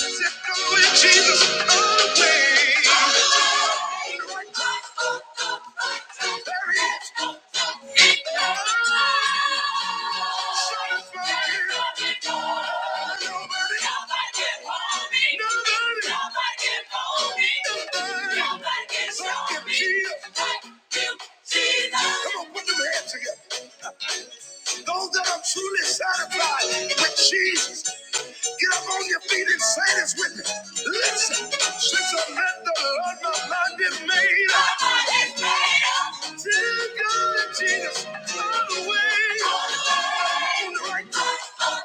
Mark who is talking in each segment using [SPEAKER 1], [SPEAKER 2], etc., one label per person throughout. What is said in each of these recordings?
[SPEAKER 1] Just with Jesus always. There he is. Son of man. Nobody. Nobody. Nobody. Like Jesus. Come on, put them hands together. Those that are truly satisfied with Jesus, get up on your feet and say this with me. Listen, since I met the Lord, my mind is made up. My mind is made up. Till God, Jesus, all the way. All the way. On the right track. Oh,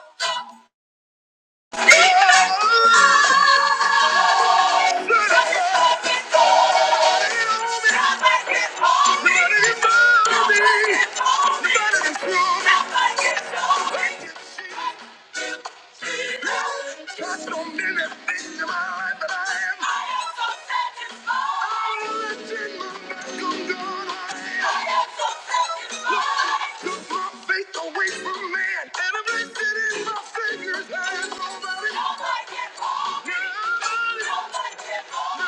[SPEAKER 1] Lord, I got it on me. Nobody can hold me. Nobody can hold me. Nobody can hold me. Nobody can hold me. Nobody can hold me. Thank you, Jesus. God's done many things in my life, but I am. I am so satisfied. I'm lifting my back on God. I am so satisfied. Took my faith away from man, and I placed it in my Savior's hands. nobody. Nobody can hold me. Nobody. Nobody can hold me.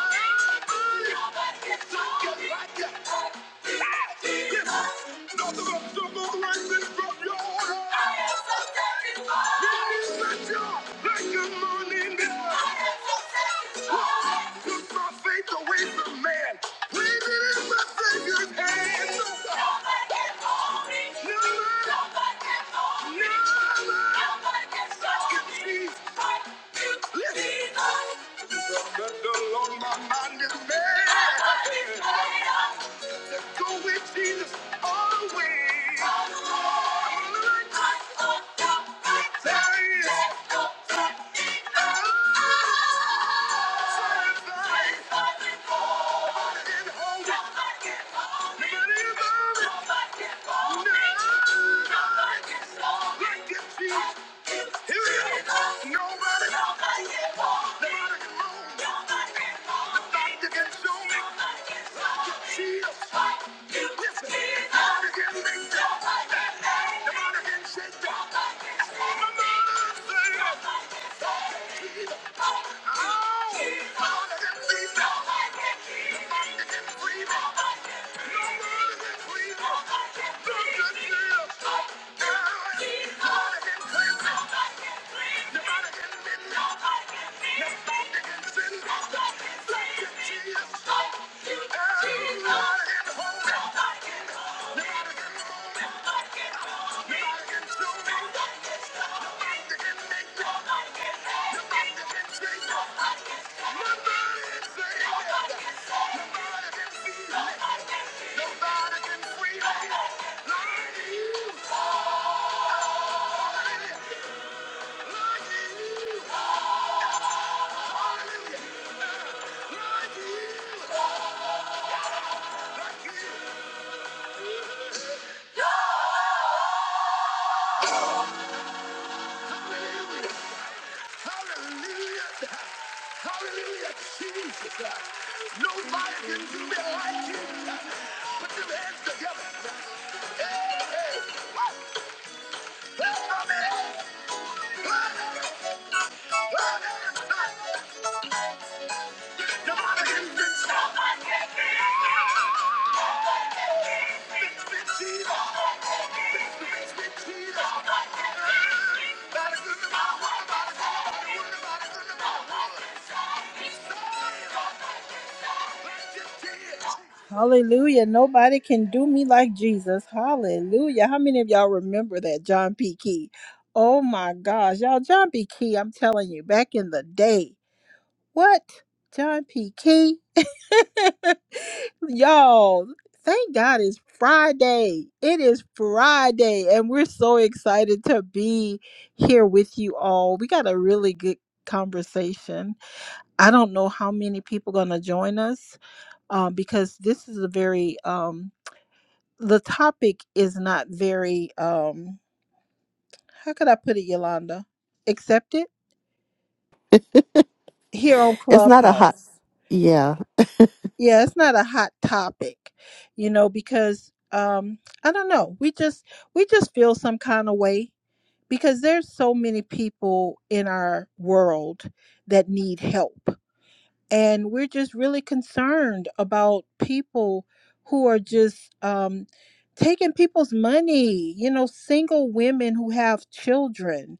[SPEAKER 1] Nobody. Nobody can hold me. Take it like it. Ah! Yes. Nothing but trouble right the Lord, my mind is made. up. Go with Jesus all the way. All the way. Let's go, let's go, let's go, here we go. Nobody, nobody can hold me. Nobody can hold me. Nothing can show me. Nobody can hold me. Jesus. Like you, Listen. Jesus. Nobody can make that. Nobody can make that. Nobody can shake that. Nobody can shake that. Nobody can save it. Nobody can free. Hallelujah! Like you, like you, like you. Hallelujah. Hallelujah, Jesus. Nobody can do me like you. Put your hands together. Hey, hey. Woo! Lift them hands. Nobody can do me like Jesus. Jesus. Nobody can do me like Nobody can do me like Nobody can do me like Hallelujah. Nobody can do me like Jesus. Hallelujah. How many of y'all remember that John P. Key? Oh my gosh. Y'all, John P. Key, I'm telling you, back in the day. What? John P. Key? y'all, thank God it's Friday. It is Friday, and we're so excited to be here with you all. We got a really good conversation. I don't know how many people going to join us um, because this is a very um, the topic is not very um, how could I put it, Yolanda? Accepted here on
[SPEAKER 2] It's not a hot.
[SPEAKER 1] Clubhouse.
[SPEAKER 2] Yeah.
[SPEAKER 1] Yeah, it's not a hot topic, you know, because um, I don't know. We just we just feel some kind of way because there's so many people in our world that need help and we're just really concerned about people who are just um, taking people's money you know single women who have children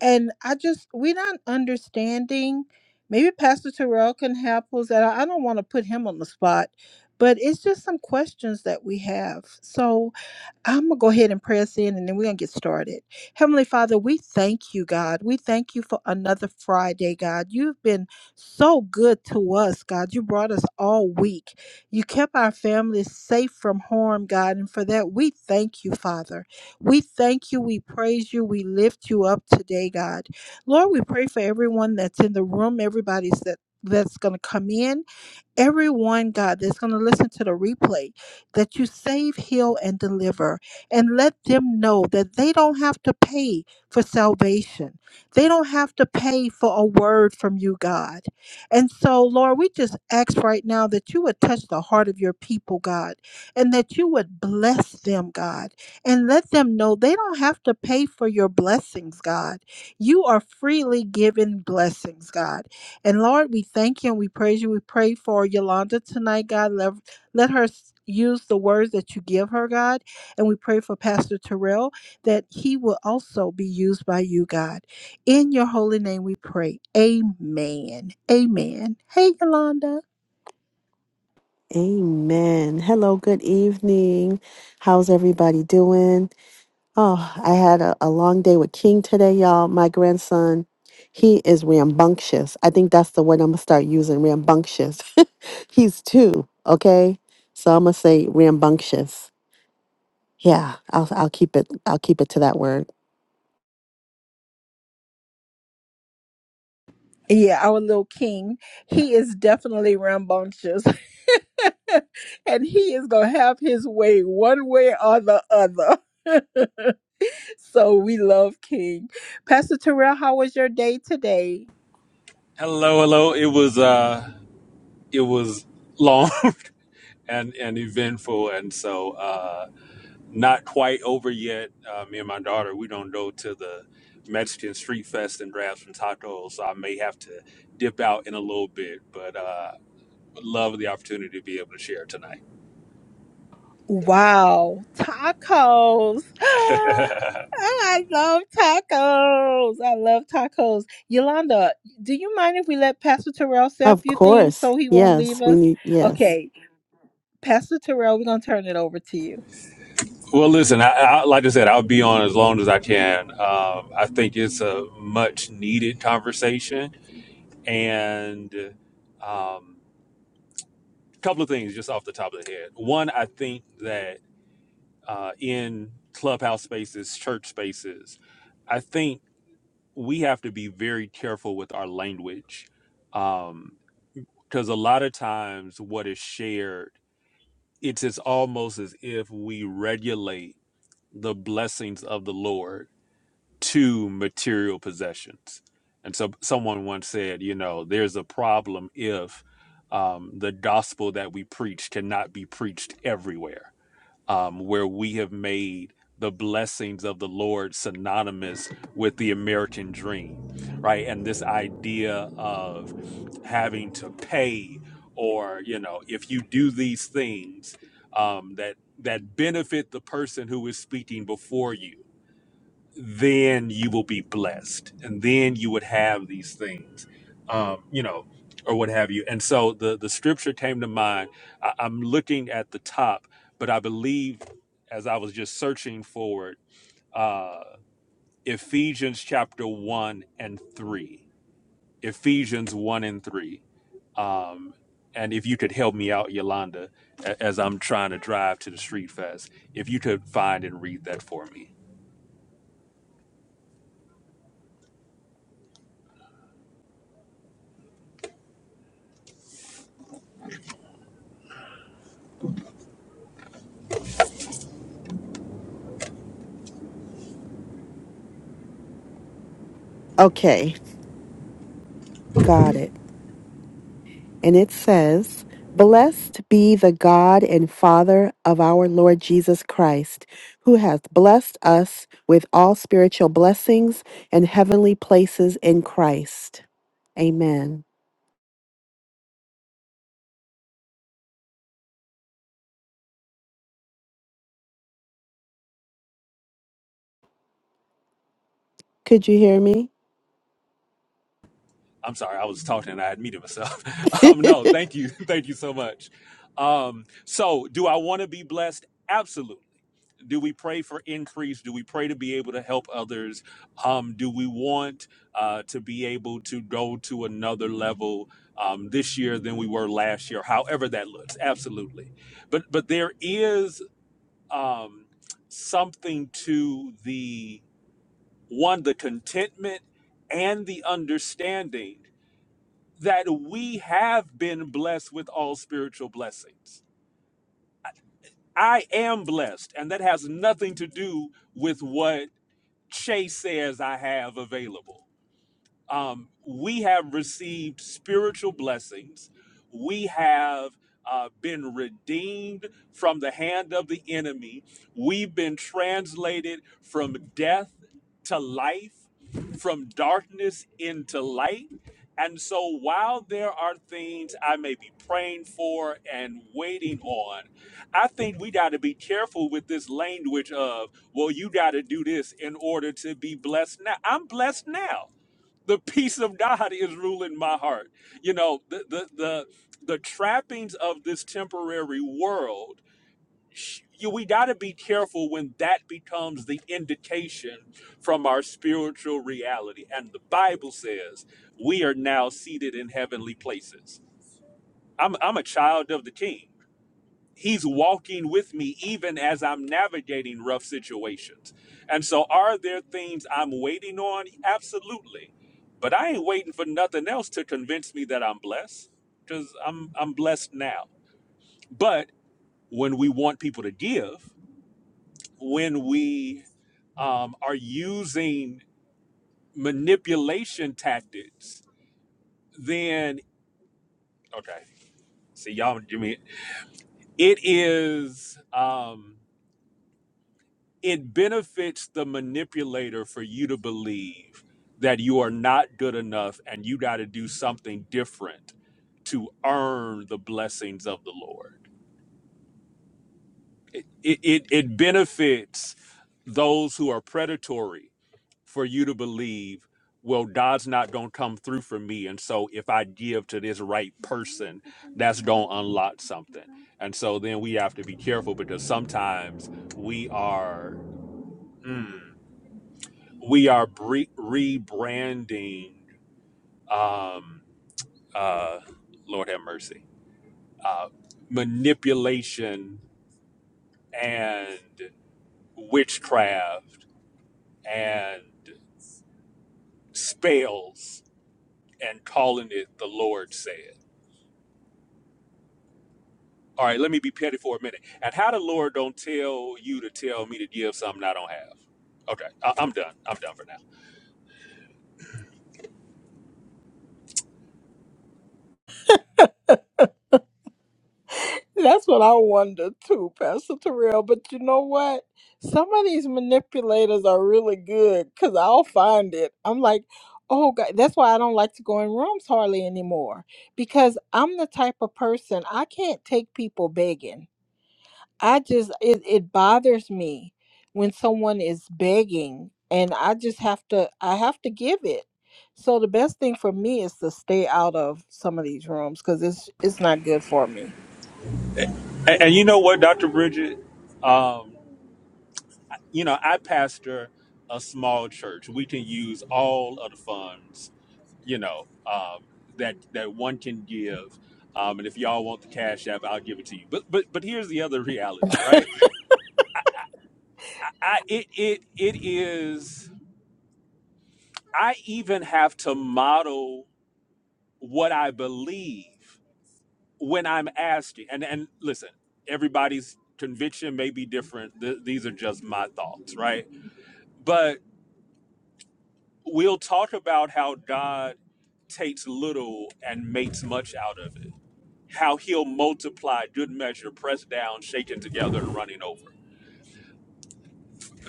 [SPEAKER 1] and i just we're not understanding maybe pastor terrell can help us and i I don't want to put him on the spot but it's just some questions that we have so I'm going to go ahead and press in and then we're going to get started. Heavenly Father, we thank you, God. We thank you for another Friday, God. You've been so good to us, God. You brought us all week. You kept our families safe from harm, God. And for that, we thank you, Father. We thank you. We praise you. We lift you up today, God. Lord, we pray for everyone that's in the room, everybody's that. That's going to come in everyone, God, that's going to listen to the replay, that you save, heal, and deliver, and let them know that they don't have to pay for salvation. They don't have to pay for a word from you, God. And so, Lord, we just ask right now that you would touch the heart of your people, God, and that you would bless them, God, and let them know they don't have to pay for your blessings, God. You are freely given blessings, God. And Lord, we thank you and we praise you. We pray for Yolanda tonight, God. Let, let her s- use the words that you give her, God. And we pray for Pastor Terrell that he will also be used by you, God. In your holy name we pray. Amen. Amen. Hey, Yolanda.
[SPEAKER 2] Amen. Hello. Good evening. How's everybody doing? Oh, I had a, a long day with King today, y'all. My grandson, he is rambunctious. I think that's the word I'm going to start using rambunctious. He's two. Okay. So I'm going to say rambunctious. Yeah. I'll, I'll keep it. I'll keep it to that word.
[SPEAKER 1] Yeah, our little king. He is definitely rambunctious. and he is going to have his way one way or the other. so we love King. Pastor Terrell, how was your day today?
[SPEAKER 3] Hello, hello. It was uh it was long and and eventful and so uh not quite over yet. Uh, me and my daughter, we don't go to the Mexican street fest and grab some tacos, so I may have to dip out in a little bit, but uh would love the opportunity to be able to share tonight.
[SPEAKER 1] Wow, tacos. I love tacos. I love tacos. Yolanda, do you mind if we let Pastor Terrell say a
[SPEAKER 2] Of
[SPEAKER 1] few things
[SPEAKER 2] course.
[SPEAKER 1] so he won't
[SPEAKER 2] Yes.
[SPEAKER 1] leave
[SPEAKER 2] We
[SPEAKER 1] us?
[SPEAKER 2] need. Yes.
[SPEAKER 1] Okay, Pastor Terrell, we're going to turn it over to you.
[SPEAKER 3] well, listen, I, I like I said, I'll be on as long as I can. Um I think it's a much needed conversation and um couple of things just off the top of the head. One, I think that uh, in clubhouse spaces, church spaces, I think we have to be very careful with our language because a lot of times what is shared, it's as almost as if we regulate the blessings of the Lord to material possessions. And so someone once said, you know, there's a problem if um, the gospel that we preach cannot be preached everywhere um, where we have made the blessings of the Lord synonymous with the American dream, right? And this idea of having to pay, or you know, if you do these things um, that that benefit the person who is speaking before you, then you will be blessed and then you would have these things um you know or what have you and so the the scripture came to mind I, i'm looking at the top but i believe as i was just searching for it uh ephesians chapter 1 and 3 ephesians 1 and 3 um and if you could help me out yolanda a- as i'm trying to drive to the street fest if you could find and read that for me
[SPEAKER 2] Okay. Got it. and it says, Blessed be the God and Father of our Lord Jesus Christ, who hath blessed us with all spiritual blessings and heavenly places in Christ. Amen. Could you hear me?
[SPEAKER 3] I'm sorry, I was talking and I had muted myself. Um, no, thank you, thank you so much. Um, so, do I want to be blessed? Absolutely. Do we pray for increase? Do we pray to be able to help others? Um, do we want uh, to be able to go to another level um, this year than we were last year? However that looks, absolutely. But but there is um, something to the one the contentment and the understanding that we have been blessed with all spiritual blessings. I am blessed, and that has nothing to do with what Chase says I have available um, we have received spiritual blessings. We have uh, been redeemed from the hand of the enemy. We've been translated from death to life, from darkness into light. And so while there are things I may be praying for and waiting on, I think we got to be careful with this language of, well, you got to do this in order to be blessed now. I'm blessed now the peace of God is ruling my heart. You know, the the the, the trappings of this temporary world. sh- You, we got to be careful when that becomes the indication from our spiritual reality. And the Bible says we are now seated in heavenly places. I'm, I'm a child of the King. He's walking with me even as I'm navigating rough situations. And so, are there things I'm waiting on? Absolutely. But I ain't waiting for nothing else to convince me that I'm blessed because I'm, I'm blessed now. But when we want people to give, when we um, are using manipulation tactics, then, okay, see, y'all, Jimmy, it is. Um, it benefits the manipulator for you to believe that you are not good enough and you got to do something different to earn the blessings of the Lord. It, it, it it benefits those who are predatory for you to believe, well, God's not going to come through for me. And so if I give to this right person, that's going to unlock something. And so then we have to be careful because sometimes we are. Mm, we are bre- rebranding um uh lord have mercy uh manipulation and witchcraft and spells and calling it the lord said all right let me be petty for a minute and how the lord don't tell you to tell me to give something i don't have okay I- i'm done i'm done for now
[SPEAKER 1] That's what I wonder too, Pastor Terrell. But you know what? Some of these manipulators are really good because I'll find it. I'm like, oh God, that's why I don't like to go in rooms hardly anymore because I'm the type of person I can't take people begging. I just it, it bothers me when someone is begging and I just have to I have to give it. So the best thing for me is to stay out of some of these rooms cuz it's it's not good for me.
[SPEAKER 3] and, and you know what dr bridget um you know, I pastor a small church. We can use all of the funds, you know, um, that that one can give. Um, and if y'all want the cash app, I'll give it to you. But but but here's the other reality, right? I, I it it it is. I even have to model what I believe when I'm asked. it. And and listen, everybody's conviction may be different. Th- these are just my thoughts, right? But. we'll talk about how God takes little and makes much out of it. How he'll multiply good measure, pressed down, shaken together, and running over.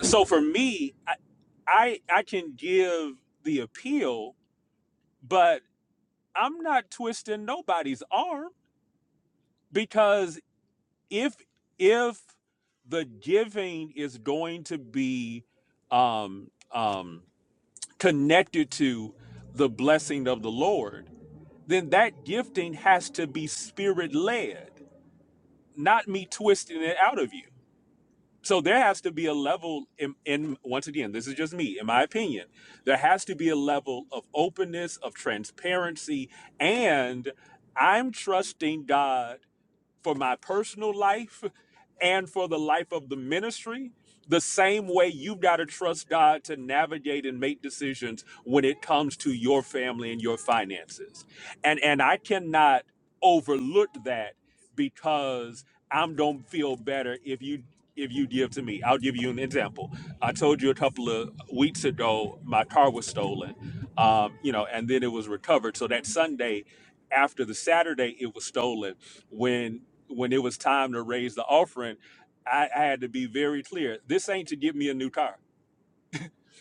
[SPEAKER 3] So for me, I, I I can give the appeal, but I'm not twisting nobody's arm because if if the giving is going to be um, um, connected to the blessing of the Lord, then that gifting has to be spirit led, not me twisting it out of you. So there has to be a level in, in once again, this is just me, in my opinion, there has to be a level of openness, of transparency, and I'm trusting God for my personal life and for the life of the ministry, the same way you've got to trust God to navigate and make decisions when it comes to your family and your finances. And and I cannot overlook that because I'm gonna feel better if you if you give to me. I'll give you an example. I told you a couple of weeks ago my car was stolen. Um, you know, and then it was recovered. So that Sunday after the Saturday it was stolen, when when it was time to raise the offering, I, I had to be very clear. This ain't to get me a new car.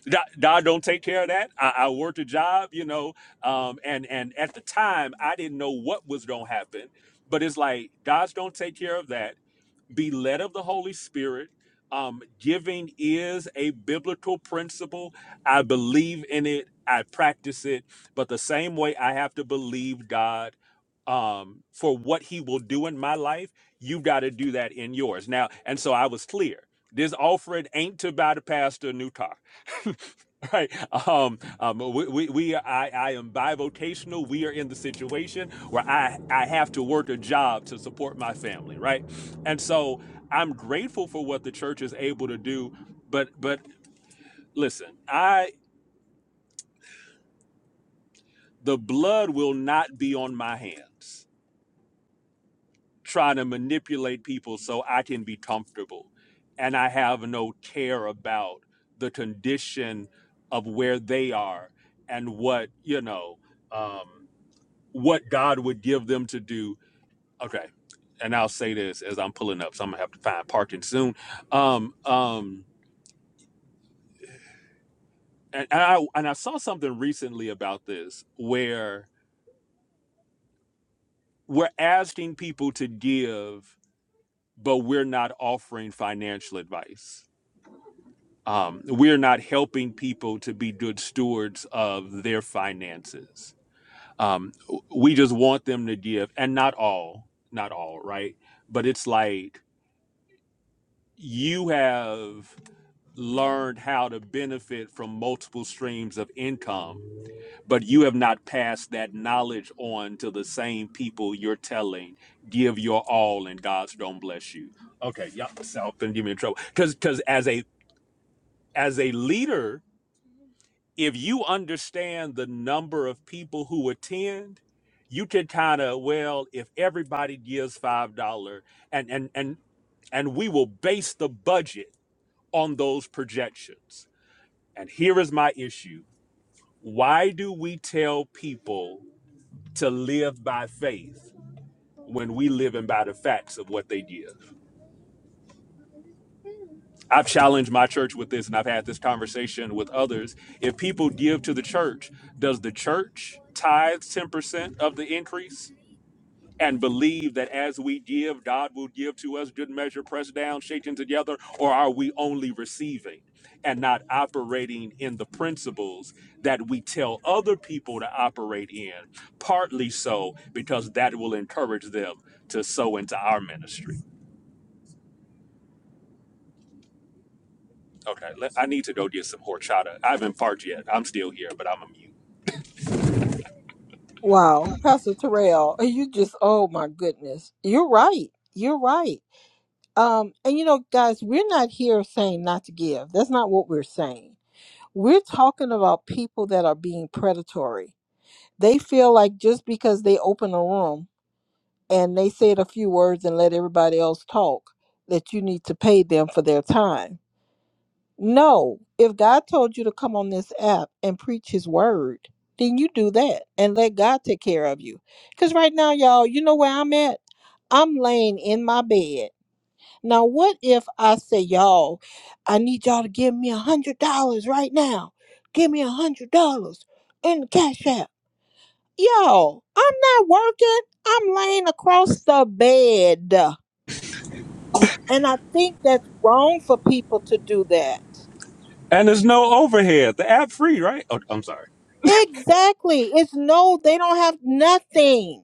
[SPEAKER 3] God God don't take care of that. I, I worked a job, you know, um, and and at the time I didn't know what was gonna happen. But it's like God's don't take care of that be led of the Holy Spirit. Um, giving is a biblical principle. I believe in it. I practice it. But the same way I have to believe God um, for what He will do in my life, you've got to do that in yours. Now, and so I was clear. This offering ain't to buy the pastor a new car. right um um we, we, we i i am bivocational we are in the situation where i i have to work a job to support my family right and so I'm grateful for what the church is able to do, but but listen, I the blood will not be on my hands trying to manipulate people so I can be comfortable. And I have no care about the condition of where they are and what, you know, um, what God would give them to do. Okay. And I'll say this as I'm pulling up, so I'm gonna have to find parking soon. Um, um, and I and I saw something recently about this where we're asking people to give, but we're not offering financial advice. Um, we're not helping people to be good stewards of their finances. Um, we just want them to give, and not all, not all, right? But it's like you have learned how to benefit from multiple streams of income but you have not passed that knowledge on to the same people you're telling give your all and god's don't bless you okay y'all self and give me in trouble because because as a as a leader if you understand the number of people who attend you can kind of well if everybody gives five dollar and and and and we will base the budget on those projections and here is my issue why do we tell people to live by faith when we live in by the facts of what they give. I've challenged my church with this and I've had this conversation with others. If people give to the church, does the church tithe 10% of the increase? and believe that as we give, God will give to us good measure, pressed down, shaken together, or are we only receiving and not operating in the principles that we tell other people to operate in? Partly so because that will encourage them to sow into our ministry. Okay, let, I need to go get some horchata. I haven't parked yet. I'm still here, but I'm a mute.
[SPEAKER 1] Wow, Pastor Terrell, you just oh my goodness. You're right. You're right. Um and you know guys, we're not here saying not to give. That's not what we're saying. We're talking about people that are being predatory. They feel like just because they open a room and they said a few words and let everybody else talk that you need to pay them for their time no, if God told you to come on this app and preach his word, then you do that and let God take care of you. Because right now, y'all, you know where I'm at? I'm laying in my bed. Now, what if I say, y'all, I need y'all to give me a hundred dollars right now? Give me a hundred dollars in the cash app. Y'all, I'm not working. I'm laying across the bed. And I think that's wrong for people to do that.
[SPEAKER 3] And there's no overhead. The app free, right? Oh, I'm sorry.
[SPEAKER 1] Exactly. It's no, they don't have nothing.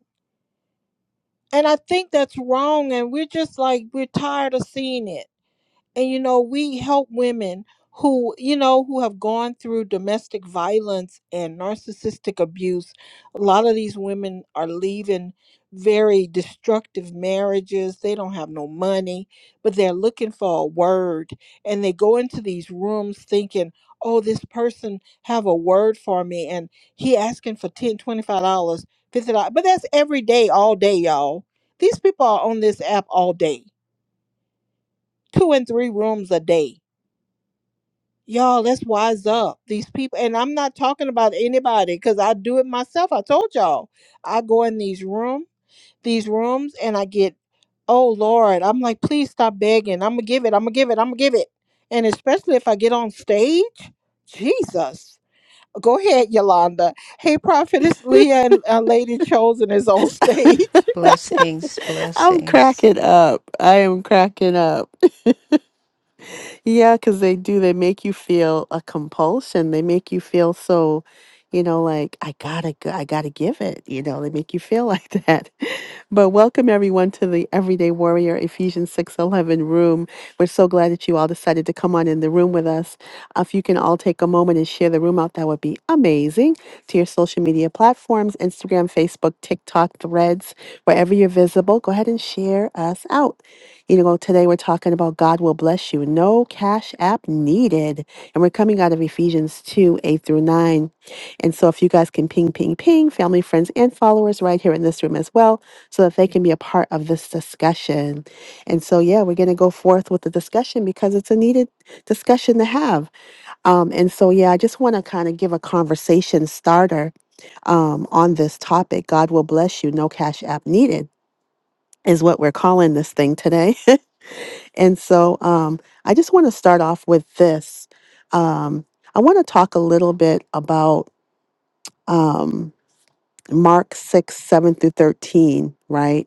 [SPEAKER 1] And I think that's wrong. And we're just like, we're tired of seeing it and you know we help women who you know who have gone through domestic violence and narcissistic abuse a lot of these women are leaving very destructive marriages they don't have no money but they're looking for a word and they go into these rooms thinking oh this person have a word for me and he asking for 10, 25 dollars 50 dollars but that's every day all day y'all these people are on this app all day two and three rooms a day Y'all, let's wise up. These people, and I'm not talking about anybody because I do it myself. I told y'all, I go in these room, these rooms, and I get, oh Lord, I'm like, please stop begging. I'm gonna give it. I'm gonna give it. I'm gonna give it. And especially if I get on stage, Jesus. Go ahead, Yolanda. Hey, Prophetess Leah and uh, Lady Chosen is on stage.
[SPEAKER 4] Blessings,
[SPEAKER 2] I'm
[SPEAKER 4] blessings,
[SPEAKER 2] cracking up. I am cracking up. Yeah, because they do. They make you feel a compulsion. They make you feel so, you know, like I gotta, go, I gotta give it. You know, they make you feel like that. But welcome everyone to the Everyday Warrior Ephesians six eleven room. We're so glad that you all decided to come on in the room with us. Uh, If you can all take a moment and share the room out, that would be amazing. To your social media platforms, Instagram, Facebook, TikTok, Threads, wherever you're visible, go ahead and share us out. You know, today we're talking about God will bless you. No cash app needed. And we're coming out of Ephesians 2 8 through 9. And so, if you guys can ping, ping, ping, family, friends, and followers right here in this room as well, so that they can be a part of this discussion. And so, yeah, we're going to go forth with the discussion because it's a needed discussion to have. Um, and so, yeah, I just want to kind of give a conversation starter um, on this topic God will bless you. No cash app needed is what we're calling this thing today. And so um, I just want to start off with this. Um, I want to talk a little bit about um, Mark 6, 7 through 13, right?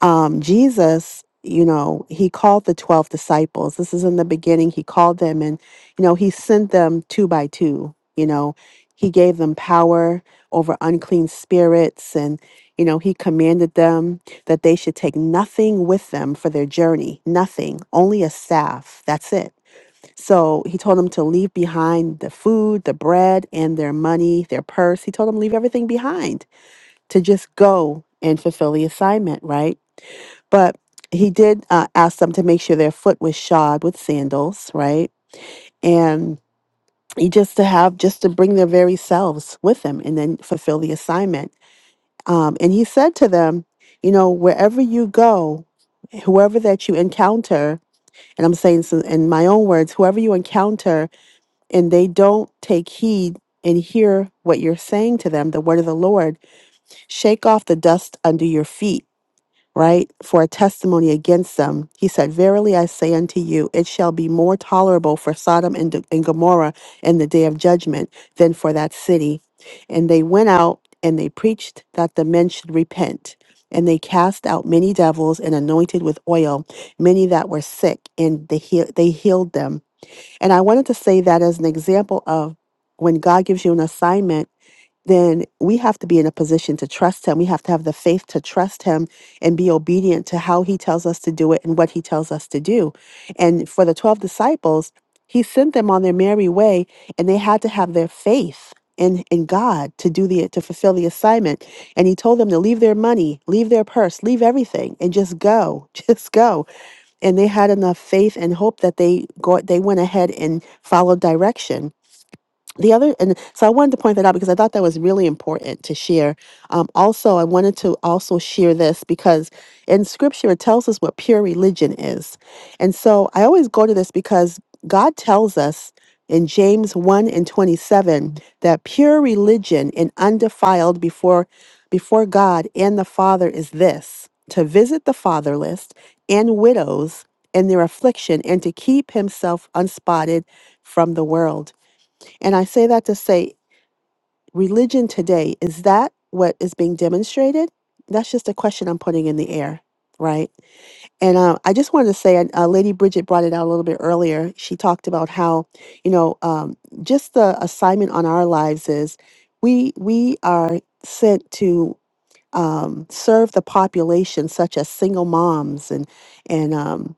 [SPEAKER 2] um, Jesus, you know, he called the 12 disciples. This is in the beginning. He called them and, you know, he sent them two by two. You know, he gave them power over unclean spirits and, you know, he commanded them that they should take nothing with them for their journey, nothing, only a staff. That's it. So he told them to leave behind the food, the bread, and their money, their purse. He told them leave everything behind to just go and fulfill the assignment, right? But he did uh, ask them to make sure their foot was shod with sandals, right? And he just to have, just to bring their very selves with them and then fulfill the assignment. Um, and he said to them, you know, wherever you go, whoever that you encounter, and I'm saying this in my own words, whoever you encounter and they don't take heed and hear what you're saying to them, the word of the Lord, shake off the dust under your feet right, for a testimony against them. He said, Verily I say unto you, it shall be more tolerable for Sodom and, and Gomorrah in the day of judgment than for that city. And they went out and they preached that the men should repent. And they cast out many devils and anointed with oil many that were sick, and they, heal- they healed them. And I wanted to say that as an example of when God gives you an assignment then we have to be in a position to trust him. We have to have the faith to trust him and be obedient to how he tells us to do it and what he tells us to do. And for the 12 disciples, he sent them on their merry way and they had to have their faith in, in God to do the to fulfill the assignment. And he told them to leave their money, leave their purse, leave everything and just go. Just go. And they had enough faith and hope that they go they went ahead and followed direction the other and so i wanted to point that out because i thought that was really important to share um, also i wanted to also share this because in scripture it tells us what pure religion is and so i always go to this because god tells us in james 1 and 27 that pure religion and undefiled before before god and the father is this to visit the fatherless and widows in their affliction and to keep himself unspotted from the world and I say that to say, religion today, is that what is being demonstrated? That's just a question I'm putting in the air, right? And uh, I just wanted to say, and, uh, Lady Bridget brought it out a little bit earlier. She talked about how, you know, um, just the assignment on our lives is we we are sent to um, serve the population, such as single moms and and um,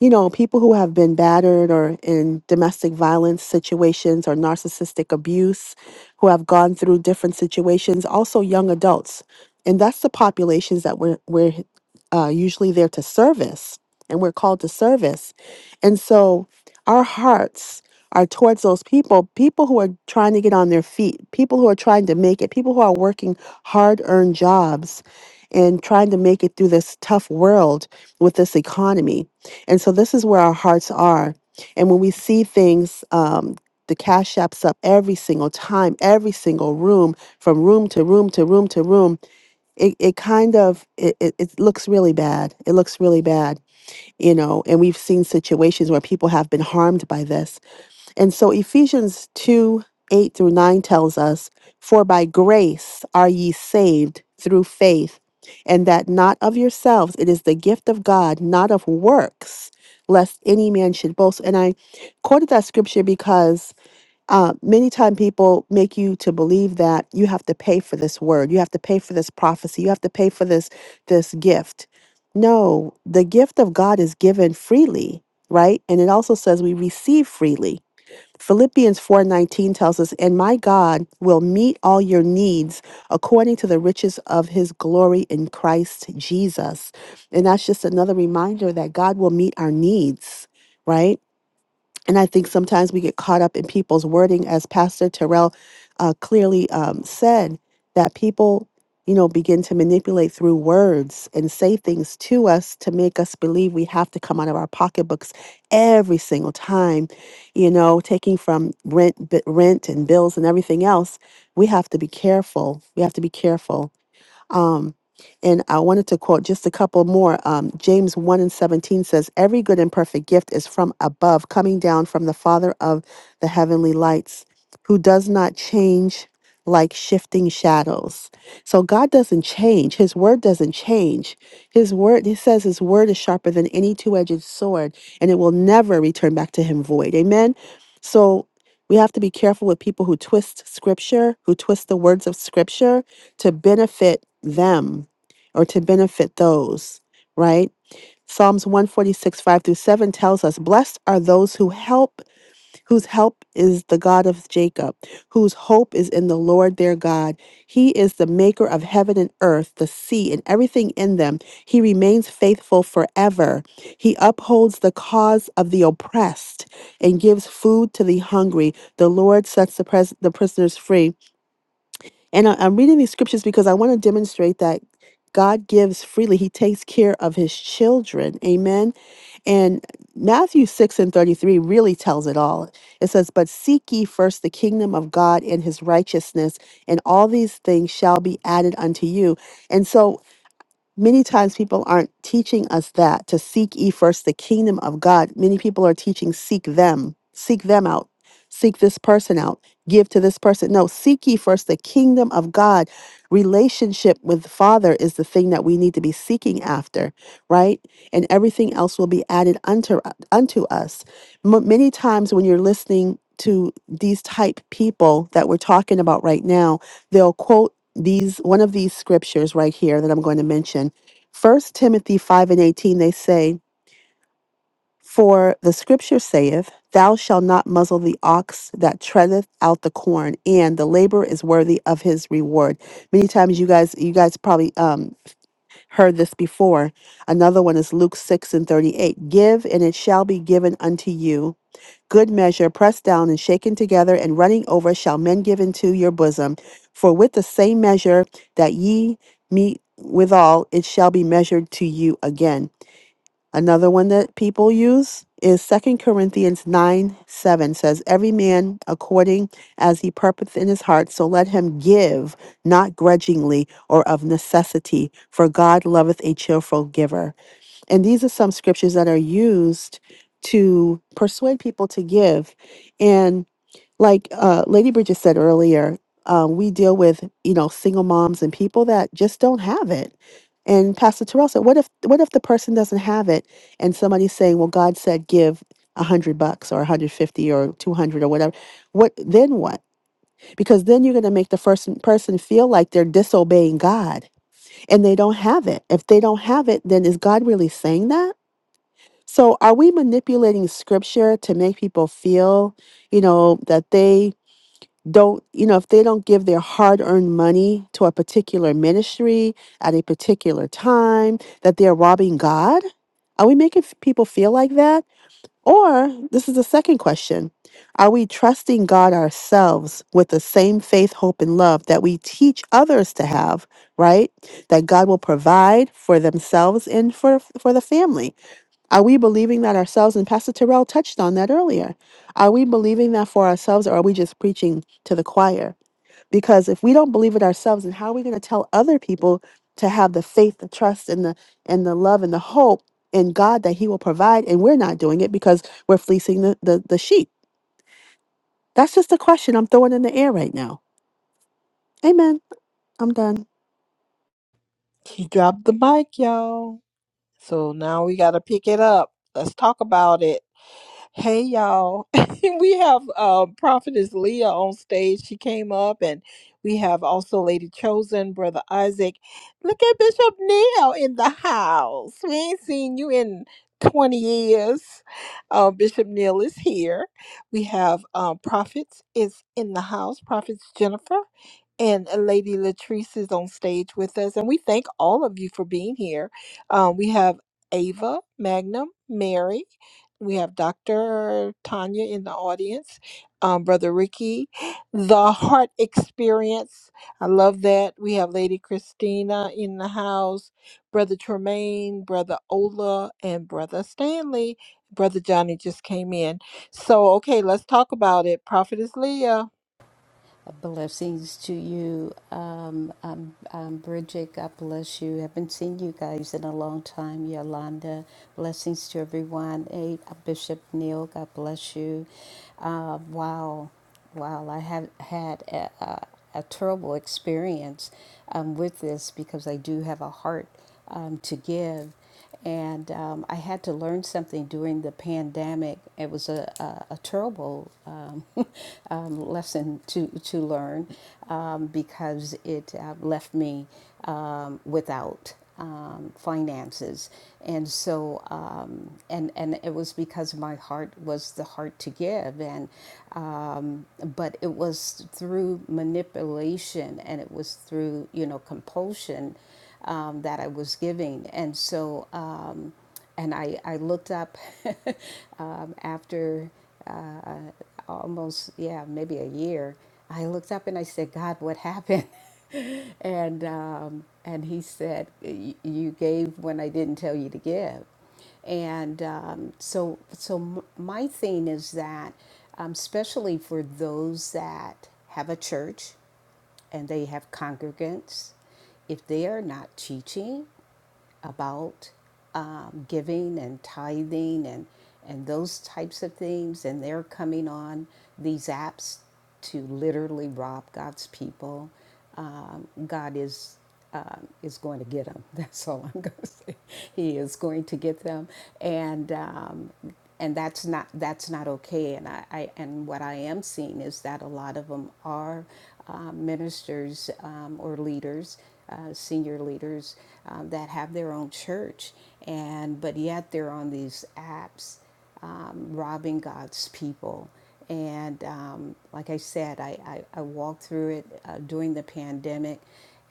[SPEAKER 2] you know, people who have been battered or in domestic violence situations or narcissistic abuse, who have gone through different situations, also young adults. And that's the populations that we're, we're uh, usually there to service, and we're called to service. And so our hearts are towards those people, people who are trying to get on their feet, people who are trying to make it, people who are working hard earned jobs and trying to make it through this tough world with this economy and so this is where our hearts are. And when we see things, um, the cash apps up every single time, every single room, from room to room to room to room, it, it kind of it, it, it looks really bad. It looks really bad, you know, and we've seen situations where people have been harmed by this and so Ephesians 2 8 through 9 tells us, For by grace are ye saved through faith, and that not of yourselves, it is the gift of God, not of works, lest any man should boast. And I quoted that scripture because uh, many times people make you to believe that you have to pay for this word, you have to pay for this prophecy, you have to pay for this this gift. No, the gift of God is given freely, right? And it also says we receive freely. Philippians 4:19 tells us, "And my God will meet all your needs according to the riches of his glory in Christ Jesus." And that's just another reminder that God will meet our needs, right? And I think sometimes we get caught up in people's wording, as Pastor Terrell uh, clearly um, said, that people, you know, begin to manipulate through words and say things to us to make us believe we have to come out of our pocketbooks every single time, you know, taking from rent, bi- rent and bills and everything else. We have to be careful. We have to be careful um, and I wanted to quote just a couple more. Um, James 1 and 17 says, Every good and perfect gift is from above, coming down from the Father of the heavenly lights, who does not change like shifting shadows. So God doesn't change. His word doesn't change. His word, he says, His word is sharper than any two edged sword, and it will never return back to him void. Amen. So we have to be careful with people who twist scripture, who twist the words of scripture to benefit them or to benefit those, right? Psalms 146, 5 through 7 tells us, Blessed are those who help, whose help is the God of Jacob, whose hope is in the Lord their God. He is the maker of heaven and earth, the sea, and everything in them. He remains faithful forever. He upholds the cause of the oppressed and gives food to the hungry. The Lord sets the, pres- the prisoners free. And I, I'm reading these scriptures because I want to demonstrate that God gives freely. He takes care of his children. Amen. And Matthew 6 and 33 really tells it all. It says, But seek ye first the kingdom of God and his righteousness, and all these things shall be added unto you. And so many times people aren't teaching us that to seek ye first the kingdom of God. Many people are teaching seek them, seek them out, seek this person out, give to this person. No, seek ye first the kingdom of God. Relationship with the Father is the thing that we need to be seeking after, right? And everything else will be added unto unto us. M- many times when you're listening to these type people that we're talking about right now, they'll quote these one of these scriptures right here that I'm going to mention. First Timothy five and eighteen, they say, For the scripture saith, Thou shalt not muzzle the ox that treadeth out the corn, and the labor is worthy of his reward. Many times you guys you guys probably um heard this before. Another one is Luke six and thirty-eight. Give and it shall be given unto you good measure, pressed down and shaken together and running over, shall men give into your bosom. For with the same measure that ye meet withal, it shall be measured to you again. Another one that people use is Second Corinthians 9 7 says, Every man according as he purposeth in his heart, so let him give, not grudgingly or of necessity, for God loveth a cheerful giver. And these are some scriptures that are used to persuade people to give. And like uh, Lady Bridget said earlier, uh, we deal with you know single moms and people that just don't have it. And Pastor Terrell said, "What if what if the person doesn't have it, and somebody's saying, well, God said give." a hundred bucks or a hundred fifty or two hundred or whatever what then what because then you're going to make the first person feel like they're disobeying god and they don't have it if they don't have it then is god really saying that so, are we manipulating scripture to make people feel, you know, that they don't, you know, if they don't give their hard earned money to a particular ministry at a particular time, that they're robbing God? Are we making f- people feel like that? Or, this is the second question Are we trusting God ourselves with the same faith, hope, and love that we teach others to have, right? That God will provide for themselves and for, for the family? Are we believing that ourselves? And Pastor Terrell touched on that earlier. Are we believing that for ourselves or are we just preaching to the choir? Because if we don't believe it ourselves, then how are we going to tell other people to have the faith, the trust, and the and the love and the hope in God that He will provide? And we're not doing it because we're fleecing the, the, the sheep. That's just a question I'm throwing in the air right now. Amen. I'm done.
[SPEAKER 1] She dropped the mic, y'all. So now we got to pick it up. Let's talk about it. Hey y'all, we have uh, Prophetess Leah on stage. She came up, and we have also Lady Chosen, Brother Isaac. Look at Bishop Neil in the house. We ain't seen you in 20 years. Uh, Bishop Neil is here. We have um, Prophets is in the house, Prophets Jennifer, and Lady Latrice is on stage with us. And we thank all of you for being here. Um, we have Ava, Magnum, Mary. We have Dr. Tanya in the audience, um, Brother Ricky, The Heart Experience. I love that. We have Lady Christina in the house, Brother Tremaine, Brother Ola, and Brother Stanley. Brother Johnny just came in. So, okay, let's talk about it. Prophetess Leah.
[SPEAKER 4] blessings to you, um, um, um, Bridget. God bless you. Haven't seen you guys in a long time, Yolanda. Blessings to everyone. Hey, Bishop Neil. God bless you. Uh, wow. Wow, I have had a, a, a terrible experience um, with this because I do have a heart um, to give. And um, I had to learn something during the pandemic. It was a, a, a terrible um, um, lesson to, to learn um, because it uh, left me um, without um, finances, and so um, and and it was because my heart was the heart to give, and um, but it was through manipulation and it was through you know compulsion um, that I was giving, and so um, and I I looked up um, after uh, almost yeah maybe a year. I looked up and I said, God, what happened? and um, and he said, "Y- "You gave when I didn't tell you to give," and um, so so m- my thing is that, um, especially for those that have a church, and they have congregants, if they are not teaching about um, giving and tithing and and those types of things, and they're coming on these apps to literally rob God's people. Um, God is um, is going to get them. That's all I'm going to say. He is going to get them, and um, and that's not that's not okay and I, I and what I am seeing is that a lot of them are uh, ministers um, or leaders uh, senior leaders um, that have their own church and but yet they're on these apps um, robbing God's people and um, like I said I, I, I walked through it uh, during the pandemic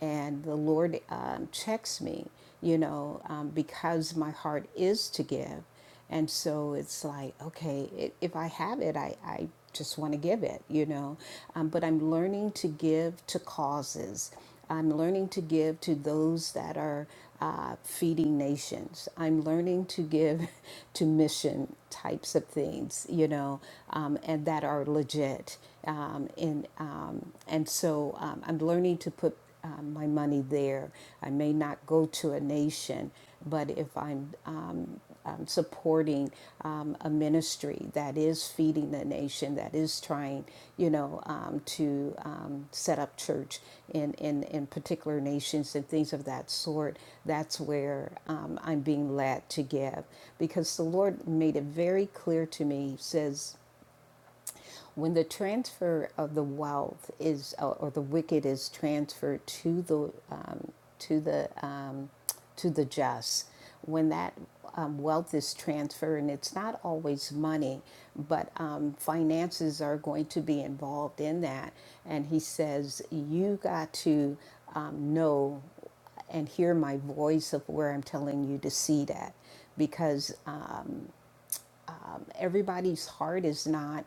[SPEAKER 4] and the Lord um, checks me you know um, because my heart is to give and so it's like, okay, i if I have it, I, I just want to give it, you know. Um, but I'm learning to give to causes. I'm learning to give to those that are uh, feeding nations. I'm learning to give to mission types of things, you know, um, and that are legit. Um, and um, and so um, I'm learning to put um, my money there. I may not go to a nation, but if I'm um, um, supporting um, a ministry that is feeding the nation, that is trying, you know, um, to um, set up church in, in, in particular nations and things of that sort, that's where um, I'm being led to give. Because the Lord made it very clear to me, He says, when the transfer of the wealth is uh, or the wicked is transferred to the um, to the um, to the just when that um, wealth is transferred and it's not always money but um, finances are going to be involved in that and he says you got to um, know and hear my voice of where I'm telling you to see that. Because um, everybody's heart is not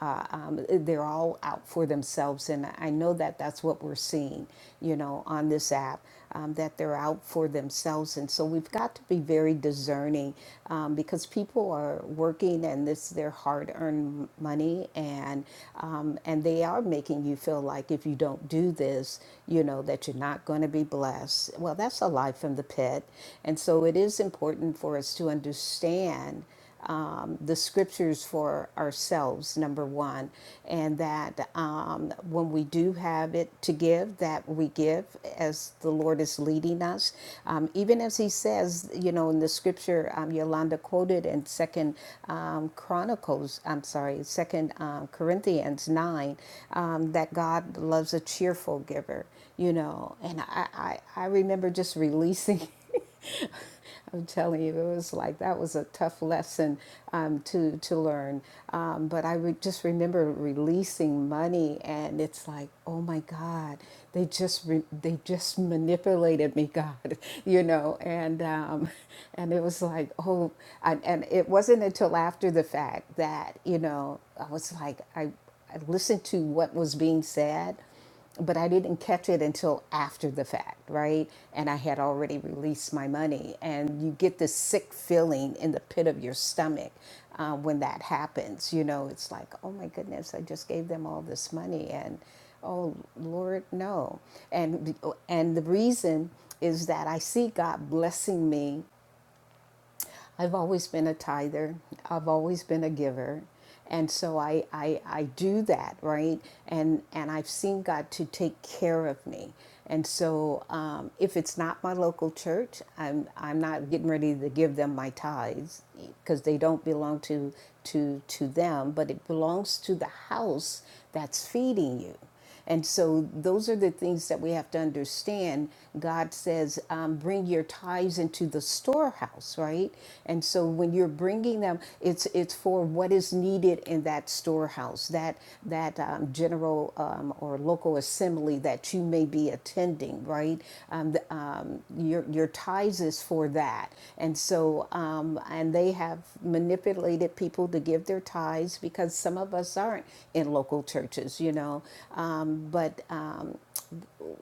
[SPEAKER 4] uh, um, they're all out for themselves and i know that that's what we're seeing you know on this app um, that they're out for themselves and so we've got to be very discerning um, because people are working and this is their hard-earned money and um, and they are making you feel like if you don't do this you know that you're not going to be blessed well that's a lie from the pit and so it is important for us to understand um, the scriptures for ourselves, number one, and that um, when we do have it to give, that we give as the Lord is leading us. Um, even as He says, you know, in the scripture um, Yolanda quoted in Second um, Chronicles, I'm sorry, Second um, Corinthians nine, um, that God loves a cheerful giver you know and i i, I remember just releasing I'm telling you, it was like that was a tough lesson um, to to learn. Um, but I re- just remember releasing money, and it's like, oh my God, they just re- they just manipulated me, God, you know. And um, and it was like, oh, and, and it wasn't until after the fact that you know I was like, I I listened to what was being said but I didn't catch it until after the fact, right? And I had already released my money. And you get this sick feeling in the pit of your stomach uh, when that happens. You know, it's like, oh my goodness, I just gave them all this money. And oh, Lord, no. And, and the reason is that I see God blessing me I've always been a tither. I've always been a giver. And so I, I, I do that, right? And, and I've seen God to take care of me. And so um, if it's not my local church, I'm, I'm not getting ready to give them my tithes because they don't belong to, to, to them, but it belongs to the house that's feeding you. And so those are the things that we have to understand. God says, um, bring your tithes into the storehouse, right? And so when you're bringing them, it's it's for what is needed in that storehouse, that that um, general um, or local general assembly that you may be attending, right? Um, the, um, your, your tithes is for that. And so, um, and they have manipulated people to give their tithes because some of us aren't in local churches, you know. Um, but um,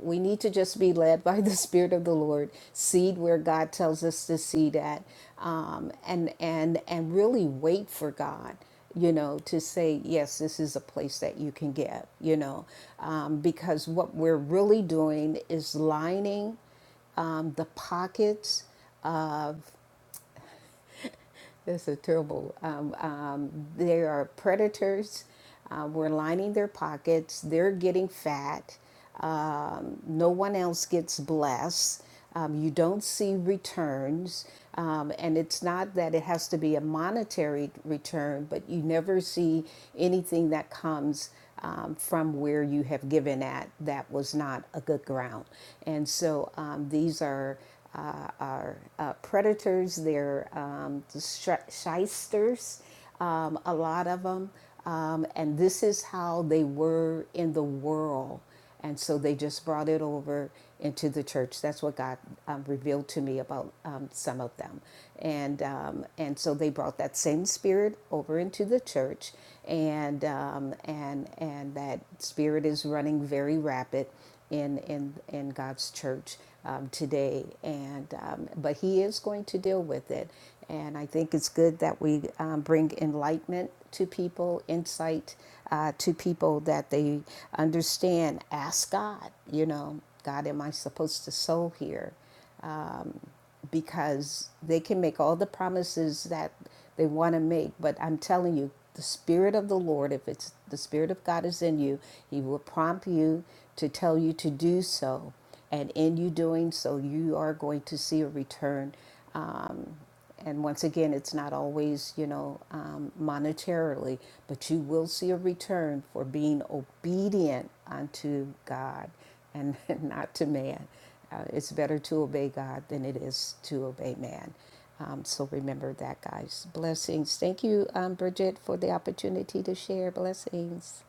[SPEAKER 4] we need to just be led by the Spirit of the Lord, seed where God tells us to seed at, um, and and and really wait for God you know, to say, yes, this is a place that you can get, you know, um, because what we're really doing is lining um, the pockets this is terrible. Um, um, they are predators. Uh, we're lining their pockets. They're getting fat. Um, no one else gets blessed. Um, you don't see returns. Um, and it's not that it has to be a monetary return, but you never see anything that comes um, from where you have given at that was not a good ground. And so um, these are uh, are uh, predators, they're um, shysters, um, a lot of them. Um, and this is how they were in the world. And so they just brought it over into the church. That's what God um, revealed to me about um, some of them. And, um, and so they brought that same spirit over into the church. And, um, and, and that spirit is running very rapid in in in God's church um, today, and um, but He is going to deal with it, and I think it's good that we um, bring enlightenment to people, insight uh, to people that they understand. Ask God, you know, God, am I supposed to sow here? because they can make all the promises that they want to make, but I'm telling you, the Spirit of the Lord, if it's the Spirit of God is in you, He will prompt you to tell you to do so. And in you doing so, you are going to see a return um, and once again, it's not always, you know, um, monetarily, but you will see a return for being obedient unto God and not to man. Uh, it's better to obey God than it is to obey man. Um, so remember that, guys. Blessings. Thank you, um, Bridget, for the opportunity to share. Blessings.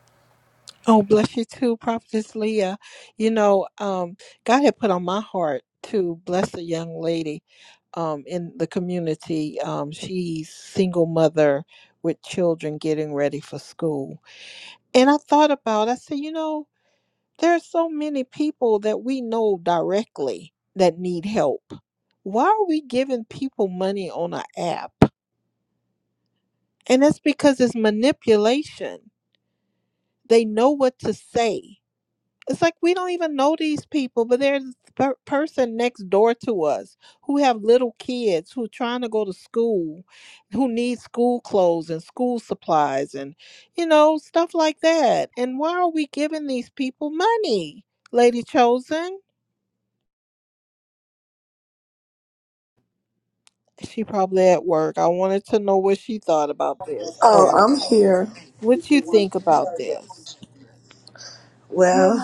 [SPEAKER 1] Oh, bless you too, Prophetess Leah. You know, um, God had put on my heart to bless a young lady um, in the community. Um, she's single mother with children getting ready for school. And I thought about, I said, you know, there are so many people that we know directly that need help. Why are we giving people money on an app? And that's because it's manipulation. They know what to say It's like we don't even know these people, but there's this per- person next door to us who have little kids who trying to go to school, who need school clothes and school supplies and you know stuff like that. And why are we giving these people money, Lady Chosen? She probably at work. I wanted to know what she thought about this.
[SPEAKER 5] Oh,
[SPEAKER 1] Oh.
[SPEAKER 5] I'm here.
[SPEAKER 1] What you think about this?
[SPEAKER 5] Well,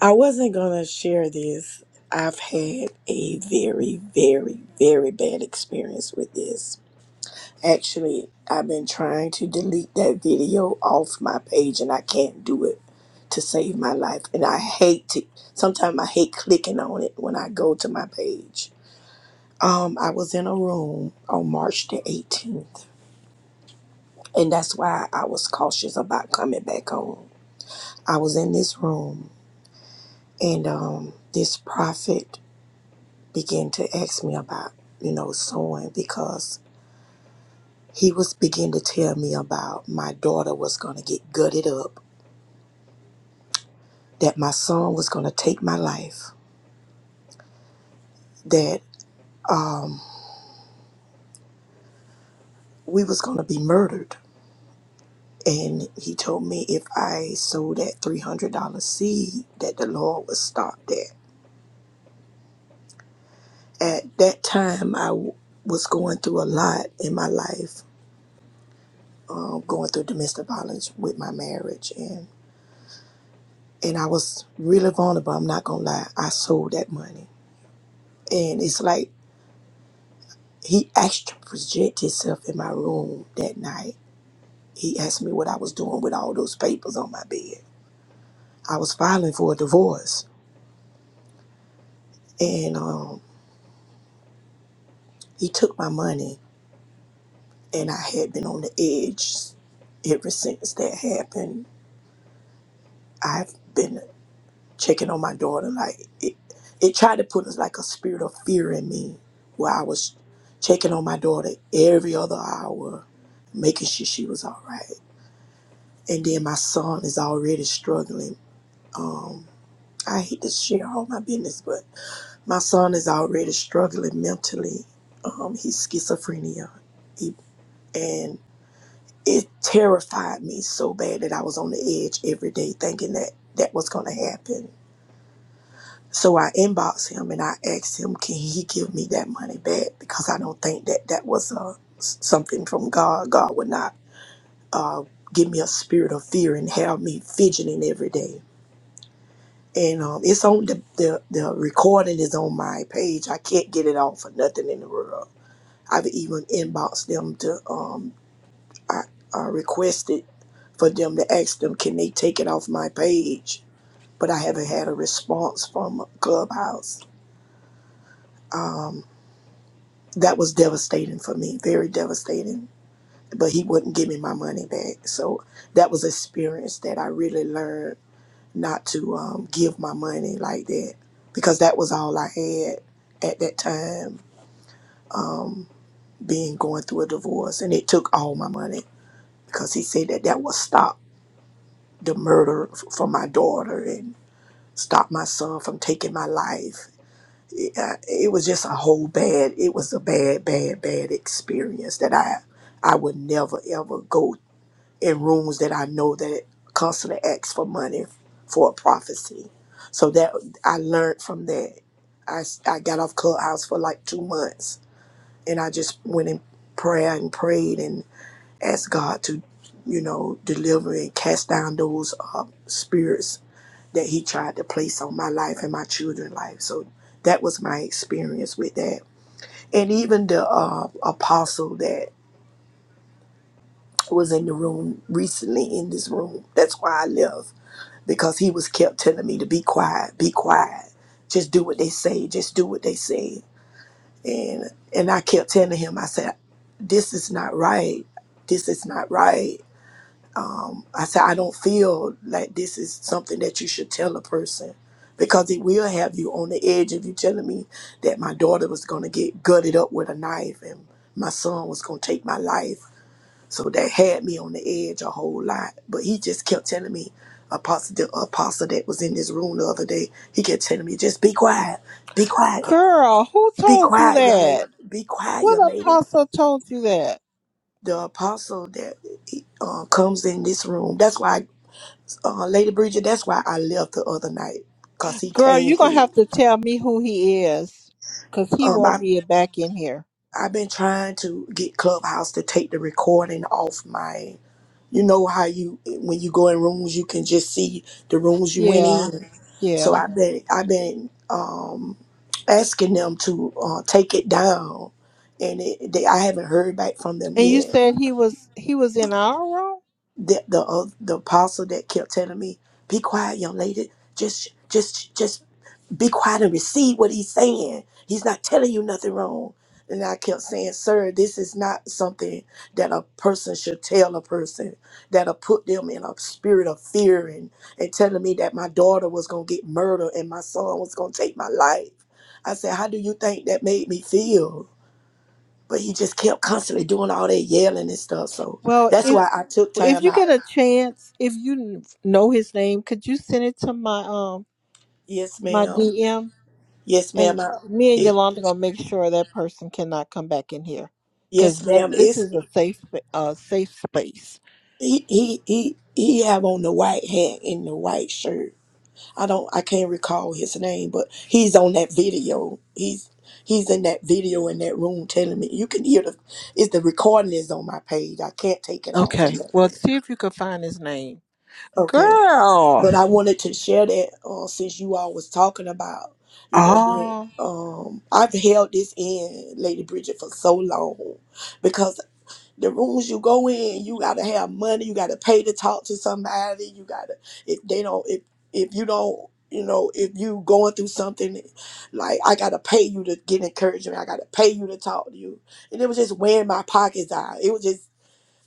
[SPEAKER 5] I wasn't going to share this. I've had a very, very, very bad experience with this. Actually, I've been trying to delete that video off my page and I can't do it to save my life. And I hate to, sometimes I hate clicking on it when I go to my page. Um, I was in a room on March the 18th, and that's why I was cautious about coming back home. I was in this room And um, this prophet began to ask me about, you know, sewing because he was beginning to tell me about my daughter was going to get gutted up, that my son was going to take my life, that we was going to be murdered. And he told me if I sold that $300 seed, that the Lord would stop that. At that time, I w- was going through a lot in my life, um, going through domestic violence with my marriage. and. and I was really vulnerable. I'm not gonna lie. I sold that money, and it's like he asked to project himself in my room that night. He asked me what I was doing with all those papers on my bed. I was filing for a divorce, and um, he took my money, and I had been on the edge ever since that happened. I've been checking on my daughter. Like it, it tried to put like a spirit of fear in me, where I was checking on my daughter every other hour, making sure she was all right. And then my son is already struggling. Um, I hate to share all my business, but my son is already struggling mentally. Um, he's schizophrenia, he, and it terrified me so bad that I was on the edge every day, thinking that that was going to happen So I inboxed him and I asked him, can he give me that money back? Because I don't think that that was uh, s- something from God. God would not uh, give me a spirit of fear and have me fidgeting every day. And um, it's on the, the, the recording is on my page. I can't get it off for nothing in the world. I've even inboxed them to, um, I, I requested for them to ask them, can they take it off my page? But I haven't had a response from Clubhouse Um, that was devastating for me, very devastating. But he wouldn't give me my money back. So that was experience that I really learned not to um, give my money like that because that was all I had at that time, um, being going through a divorce. And it took all my money because he said that that would stop the murder f- for my daughter and stop my son from taking my life. I- it was just a whole bad it was a bad bad bad experience that i i would never ever go in rooms that i know that constantly ask for money for a prophecy so that i learned from that i s- i got off clubhouse for like two months and i just went in prayer and prayed and asked god to you know deliver and cast down those uh, spirits that he tried to place on my life and my children's life. So that was my experience with that. And even the uh, apostle that was in the room recently in this room, that's why I left because he was kept telling me to be quiet, be quiet, just do what they say, just do what they say. And and I kept telling him, I said, this is not right. This is not right um, I said, I don't feel like this is something that you should tell a person because it will have you on the edge if you are telling me that my daughter was going to get gutted up with a knife and my son was going to take my life. So that had me on the edge a whole lot. But he just kept telling me, Apostle, the apostle that was in this room the other day, he kept telling me, just be quiet, be quiet,
[SPEAKER 1] Girl, who
[SPEAKER 5] be
[SPEAKER 1] told you
[SPEAKER 5] quiet, young lady,
[SPEAKER 1] that?
[SPEAKER 5] be quiet,
[SPEAKER 1] What
[SPEAKER 5] young lady.
[SPEAKER 1] apostle told you that?
[SPEAKER 5] The apostle that uh, comes in this room, that's why uh, Lady Bridget, that's why I left the other night because he
[SPEAKER 1] Girl,
[SPEAKER 5] came
[SPEAKER 1] you gonna
[SPEAKER 5] through.
[SPEAKER 1] have to tell me who he is, 'cause he
[SPEAKER 5] Um,
[SPEAKER 1] won't
[SPEAKER 5] I
[SPEAKER 1] be back in here.
[SPEAKER 5] I've been trying to get Clubhouse to take the recording off my. You know how you when you go in rooms, you can just see the rooms you went
[SPEAKER 1] Yeah,
[SPEAKER 5] in. So
[SPEAKER 1] yeah.
[SPEAKER 5] I've been I've been um, asking them to uh, take it down, and it, they, I haven't heard back from them
[SPEAKER 1] And you
[SPEAKER 5] yet.
[SPEAKER 1] said he was he was in our room.
[SPEAKER 5] The the, uh, the apostle that kept telling me, "Be quiet, young lady. Just just just be quiet and receive what he's saying. He's not telling you nothing wrong. And I kept saying, sir, this is not something that a person should tell a person that'll put them in a spirit of fear and, and telling me that my daughter was going to get murdered and my son was going to take my life. I said, how do you think that made me feel? But he just kept constantly doing all that yelling and stuff. So
[SPEAKER 1] Well,
[SPEAKER 5] that's
[SPEAKER 1] if
[SPEAKER 5] why I took
[SPEAKER 1] if
[SPEAKER 5] time
[SPEAKER 1] you get
[SPEAKER 5] out.
[SPEAKER 1] a chance, if you know his name, could you send it to my um
[SPEAKER 5] Yes,
[SPEAKER 1] my
[SPEAKER 5] ma'am.
[SPEAKER 1] DM
[SPEAKER 5] Yes, ma'am.
[SPEAKER 1] and
[SPEAKER 5] I,
[SPEAKER 1] me and
[SPEAKER 5] it,
[SPEAKER 1] Yolanda gonna make sure that person cannot come back in here because
[SPEAKER 5] yes,
[SPEAKER 1] that
[SPEAKER 5] ma'am.
[SPEAKER 1] this
[SPEAKER 5] It's.
[SPEAKER 1] is a safe uh safe space.
[SPEAKER 5] He he he he have on the white hat and the white shirt. I don't I can't recall his name, but he's on that video. He's he's in that video in that room telling me you can hear the It's the recording is on my page. I can't take it off or
[SPEAKER 1] Okay. Well,
[SPEAKER 5] nothing.
[SPEAKER 1] see if you can find his name,
[SPEAKER 5] Okay. But
[SPEAKER 1] girl.
[SPEAKER 5] I wanted to share that uh, since you all was talking about, you know, being,
[SPEAKER 1] Oh.
[SPEAKER 5] um I've held this in Lady Bridget for so long because the rooms you go in, you gotta have money. You gotta pay to talk to somebody. You gotta if they don't if if you don't you know if you going through something like I gotta pay you to get encouragement. I gotta pay you to talk to you, and it was just wearing my pockets out. It was just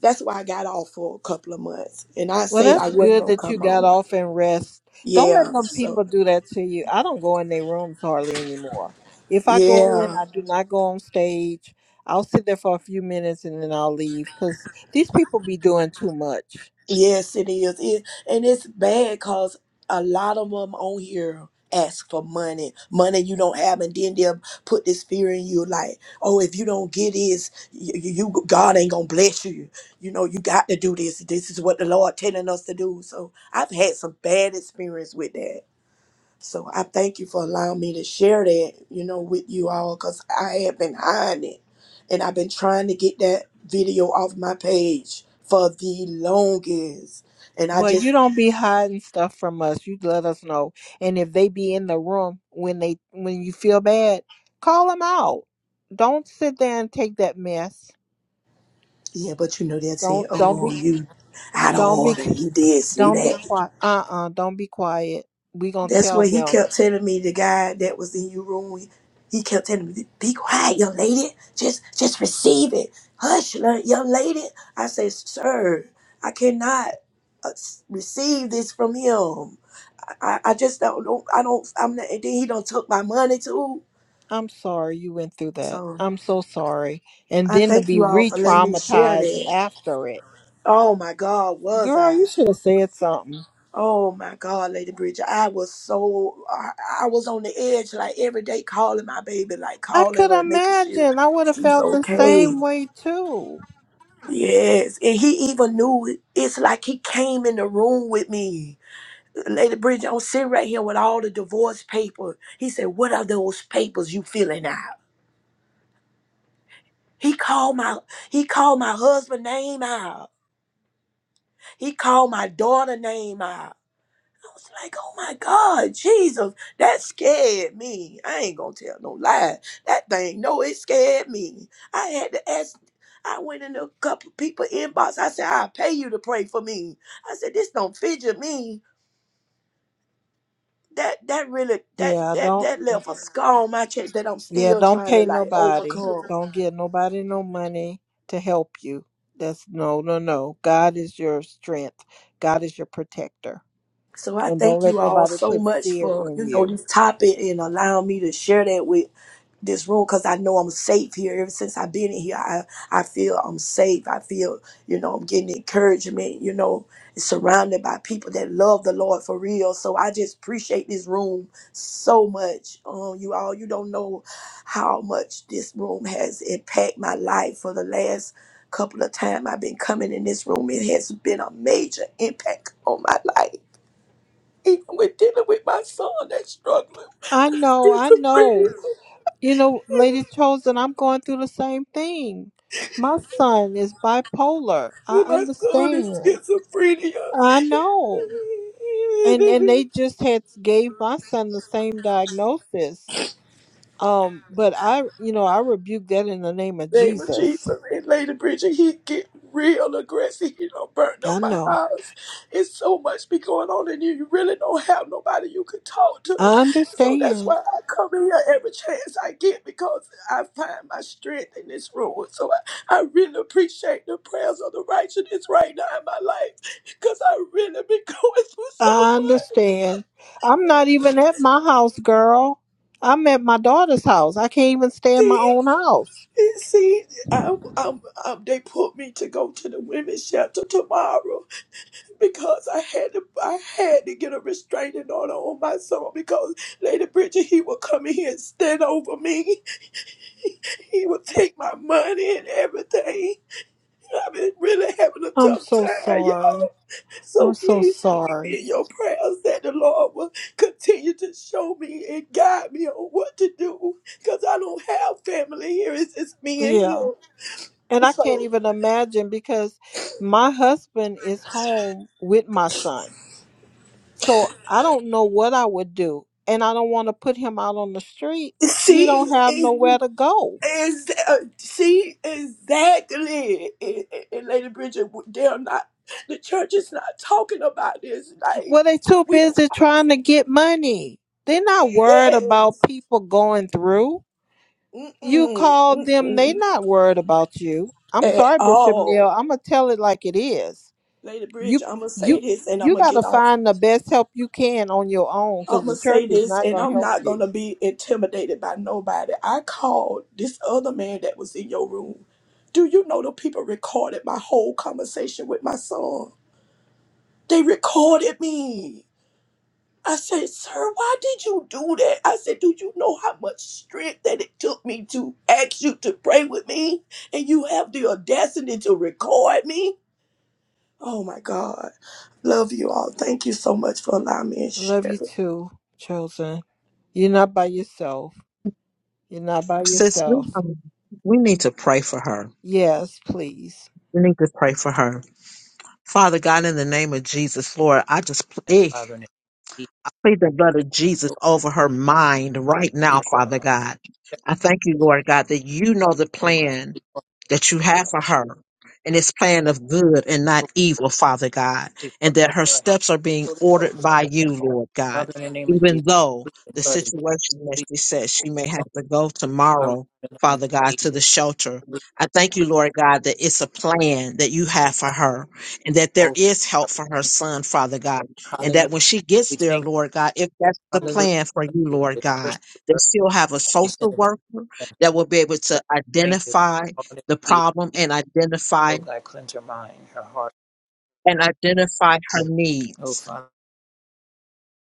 [SPEAKER 5] that's why I got off for a couple of months, and I
[SPEAKER 1] Well,
[SPEAKER 5] said I
[SPEAKER 1] that's
[SPEAKER 5] wasn't
[SPEAKER 1] good
[SPEAKER 5] gonna
[SPEAKER 1] that you
[SPEAKER 5] come
[SPEAKER 1] got
[SPEAKER 5] on.
[SPEAKER 1] off and rest. Don't let
[SPEAKER 5] Yeah,
[SPEAKER 1] them
[SPEAKER 5] so
[SPEAKER 1] people do that to you. I don't go in their rooms hardly anymore. If I go in,
[SPEAKER 5] yeah.
[SPEAKER 1] I do not go on stage. I'll sit there for a few minutes and then I'll leave because these people be doing too much.
[SPEAKER 5] Yes, it is. It, and it's bad because a lot of them on here ask for money, money you don't have, and then they'll put this fear in you, like, oh, if you don't get this, you, you God ain't gonna bless you. You know, you got to do this. This is what the Lord telling us to do. So I've had some bad experience with that. So I thank you for allowing me to share that, you know, with you all because I have been hiding it. And I've been trying to get that video off my page for the longest. And I
[SPEAKER 1] Well, you
[SPEAKER 5] just,
[SPEAKER 1] don't be hiding stuff from us. You let us know. And if they be in the room when they when you feel bad, call them out. Don't sit there and take that mess.
[SPEAKER 5] yeah, but you know, they'll say,
[SPEAKER 1] Don't don't
[SPEAKER 5] oh,
[SPEAKER 1] be
[SPEAKER 5] you out of
[SPEAKER 1] don't be.
[SPEAKER 5] order. You this, you
[SPEAKER 1] Don't be
[SPEAKER 5] that.
[SPEAKER 1] quiet. Uh-uh. Don't be quiet. We gonna
[SPEAKER 5] That's
[SPEAKER 1] tell
[SPEAKER 5] what he
[SPEAKER 1] them.
[SPEAKER 5] kept telling me. The guy that was in your room, he kept telling me, "Be quiet, young lady. Just, just receive it. Hush, li- young lady." I said, "Sir, I cannot uh, s- receive this from him. I, I just don't, don't. I don't. I'm not." And then he don't took my money too.
[SPEAKER 1] I'm sorry you went through that.
[SPEAKER 5] So
[SPEAKER 1] I'm so sorry. And
[SPEAKER 5] I
[SPEAKER 1] then to
[SPEAKER 5] thank
[SPEAKER 1] be
[SPEAKER 5] you all for letting me share
[SPEAKER 1] re-traumatized
[SPEAKER 5] that.
[SPEAKER 1] after it.
[SPEAKER 5] Oh my God, was
[SPEAKER 1] Girl,
[SPEAKER 5] I?
[SPEAKER 1] you should have said something.
[SPEAKER 5] Oh my God, Lady Bridget, I was so I, I was on the edge like every day calling my baby, like
[SPEAKER 1] I
[SPEAKER 5] calling
[SPEAKER 1] could
[SPEAKER 5] her and making sure
[SPEAKER 1] imagine. I would have
[SPEAKER 5] she's
[SPEAKER 1] felt the
[SPEAKER 5] okay.
[SPEAKER 1] same way too.
[SPEAKER 5] Yes, and he even knew it. It's like he came in the room with me. Lady Bridget, I'm sitting right here with all the divorce paper. He said, "What are those papers you filling out?" He called my he called my husband name out. He called my daughter name out. I was like, oh my God, Jesus, that scared me. I ain't gonna tell no lie. That thing, no, it scared me. I had to ask. I went in a couple people inbox. I said, I'll pay you to pray for me. I said, this don't fidget me. That that really that
[SPEAKER 1] Yeah,
[SPEAKER 5] that
[SPEAKER 1] don't
[SPEAKER 5] that left a scar on my chest that I'm
[SPEAKER 1] yeah,
[SPEAKER 5] still
[SPEAKER 1] don't
[SPEAKER 5] trying to
[SPEAKER 1] pay
[SPEAKER 5] like
[SPEAKER 1] nobody.
[SPEAKER 5] overcome.
[SPEAKER 1] Don't get nobody no money to help you. That's no no no. God is your strength. God is your protector.
[SPEAKER 5] So I
[SPEAKER 1] And don't
[SPEAKER 5] thank you
[SPEAKER 1] let
[SPEAKER 5] all
[SPEAKER 1] nobody
[SPEAKER 5] so
[SPEAKER 1] put
[SPEAKER 5] much
[SPEAKER 1] fear
[SPEAKER 5] for
[SPEAKER 1] in
[SPEAKER 5] you know
[SPEAKER 1] you.
[SPEAKER 5] this topic and allowing me to share that with this room because I know I'm safe here. Ever since I've been in here, I, I feel I'm safe. I feel, you know, I'm getting encouragement, you know, surrounded by people that love the Lord for real. So I just appreciate this room so much. Um, you all, you don't know how much this room has impacted my life for the last couple of time I've been coming in this room. It has been a major impact on my life. Even with dealing with my son that's struggling with
[SPEAKER 1] I know, I know.
[SPEAKER 5] schizophrenia.
[SPEAKER 1] You know, Lady Chosen, I'm going through the same thing. My son is bipolar. I
[SPEAKER 5] My son is
[SPEAKER 1] understand.
[SPEAKER 5] schizophrenia.
[SPEAKER 1] I know.
[SPEAKER 5] In
[SPEAKER 1] And and they
[SPEAKER 5] the
[SPEAKER 1] just had gave my son the same diagnosis. Um, but I you know, I rebuke that in the name of
[SPEAKER 5] name of
[SPEAKER 1] Jesus.
[SPEAKER 5] Jesus, and Lady Bridget, he get real aggressive. He don't burn
[SPEAKER 1] I
[SPEAKER 5] up my
[SPEAKER 1] know.
[SPEAKER 5] house. It's so much be going on, in you you really don't have nobody you can talk to.
[SPEAKER 1] I
[SPEAKER 5] So that's
[SPEAKER 1] understand.
[SPEAKER 5] why I come in here every chance I get because I find my strength in this room. So I, I really appreciate the prayers of the righteous right now in my life because I really been going through so
[SPEAKER 1] I
[SPEAKER 5] much.
[SPEAKER 1] understand. I'm not even at my house, girl. I'm at my daughter's house. I can't even stay in my own house.
[SPEAKER 5] See, I, I, I, they put me to go to the women's shelter tomorrow because I had to. I had to get a restraining order on my son because Lady Bridget he would come in here and stand over me. He would take my money and everything. I've been really having a
[SPEAKER 1] I'm
[SPEAKER 5] tough
[SPEAKER 1] so
[SPEAKER 5] time, y'all.
[SPEAKER 1] sorry.
[SPEAKER 5] So
[SPEAKER 1] I'm so
[SPEAKER 5] please keep me
[SPEAKER 1] sorry.
[SPEAKER 5] in your prayers that the Lord will continue to show me and guide me on what to do because I don't have family here. It's just me and
[SPEAKER 1] Yeah.
[SPEAKER 5] him.
[SPEAKER 1] And I can't
[SPEAKER 5] So.
[SPEAKER 1] even imagine because my husband is home with my son. So I don't know what I would do. And I don't want to put him out on the street. He
[SPEAKER 5] See,
[SPEAKER 1] don't have
[SPEAKER 5] is,
[SPEAKER 1] nowhere to go.
[SPEAKER 5] is uh, see exactly, and, and- and Lady Bridget, they're not. The church is not talking about this. Like
[SPEAKER 1] Well, they too
[SPEAKER 5] we don't.
[SPEAKER 1] busy trying to get money. They're not worried about
[SPEAKER 5] Yes.
[SPEAKER 1] people going through. You
[SPEAKER 5] Mm-mm,
[SPEAKER 1] call them, they
[SPEAKER 5] mm-mm,
[SPEAKER 1] not worried about you. I'm
[SPEAKER 5] at
[SPEAKER 1] sorry, Bishop Neil.
[SPEAKER 5] all,
[SPEAKER 1] I'm gonna tell it like it is.
[SPEAKER 5] Lady
[SPEAKER 1] You
[SPEAKER 5] Bridget. I'm gonna say
[SPEAKER 1] you
[SPEAKER 5] this, and I'm
[SPEAKER 1] you
[SPEAKER 5] gonna
[SPEAKER 1] gotta
[SPEAKER 5] get off.
[SPEAKER 1] find the best help you can on your own
[SPEAKER 5] I'm
[SPEAKER 1] because
[SPEAKER 5] gonna
[SPEAKER 1] the
[SPEAKER 5] say
[SPEAKER 1] church is
[SPEAKER 5] this,
[SPEAKER 1] not
[SPEAKER 5] and
[SPEAKER 1] gonna
[SPEAKER 5] I'm
[SPEAKER 1] help
[SPEAKER 5] not
[SPEAKER 1] you.
[SPEAKER 5] gonna be intimidated by nobody. I called this other man that was in your room. Do you know the people recorded my whole conversation with my son? They recorded me. I said, Sir, why did you do that? I said, Do you know how much strength that it took me to ask you to pray with me? And you have the audacity to record me? Oh my God. Love you all. Thank you so much for allowing me to
[SPEAKER 1] Love
[SPEAKER 5] share.
[SPEAKER 1] you too, chosen. You're not by yourself. You're not by
[SPEAKER 6] Sis,
[SPEAKER 1] yourself.
[SPEAKER 6] we, um, we need to pray for her.
[SPEAKER 1] Yes, please.
[SPEAKER 6] We need to pray for her. Father God, in the name of Jesus, Lord, I just
[SPEAKER 7] Yes,
[SPEAKER 6] pray.
[SPEAKER 7] Father, in the name
[SPEAKER 6] Plead the blood of Jesus
[SPEAKER 7] of
[SPEAKER 6] over her
[SPEAKER 7] Jesus,
[SPEAKER 6] mind right
[SPEAKER 7] he
[SPEAKER 6] now,
[SPEAKER 7] called
[SPEAKER 6] Father
[SPEAKER 7] up,
[SPEAKER 6] God. I thank you, Lord God, that you know the
[SPEAKER 7] oh God,
[SPEAKER 6] plan
[SPEAKER 7] he called
[SPEAKER 6] that you
[SPEAKER 7] up, oh
[SPEAKER 6] have
[SPEAKER 7] God,
[SPEAKER 6] for her. And it's plan of good and not evil, Father God.
[SPEAKER 7] he called
[SPEAKER 6] And that
[SPEAKER 7] up,
[SPEAKER 6] her
[SPEAKER 7] oh God,
[SPEAKER 6] steps are being
[SPEAKER 7] Holy
[SPEAKER 6] ordered
[SPEAKER 7] Ghost, uh,
[SPEAKER 6] by you, Lord God.
[SPEAKER 7] Father, in the name of
[SPEAKER 6] Even
[SPEAKER 7] Jesus,
[SPEAKER 6] though
[SPEAKER 7] we the
[SPEAKER 6] the
[SPEAKER 7] blood is
[SPEAKER 6] situation that
[SPEAKER 7] we
[SPEAKER 6] she
[SPEAKER 7] call
[SPEAKER 6] says she may
[SPEAKER 7] it out.
[SPEAKER 6] have to go
[SPEAKER 7] Father,
[SPEAKER 6] tomorrow,
[SPEAKER 7] in the name of
[SPEAKER 6] Father God, to
[SPEAKER 7] Jesus,
[SPEAKER 6] the shelter.
[SPEAKER 7] we
[SPEAKER 6] I thank you, Lord
[SPEAKER 7] the
[SPEAKER 6] God, that it's a plan that you have for her and that there
[SPEAKER 7] oh
[SPEAKER 6] is help
[SPEAKER 7] God,
[SPEAKER 6] for
[SPEAKER 7] we
[SPEAKER 6] her
[SPEAKER 7] thank you.
[SPEAKER 6] son, Father God and
[SPEAKER 7] hallelujah,
[SPEAKER 6] that when she gets
[SPEAKER 7] we
[SPEAKER 6] there,
[SPEAKER 7] thank
[SPEAKER 6] Lord God, if that's
[SPEAKER 7] you,
[SPEAKER 6] the
[SPEAKER 7] hallelujah,
[SPEAKER 6] plan for you,
[SPEAKER 7] We thank you
[SPEAKER 6] Lord
[SPEAKER 7] for the
[SPEAKER 6] God,
[SPEAKER 7] Christian
[SPEAKER 6] that
[SPEAKER 7] birth,
[SPEAKER 6] she'll have a
[SPEAKER 7] we send
[SPEAKER 6] social
[SPEAKER 7] it back to
[SPEAKER 6] worker
[SPEAKER 7] them.
[SPEAKER 6] that will be able
[SPEAKER 7] God,
[SPEAKER 6] to
[SPEAKER 7] we thank you,
[SPEAKER 6] identify
[SPEAKER 7] for all that
[SPEAKER 6] the
[SPEAKER 7] she did.
[SPEAKER 6] problem and identify
[SPEAKER 7] oh God, cleanse her mind, her heart,
[SPEAKER 6] and identify her
[SPEAKER 7] oh
[SPEAKER 6] needs.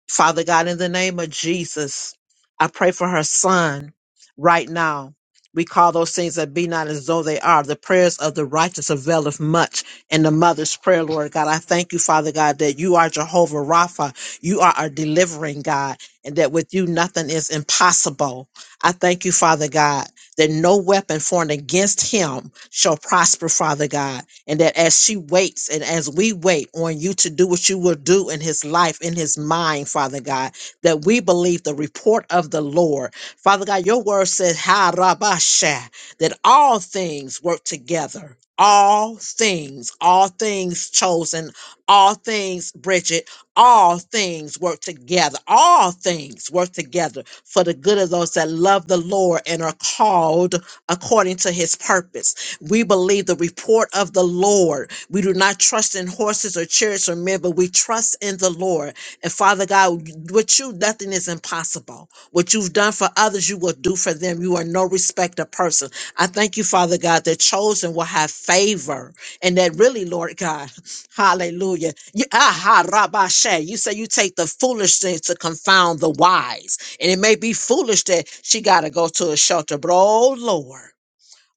[SPEAKER 6] Father God, in the name of Jesus, I pray for her son right now. We call those things that be not as though they are. The prayers of the righteous availeth much. And the mother's prayer, Lord God, I thank you, Father God, that you are Jehovah Rapha. You are our delivering God, and that with you nothing is impossible. I thank you, Father God that no weapon formed against him shall prosper, Father God. And that as she waits and as we wait on you to do what you will do in his life, in his mind, Father God, that we believe the report of the Lord. Father God, your word says, "Ha rabasha," that all things work together. All things, all things chosen, all things, Bridget, all things work together. All things work together for the good of those that love the Lord and are called according to his purpose. We believe the report of the Lord. We do not trust in horses or chariots or men, but we trust in the Lord. And Father God, with you, nothing is impossible. What you've done for others, you will do for them. You are no respecter of person. I thank you, Father God, that chosen will have favor and that really, Lord God, hallelujah. You, aha, rabashe. You say you take the foolish things to confound the wise. And it may be foolish that she got to go to a shelter, but oh, Lord.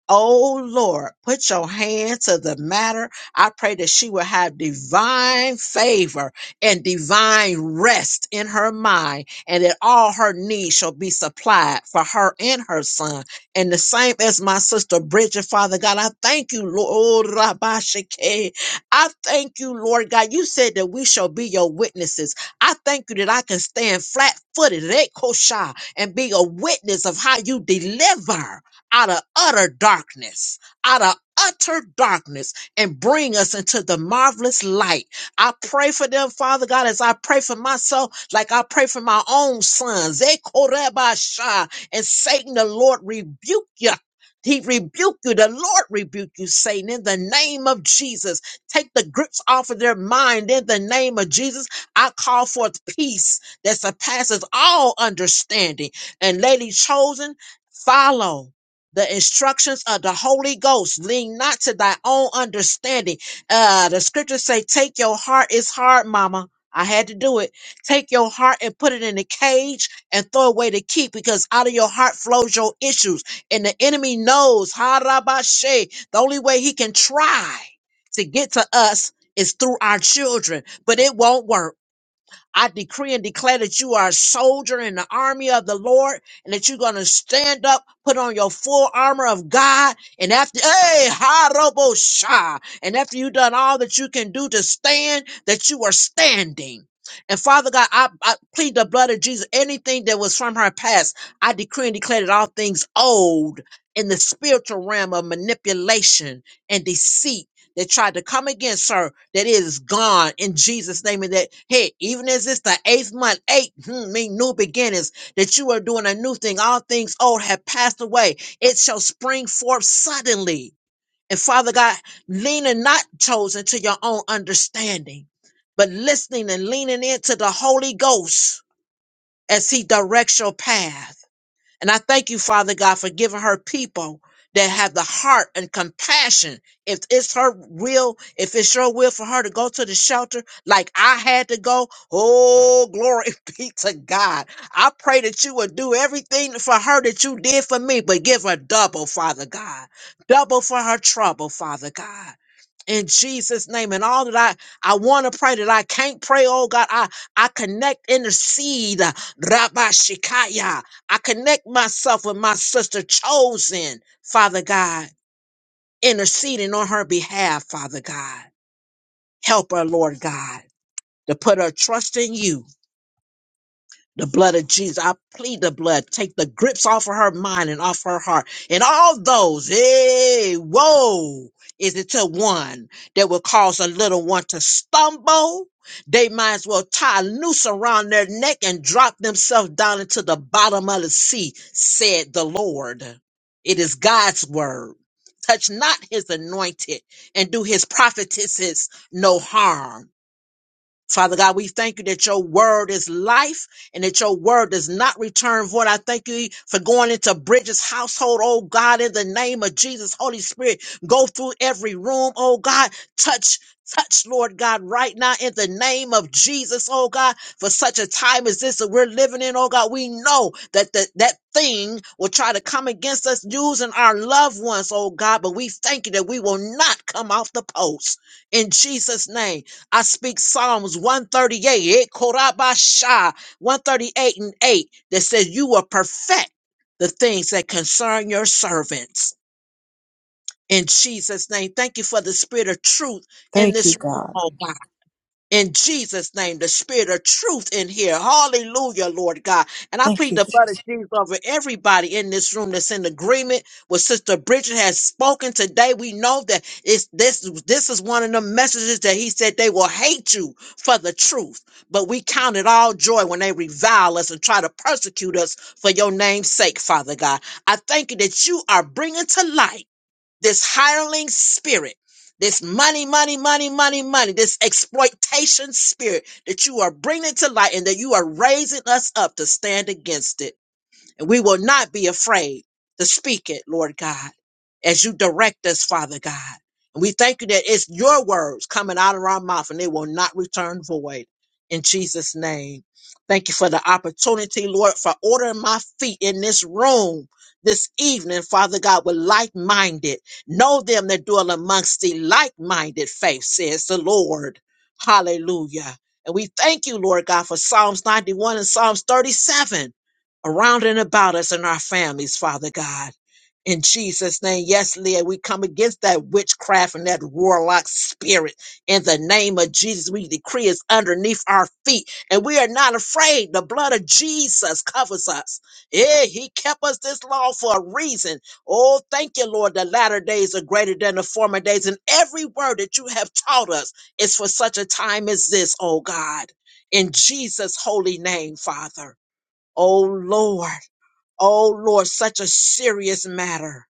[SPEAKER 6] Oh Lord, put your hand to the matter. I pray that she will have divine favor and divine rest in her mind, and that all her needs shall be supplied for her and her son. And the same as my sister Bridget, Father God, I thank you, Lord. Oh, Rabashake. I thank you, Lord God. You said that we shall be your witnesses. I thank you that I can stand flat footed and be a witness of how you deliver out of utter darkness, out of utter darkness, and bring us into the marvelous light. I pray for them, Father God, as I pray for myself, like I pray for my own sons. Ekorebasha. And Satan, the Lord, rebuke you. He rebuke you. The Lord rebuke you, Satan, in the name of Jesus. Take the grips off of their mind in the name of Jesus. I call forth peace that surpasses all understanding. And, lady chosen, follow the instructions of the Holy Ghost. Lean not to thy own understanding. Uh, the scriptures say, take your heart. It's hard, mama. I had to do it. Take your heart and put it in a cage and throw away the key because out of your heart flows your issues. And the enemy knows, harabashe, the only way he can try to get to us is through our children, but it won't work I decree and declare that you are a soldier in the army of the Lord and that you're going to stand up, put on your full armor of God. And after, hey, Harobo Shah. And after you've done all that you can do to stand, that you are standing. And Father God, I, I plead the blood of Jesus. Anything that was from her past, I decree and declare that all things old in the spiritual realm of manipulation and deceit that tried to come against her, that it is gone in Jesus' name. And that, hey, even as it's the eighth month, eight hmm, mean new beginnings, that you are doing a new thing. All things old have passed away. It shall spring forth suddenly. And Father God, leaning not chosen to your own understanding, but listening and leaning into the Holy Ghost as he directs your path and I thank you, Father God, for giving her people that have the heart and compassion. If it's her will, if it's your will for her to go to the shelter like I had to go, oh, glory be to God. I pray that you would do everything for her that you did for me, but give her double, Father God. Double for her trouble, Father God in Jesus' name. And all that I, I want to pray that I can't pray, oh God, I, I connect, intercede, Rabbi Shikaya. I connect myself with my sister chosen, Father God, interceding on her behalf, Father God. Help her, Lord God, to put her trust in you The blood of Jesus. I plead the blood. Take the grips off of her mind and off her heart. And all those, hey, whoa, is it to one that will cause a little one to stumble? They might as well tie a noose around their neck and drop themselves down into the bottom of the sea, said the Lord. It is God's word. Touch not his anointed and do his prophetesses no harm. Father God, we thank you that your word is life and that your word does not return void. I thank you for going into Bridges' household, oh God, in the name of Jesus. Holy Spirit, go through every room, oh God, touch. Touch, Lord God, right now in the name of Jesus, oh God, for such a time as this that we're living in, oh God. We know that the, that thing will try to come against us using our loved ones, oh God, but we thank you that we will not come off the post in Jesus' name. I speak Psalms 138, eh, Korabasha, 138 and 8, that says, You will perfect the things that concern your servants. In Jesus' name, thank you for the spirit of truth in
[SPEAKER 1] Thank you,
[SPEAKER 6] this room,
[SPEAKER 1] God.
[SPEAKER 6] oh God in Jesus' name, the spirit of truth in here. Hallelujah, Lord God. And I
[SPEAKER 1] Thank
[SPEAKER 6] plead
[SPEAKER 1] you,
[SPEAKER 6] the blood of
[SPEAKER 1] Jesus.
[SPEAKER 6] Jesus over everybody in this room that's in agreement with Sister Bridget has spoken today. We know that it's this this is one of the messages that he said they will hate you for the truth. But we count it all joy when they revile us and try to persecute us for your name's sake, Father God. I thank you that you are bringing to light this hireling spirit, this money, money, money, money, money, this exploitation spirit that you are bringing to light and that you are raising us up to stand against it. And we will not be afraid to speak it, Lord God, as you direct us, Father God. And we thank you that it's your words coming out of our mouth and they will not return void in Jesus' name. Thank you for the opportunity, Lord, for ordering my feet in this room this evening, Father God, with like minded. Know them that dwell amongst thee, like minded faith, says the Lord. Hallelujah. And we thank you, Lord God, for Psalms 91 and Psalms 37 around and about us and our families, Father God. In Jesus' name, yes, Leah, we come against that witchcraft and that warlock spirit. In the name of Jesus, we decree it's underneath our feet, and we are not afraid. The blood of Jesus covers us. Yeah, He kept us this long for a reason. Oh, thank you, Lord. The latter days are greater than the former days, and every word that you have taught us is for such a time as this, oh God. In Jesus' holy name, Father. Oh Lord, oh Lord, such a serious matter.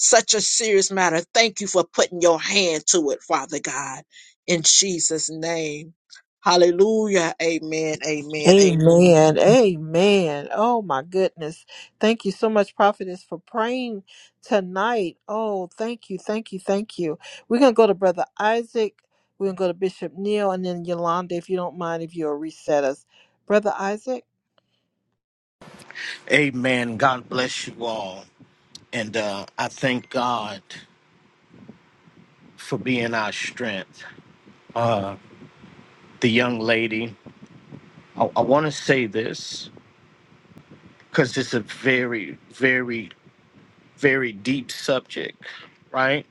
[SPEAKER 6] Such a serious matter. Thank you for putting your hand to it, Father God, in Jesus' name. Hallelujah. Amen. Amen. Amen.
[SPEAKER 1] Amen. Amen. Oh, my goodness. Thank you so much, Prophetess, for praying tonight. Oh, thank you. Thank you. Thank you. We're going to go to Brother Isaac. We're going to go to Bishop Neil and then Yolanda, if you don't mind, if you'll reset us. Brother Isaac?
[SPEAKER 8] Amen. God bless you all. And uh, I thank God for being our strength. The young lady, I, I want to say this because it's a very, very, very deep subject, right?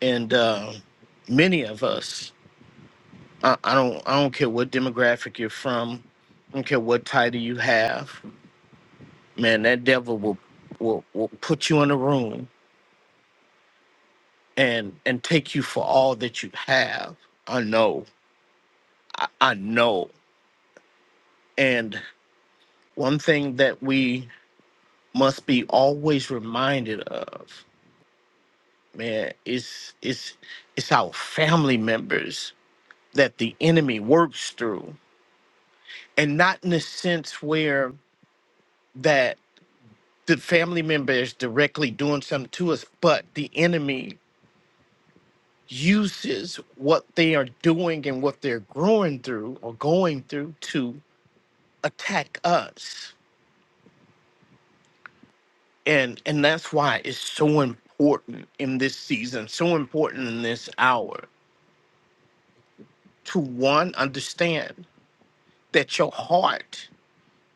[SPEAKER 8] And uh, many of us, I, I don't, I don't care what demographic you're from, I don't care what title you have, man. That devil will, will, will put you in a room and and take you for all that you have. I know I, I know. And one thing that we must be always reminded of, man, is is it's our family members that the enemy works through. And not in the sense where that the family member is directly doing something to us, but the enemy uses what they are doing and what they're growing through or going through to attack us and and that's why it's so important in this season so important in this hour to one understand that your heart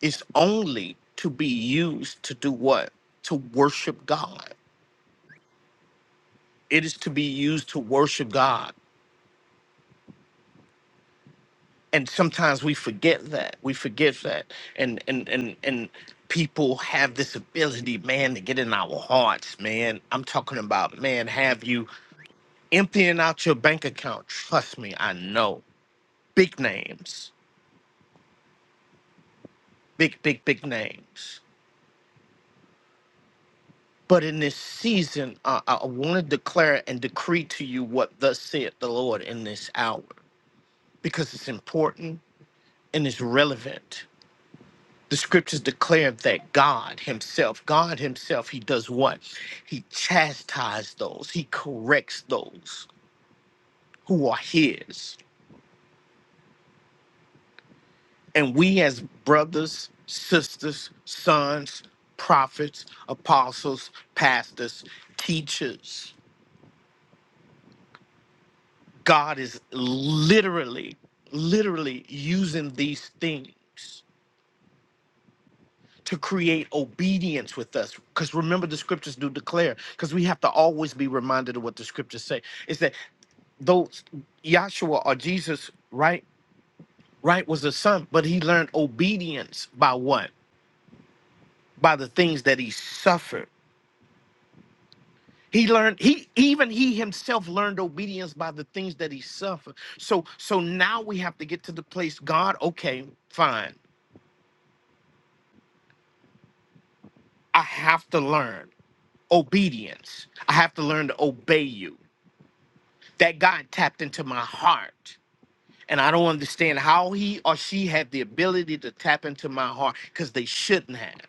[SPEAKER 8] is only to be used to do what to worship god it is to be used to worship god and sometimes we forget that we forget that and and and and people have this ability man to get in our hearts man i'm talking about man have you emptying out your bank account trust me i know big names, big, big, big names. But in this season, I, I want to declare and decree to you what thus saith the Lord in this hour, because it's important and it's relevant. The scriptures declare that God Himself, God Himself, He does what? He chastises those, He corrects those who are His. And we, as brothers, sisters, sons, prophets, apostles, pastors, teachers. God is literally, literally using these things to create obedience with us. Because remember, the scriptures do declare, because we have to always be reminded of what the scriptures say. Is that those Yahshua or Jesus, right? Right was a son, but he learned obedience by what? By the things that he suffered. He learned he even he himself learned obedience by the things that he suffered. So so now we have to get to the place, God, okay, fine. I have to learn obedience. I have to learn to obey you. That God tapped into my heart. And I don't understand how he or she had the ability to tap into my heart because they shouldn't have.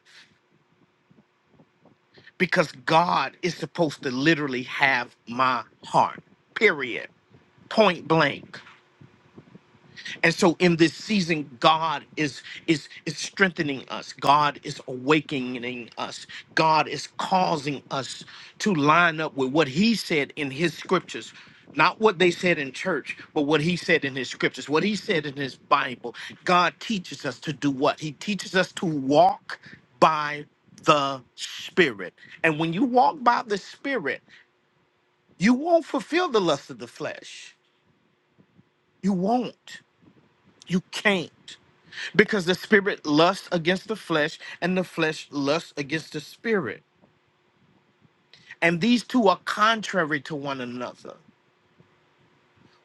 [SPEAKER 8] Because God is supposed to literally have my heart, period, point blank. and so in this season god is is is strengthening us god is awakening us god is causing us to line up with what he said in his scriptures not what they said in church but what he said in his scriptures what he said in his bible god teaches us to do what he teaches us to walk by the spirit and when you walk by the spirit you won't fulfill the lust of the flesh you won't you can't Because the spirit lusts against the flesh, and the flesh lusts against the spirit. And these two are contrary to one another.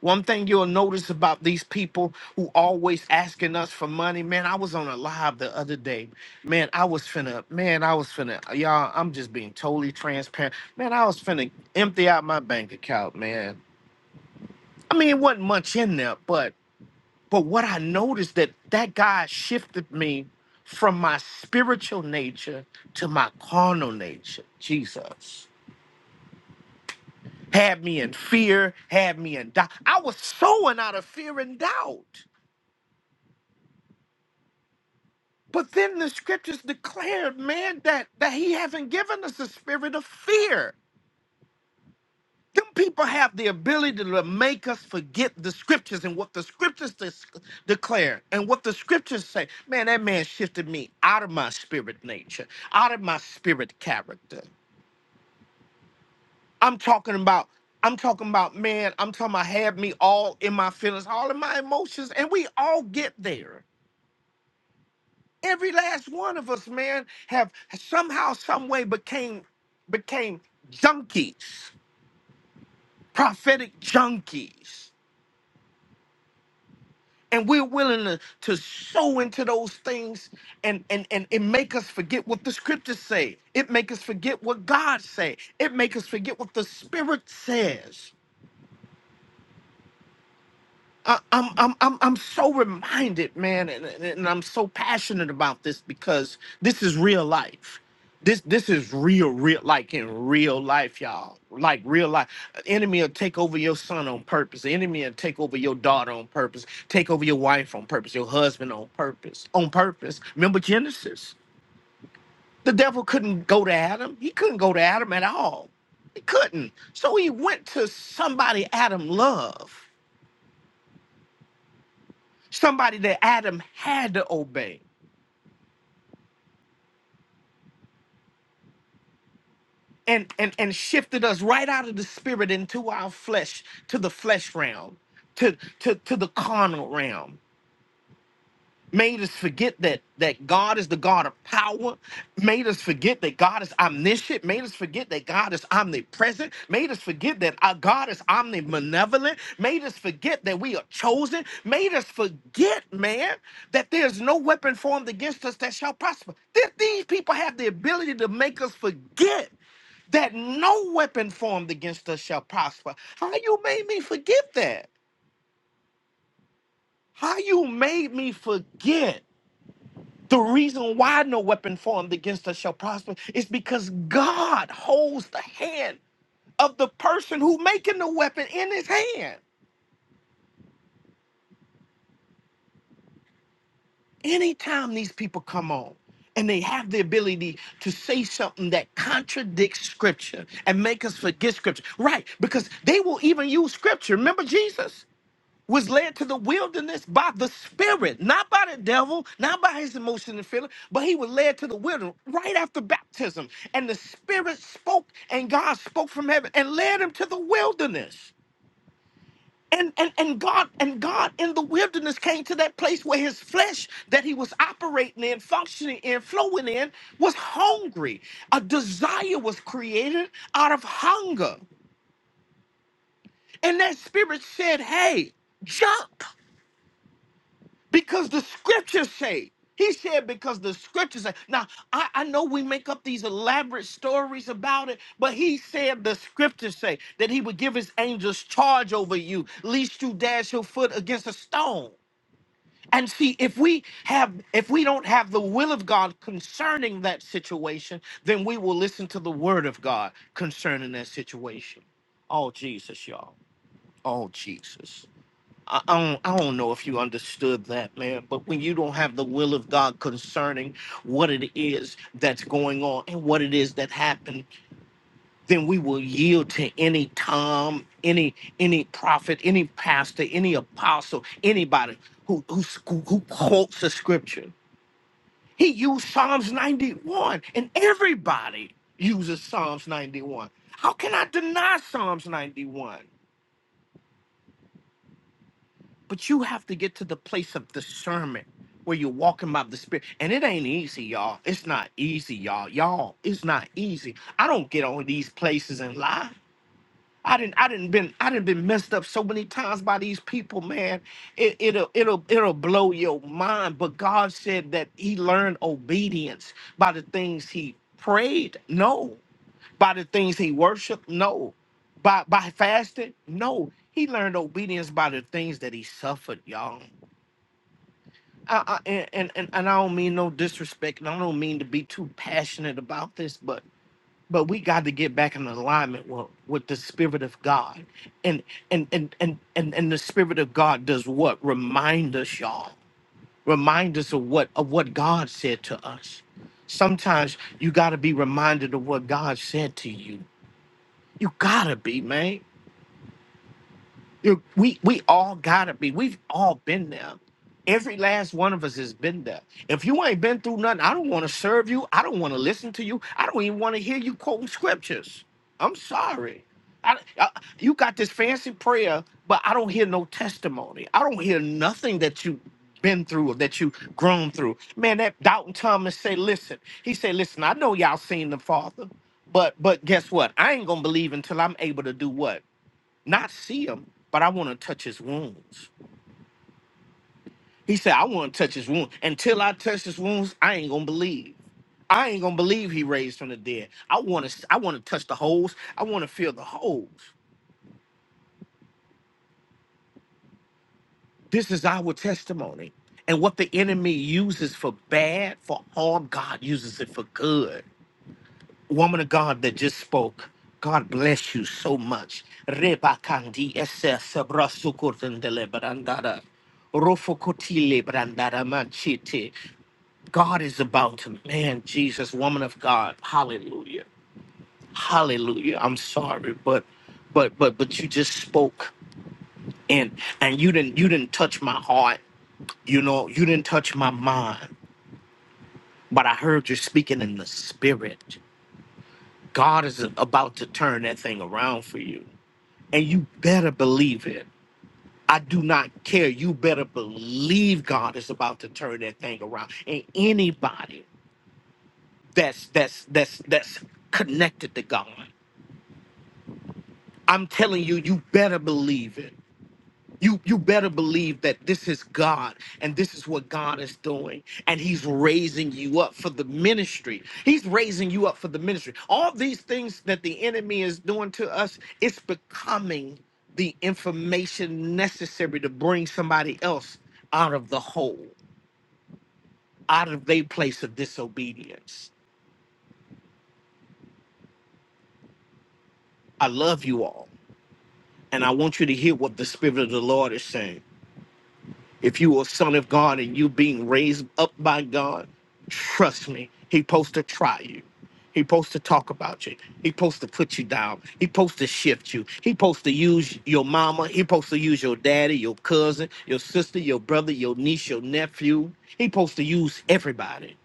[SPEAKER 8] One thing you'll notice about these people who always asking us for money, man, I was on a live the other day. Man, I was finna, man, I was finna, y'all, I'm just being totally transparent. Man, I was finna empty out my bank account, man. I mean, it wasn't much in there, but But what I noticed that that guy shifted me from my spiritual nature to my carnal nature. Jesus had me in fear, had me in doubt. I was sowing out of fear and doubt. But then the scriptures declared, man, that that he hasn't given us a spirit of fear. Them people have the ability to make us forget the scriptures and what the scriptures dis- declare and what the scriptures say. Man, that man shifted me out of my spirit nature, out of my spirit character. I'm talking about, I'm talking about, man, I'm talking about had me all in my feelings, all in my emotions, and we all get there. Every last one of us, man, have somehow, some way became became junkies, prophetic junkies and we're willing to, to sow into those things and and and it make us forget what the scriptures say it make us forget what god say it make us forget what the spirit says I, I'm I'm I'm I'm so reminded, man, and, and and I'm so passionate about this because this is real life. This this is real, real like in real life, y'all. Like real life. An enemy will take over your son on purpose. The enemy will take over your daughter on purpose. Take over your wife on purpose. Your husband on purpose. On purpose. Remember Genesis. The devil couldn't go to Adam. He couldn't go to Adam at all. He couldn't. So he went to somebody Adam loved somebody that Adam had to obey and, and, and shifted us right out of the spirit into our flesh, to the flesh realm, to, to, to the carnal realm. made us forget that that God is the God of power, made us forget that God is omniscient, made us forget that God is omnipresent, made us forget that our God is omnibenevolent, made us forget that we are chosen, made us forget, man, that there's no weapon formed against us that shall prosper. Th- these people have the ability to make us forget that no weapon formed against us shall prosper. How you made me forget that? How you made me forget? The reason why no weapon formed against us shall prosper is because God holds the hand of the person who making the weapon in his hand. Anytime these people come on and they have the ability to say something that contradicts scripture and make us forget scripture. Right, because they will even use scripture. Remember Jesus? was led to the wilderness by the Spirit, not by the devil, not by his emotion and feeling, but he was led to the wilderness right after baptism. And the Spirit spoke, and God spoke from heaven and led him to the wilderness. And, and and God and God in the wilderness came to that place where his flesh that he was operating in, functioning in, flowing in, was hungry. A desire was created out of hunger. And that spirit said, Hey, jump. Because the scriptures say, he said, because the scriptures say. Now, I, I know we make up these elaborate stories about it, but he said the scriptures say that he would give his angels charge over you, lest you dash your foot against a stone. And see, if we have, if we don't have the will of God concerning that situation, then we will listen to the word of God concerning that situation. Oh, Jesus, y'all. Oh, Jesus. I I don't, I don't know if you understood that, man, but when you don't have the will of God concerning what it is that's going on and what it is that happened, then we will yield to any Tom, any any prophet, any pastor, any apostle, anybody who who, who who quotes the scripture. He used Psalms 91, and everybody uses Psalms 91. How can I deny Psalms 91? But you have to get to the place of discernment where you're walking by the spirit. And it ain't easy, y'all. It's not easy, y'all. Y'all, it's not easy. I don't get on these places and lie. I didn't I didn't been I didn't been messed up so many times by these people, man. It, it'll it'll it'll blow your mind. But God said that he learned obedience by the things he prayed. No by the things he worshiped? No. By by fasting? No. He learned obedience by the things that he suffered, y'all. I, I, and, and and and I don't mean no disrespect, and I don't mean to be too passionate about this, but but we got to get back in alignment with, with the spirit of God, and and and and and and the spirit of God does what? Remind us, y'all. Remind us of what of what God said to us. Sometimes you got to be reminded of what God said to you you gotta be, man. You we we all gotta be. We've all been there. Every last one of us has been there. If you ain't been through nothing, I don't want to serve you. I don't want to listen to you. I don't even want to hear you quoting scriptures. I'm sorry. I, I- you got this fancy prayer, but I don't hear no testimony. I don't hear nothing that you been through or that you grown through. Man, that Doubting Thomas say, listen. He said, listen, I know y'all seen the Father, but but guess what? I ain't gonna believe until I'm able to do what? not see him, but I want to touch his wounds. He said, I want to touch his wounds. Until I touch his wounds, I ain't gonna believe. I ain't gonna believe he raised from the dead. I want to I want to touch the holes. I want to feel the holes. This is our testimony. And what the enemy uses for bad, for harm, God uses it for good. woman of God that just spoke, God bless you so much. Reba kandi SS brasukotendele rofo Rofokotile brandada manchite. God is about to, man, Jesus, woman of God. Hallelujah. Hallelujah. I'm sorry, but but but but you just spoke and and you didn't you didn't touch my heart. You know, you didn't touch my mind, but I heard you speaking in the spirit. God is about to turn that thing around for you. and you better believe it. I do not care. You better believe God is about to turn that thing around. And anybody that's that's that's that's connected to God, I'm telling you, you better believe it You you better believe that this is God and this is what God is doing and he's raising you up for the ministry. He's raising you up for the ministry. All these things that the enemy is doing to us, it's becoming the information necessary to bring somebody else out of the hole, out of their place of disobedience. I love you all and I want you to hear what the spirit of the Lord is saying. If you are a son of God and you being raised up by God, trust me, he supposed to try you. He supposed to talk about you. He supposed to put you down. He supposed to shift you. He supposed to use your mama. He supposed to use your daddy, your cousin, your sister, your brother, your niece, your nephew. He supposed to use everybody.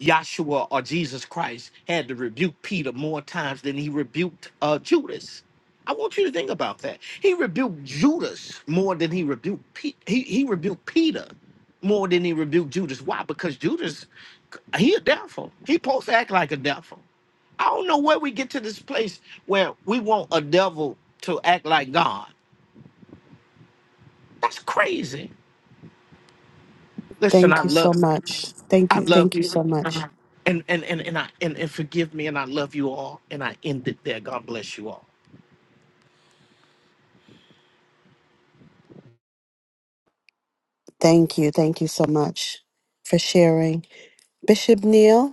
[SPEAKER 8] Yahshua or Jesus Christ had to rebuke Peter more times than he rebuked uh, Judas. I want you to think about that. He rebuked Judas more than he rebuked Pe- he he rebuked Peter more than he rebuked Judas. Why? Because Judas he a devil. He supposed to act like a devil. I don't know where we get to this place where we want a devil to act like God. That's crazy. Listen, I
[SPEAKER 2] Thank you so
[SPEAKER 8] love
[SPEAKER 2] much. Thank
[SPEAKER 8] I
[SPEAKER 2] you.
[SPEAKER 8] love
[SPEAKER 2] Thank you
[SPEAKER 8] you.
[SPEAKER 2] so much.
[SPEAKER 8] And and and and I and, and forgive me, and I love you all, and I end it there. God bless you all.
[SPEAKER 2] Thank you. Thank you so much for sharing. Bishop Neil.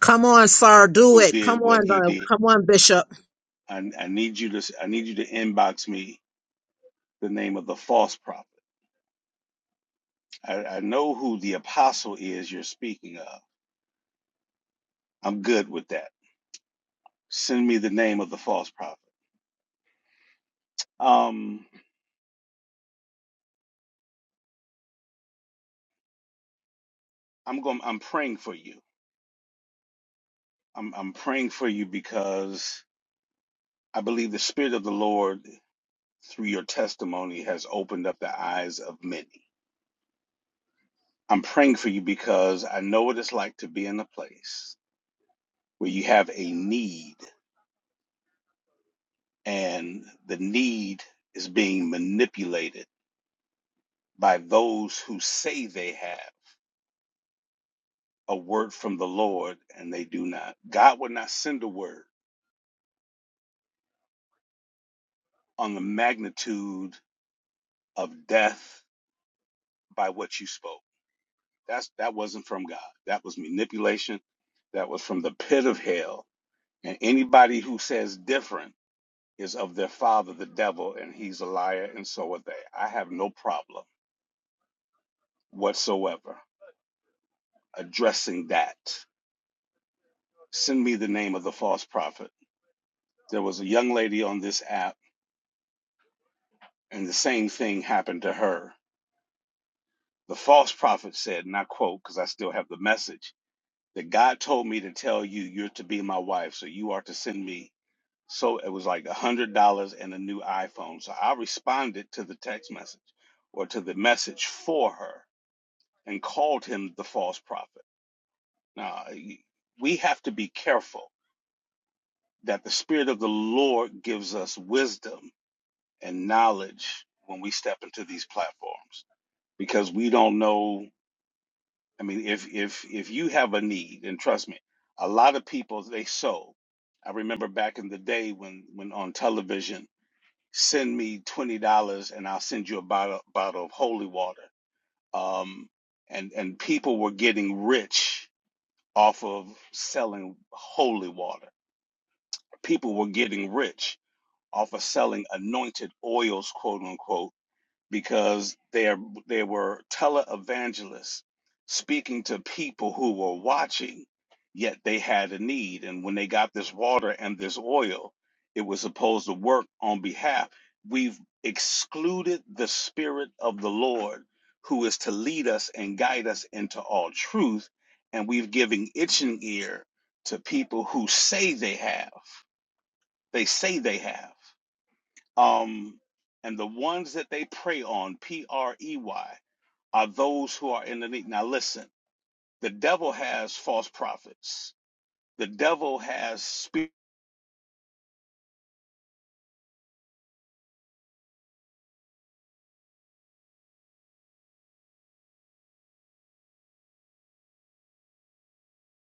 [SPEAKER 6] Come on, sir. Do it. Come on, uh, come on, Bishop.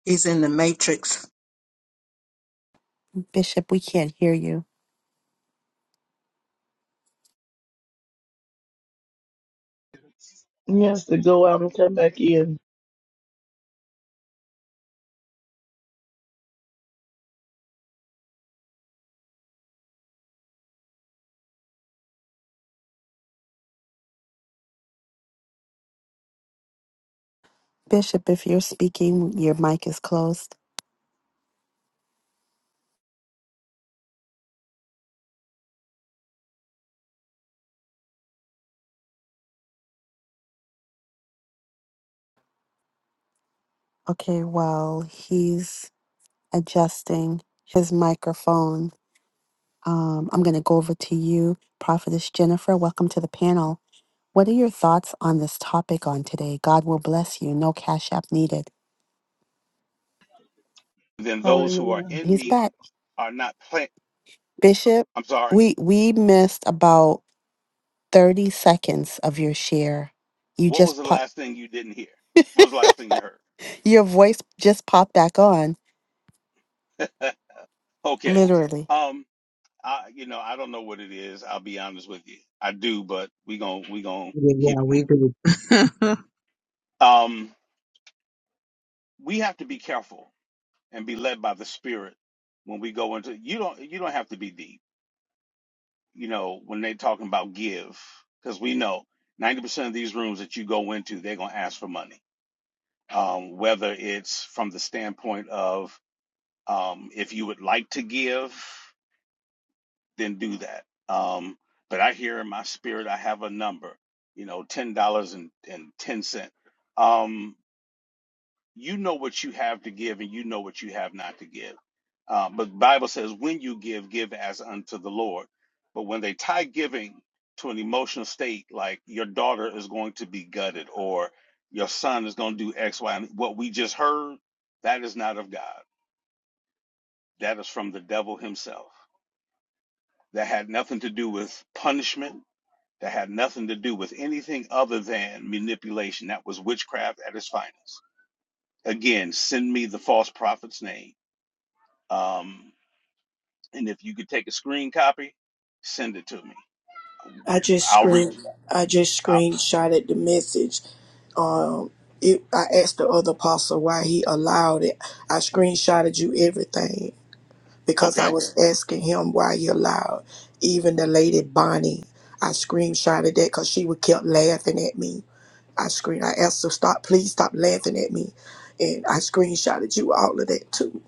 [SPEAKER 6] He's in the matrix.
[SPEAKER 2] Bishop, we can't hear you.
[SPEAKER 9] Yes, to go out and come back in.
[SPEAKER 2] Bishop, if you're speaking, your mic is closed. Okay, while he's adjusting his microphone, um, I'm going to go over to you, Prophetess Jennifer. Welcome to the panel. What are your thoughts on this topic on today? God will bless you. No cash app needed.
[SPEAKER 9] Hallelujah.
[SPEAKER 2] He's back. Bishop, we we missed about 30 seconds of your share. You just pop, your voice just popped back on, literally.
[SPEAKER 6] Yeah, we do.
[SPEAKER 5] I just screen I just screenshotted the message. Um it, I asked the other apostle why he allowed it. I screenshotted you everything. because I was asking him why he allowed even the lady Bonnie. I screenshotted that because she would kept laughing at me. I screen I asked her stop please stop laughing at me. And I screenshotted you all of that too.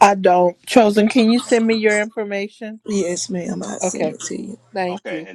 [SPEAKER 1] I don't. Chosen, can you send me your information?
[SPEAKER 5] Yes, ma'am, I sent
[SPEAKER 1] Okay.
[SPEAKER 5] it to you.
[SPEAKER 1] Thank you.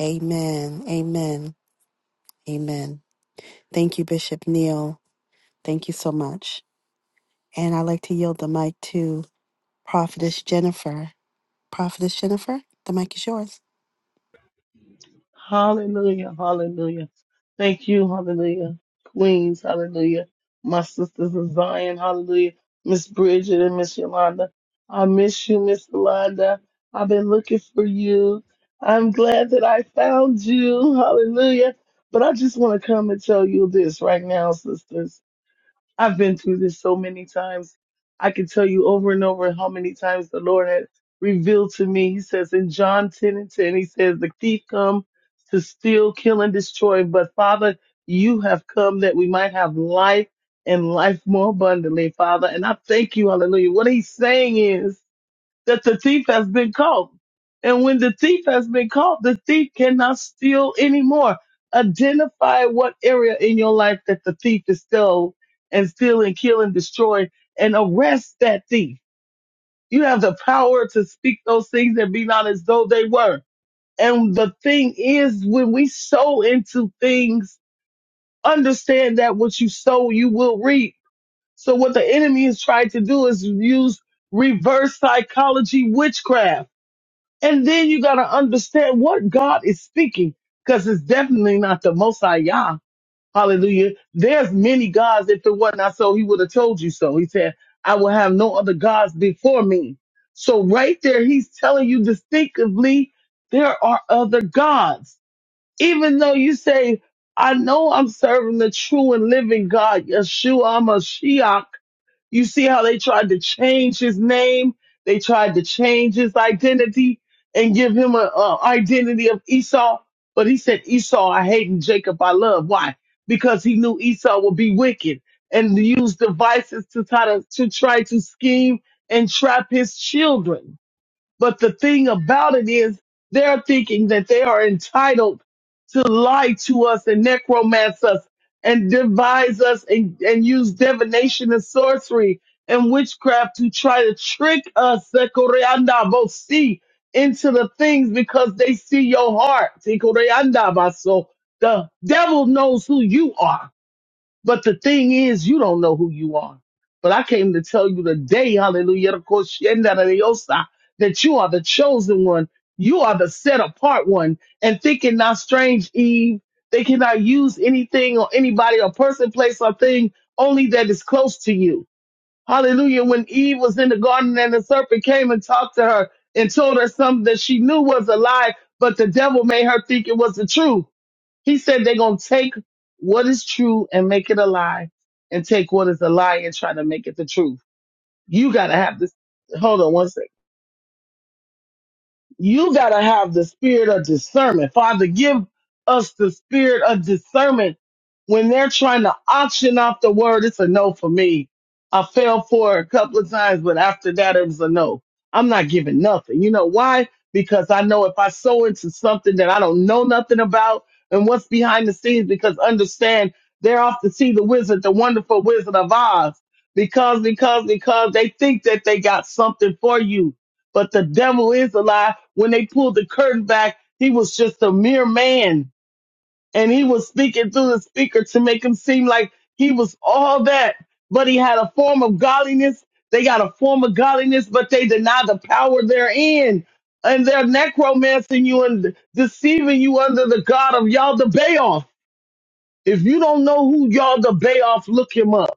[SPEAKER 2] Amen. Amen. Amen. Thank you, Bishop Neil. Thank you so much. And I'd like to yield the mic to Prophetess Jennifer. Prophetess Jennifer, the mic is yours.
[SPEAKER 9] Hallelujah. Hallelujah. Thank you. Hallelujah. Queens. Hallelujah. My sisters in Zion. Hallelujah. Miss Bridget and Miss Yolanda. I miss you, Miss Yolanda. I've been looking for you. I'm glad that I found you. Hallelujah. But I just want to come and tell you this right now, sisters. I've been through this so many times. I can tell you over and over how many times the Lord had revealed to me. He says in John 10 and 10, he says, the thief come to steal, kill, and destroy. But Father, you have come that we might have life and life more abundantly, Father. And I thank you. Hallelujah. What he's saying is, that the thief has been caught. And when the thief has been caught, the thief cannot steal anymore. Identify what area in your life that the thief is still and steal and kill and destroy and arrest that thief. You have the power to speak those things and be not as though they were. And the thing is, when we sow into things, understand that what you sow, you will reap. So what the enemy is trying to do is use reverse psychology witchcraft and then you got to understand what God is speaking because it's definitely not the Most High Yah. Hallelujah. There's many gods. If it were not so, he would have told you so. He said, I will have no other gods before me. So right there, he's telling you distinctively, there are other gods. Even though you say, I know I'm serving the true and living God, Yeshua, i you see how they tried to change his name? They tried to change his identity and give him a, a identity of Esau. But he said, Esau, I hate and Jacob, I love. Why? Because he knew Esau would be wicked and use devices to try to, to try to scheme and trap his children. But the thing about it is they're thinking that they are entitled to lie to us and necromance us and devise us and, and use divination and sorcery and witchcraft to try to trick us Sekoreanda Bosi, into the things because they see your heart. Sekoreanda Baso. The devil knows who you are. But the thing is, you don't know who you are. But I came to tell you today, hallelujah, of course, yenda de diosa, that you are the chosen one. You are the set apart one. And thinking not strange, Eve, they cannot use anything or anybody or person, place or thing only that is close to you. Hallelujah. When Eve was in the garden and the serpent came and talked to her and told her something that she knew was a lie, but the devil made her think it was the truth. He said they're going to take what is true and make it a lie and take what is a lie and try to make it the truth. You got to have this. Hold on one second. You got to have the spirit of discernment. Father, give us the spirit of discernment when they're trying to auction off the word. It's a no for me. I fell for it a couple of times, but after that, it was a no. I'm not giving nothing. You know why? Because I know if I sow into something that I don't know nothing about and what's behind the scenes, because understand they're off to see the wizard, the wonderful wizard of Oz, because, because, because they think that they got something for you but the devil is a lie. When they pulled the curtain back, he was just a mere man and he was speaking through the speaker to make him seem like he was all that. But he had a form of godliness. They got a form of godliness, but they deny the power therein. And they're necromancing you and deceiving you under the God of Yalda Bayoff. If you don't know who Yalda Bayoff, look him up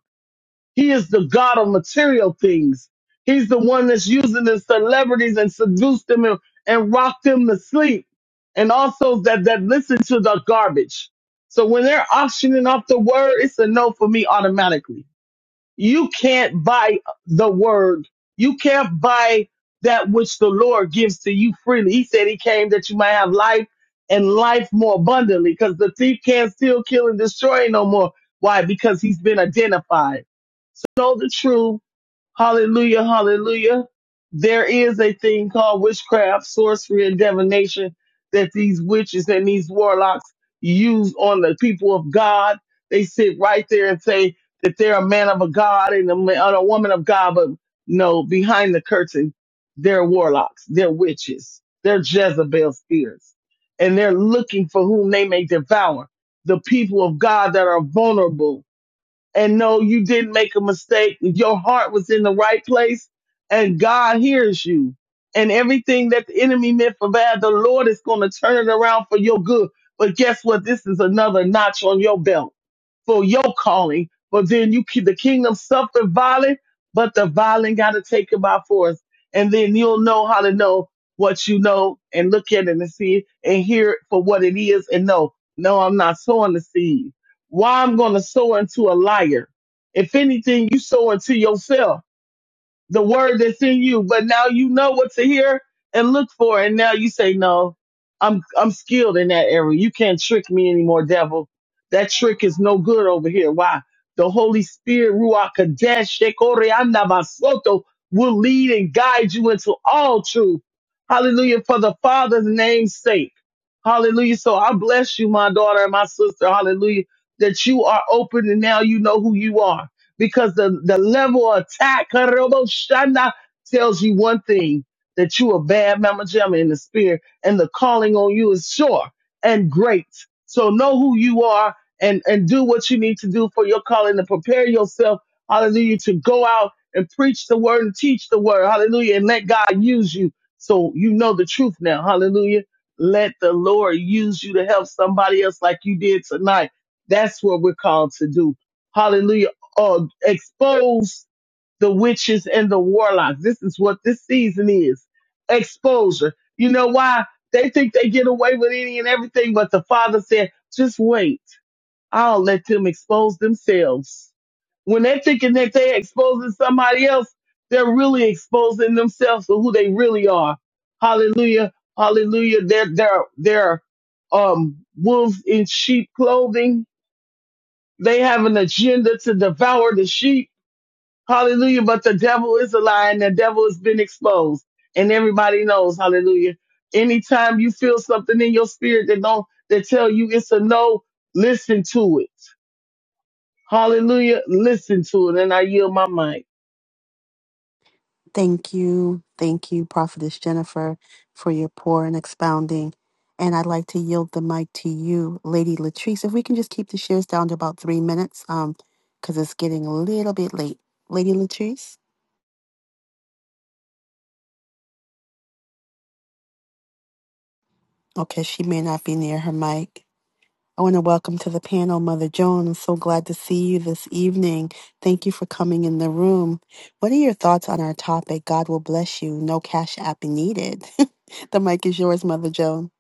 [SPEAKER 9] he is the God of material things. He's the one that's using the celebrities and seduced them and, and rocked them to sleep. And also that, that listen to the garbage. So when they're auctioning off the word, it's a no for me automatically. You can't buy the word. You can't buy that which the Lord gives to you freely. He said he came that you might have life and life more abundantly because the thief can't steal, kill, and destroy no more. Why? Because he's been identified. So know the truth Hallelujah, hallelujah. There is a thing called witchcraft, sorcery, and divination that these witches and these warlocks use on the people of God. They sit right there and say that they're a man of a God and a, ma- and a woman of God, but no, behind the curtain, they're warlocks, they're witches, they're Jezebel spirits, and they're looking for whom they may devour. The people of God that are vulnerable and know you didn't make a mistake. Your heart was in the right place and God hears you. And everything that the enemy meant for bad, the Lord is going to turn it around for your good. But guess what? This is another notch on your belt for your calling. But then you keep the kingdom suffered violent, but the violent got to take it by force. And then you'll know how to know what you know and look at it and see it and hear it for what it is and know, no, I'm not sowing the seed why I'm going to sow into a liar? If anything, you sow into yourself the word that's in you, but now you know what to hear and look for. And now you say, no, I'm, I'm skilled in that area. You can't trick me anymore, devil. That trick is no good over here. Why? The Holy Spirit, Ruach Kadesh, Shekorianda Basoto, will lead and guide you into all truth. Hallelujah. For the Father's name's sake. Hallelujah. So I bless you, my daughter and my sister. Hallelujah. That you are open and now you know who you are because the, the level of attack Karoboshana, tells you one thing that you a bad mama jamma in the spirit and the calling on you is sure and great. So know who you are and, and do what you need to do for your calling to prepare yourself, hallelujah, to go out and preach the word and teach the word, hallelujah, and let God use you. So you know the truth now, hallelujah. Let the Lord use you to help somebody else like you did tonight. That's what we're called to do. Hallelujah. Or expose the witches and the warlocks. This is what this season is exposure. You know why? They think they get away with any and everything, but the father said, just wait. I'll let them expose themselves. When they're thinking that they're exposing somebody else, they're really exposing themselves to who they really are. Hallelujah. Hallelujah. They're, they're, they're, um, wolves in sheep clothing. They have an agenda to devour the sheep Hallelujah. But the devil is a lie and the devil has been exposed. And everybody knows, hallelujah. Anytime you feel something in your spirit that don't that tell you it's a no, listen to it. Hallelujah. Listen to it. And I yield my mind.
[SPEAKER 2] Thank you. Thank you, Prophetess Jennifer, for your pour and expounding. And I'd like to yield the mic to you, Lady Latrice. If we can just keep the shares down to about three minutes, um, because it's getting a little bit late. Lady Latrice? Okay, she may not be near her mic. I want to welcome to the panel Mother Joan. I'm so glad to see you this evening. Thank you for coming in the room. What are your thoughts on our topic? God will bless you. No cash app needed. the mic is yours, Mother Joan.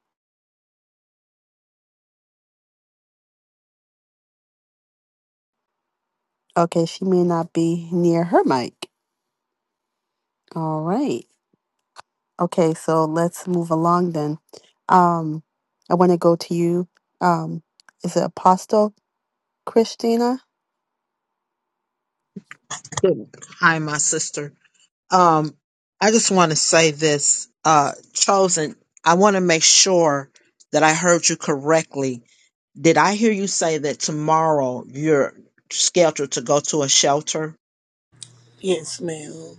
[SPEAKER 2] Okay, she may not be near her mic. All right. Okay, so let's move along then. Um, I want to go to you. Um, is it Apostle Christina?
[SPEAKER 6] Hi, my sister. Um, I just want to say this, uh, chosen. I want to make sure that I heard you correctly. Did I hear you say that tomorrow you're scheduled to go to a shelter?
[SPEAKER 5] Yes, ma'am.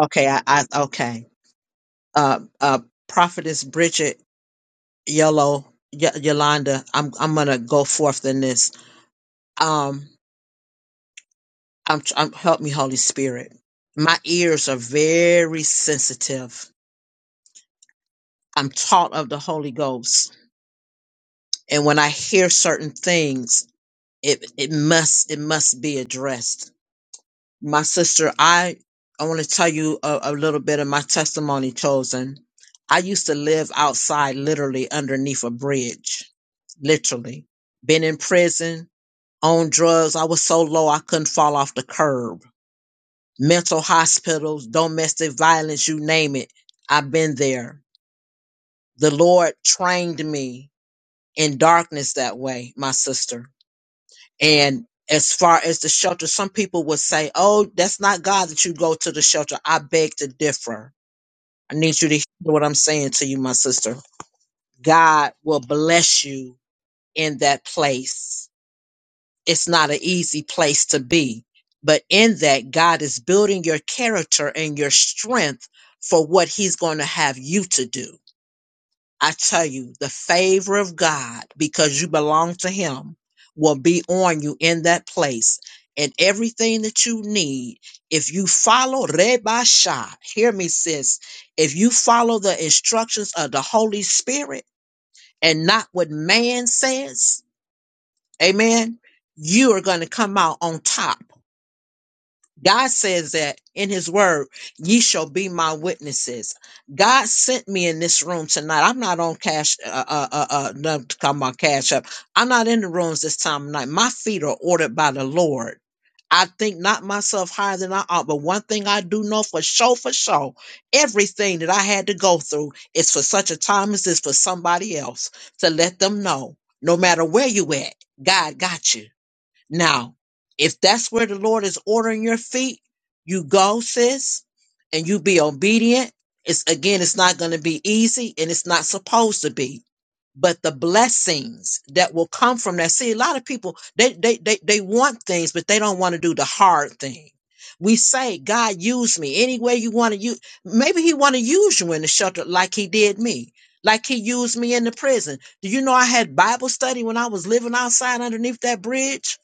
[SPEAKER 6] Okay, I, I okay. Uh, uh, Prophetess Bridget Yellow y- Yolanda, I'm I'm gonna go forth in this. Um, I'm, I'm help me, Holy Spirit. My ears are very sensitive. I'm taught of the Holy Ghost, and when I hear certain things, it it must it must be addressed my sister, I I want to tell you a, a little bit of my testimony. Chosen, I used to live outside, literally underneath a bridge, literally. Been in prison, on drugs. I was so low I couldn't fall off the curb. Mental hospitals, domestic violence, you name it. I've been there. The Lord trained me in darkness that way, my sister And as far as the shelter, some people would say, Oh, that's not God that you go to the shelter. I beg to differ. I need you to hear what I'm saying to you, my sister. God will bless you in that place. It's not an easy place to be, but in that, God is building your character and your strength for what He's going to have you to do I tell you, the favor of God, because you belong to Him, will be on you in that place. And everything that you need, if you follow Reba Shah, hear me, sis, if you follow the instructions of the Holy Spirit and not what man says, amen, you are going to come out on top God says that in his word, ye shall be my witnesses. God sent me in this room tonight. I'm not on cash, uh, uh, uh, uh no, come on, cash up. I'm not in the rooms this time of night. My feet are ordered by the Lord. I think not myself higher than I ought, but one thing I do know for sure, for sure, everything that I had to go through is for such a time as this for somebody else to let them know, no matter where you at, God got you. Now, if that's where the Lord is ordering your feet, you go, sis, and you be obedient. It's again, it's not going to be easy and it's not supposed to be but the blessings that will come from that. See, a lot of people they they they, they want things, but they don't want to do the hard thing. We say, God, use me any way you want to use. Maybe He want to use you in the shelter like He did me, like He used me in the prison. Do you know I had Bible study when I was living outside underneath that bridge?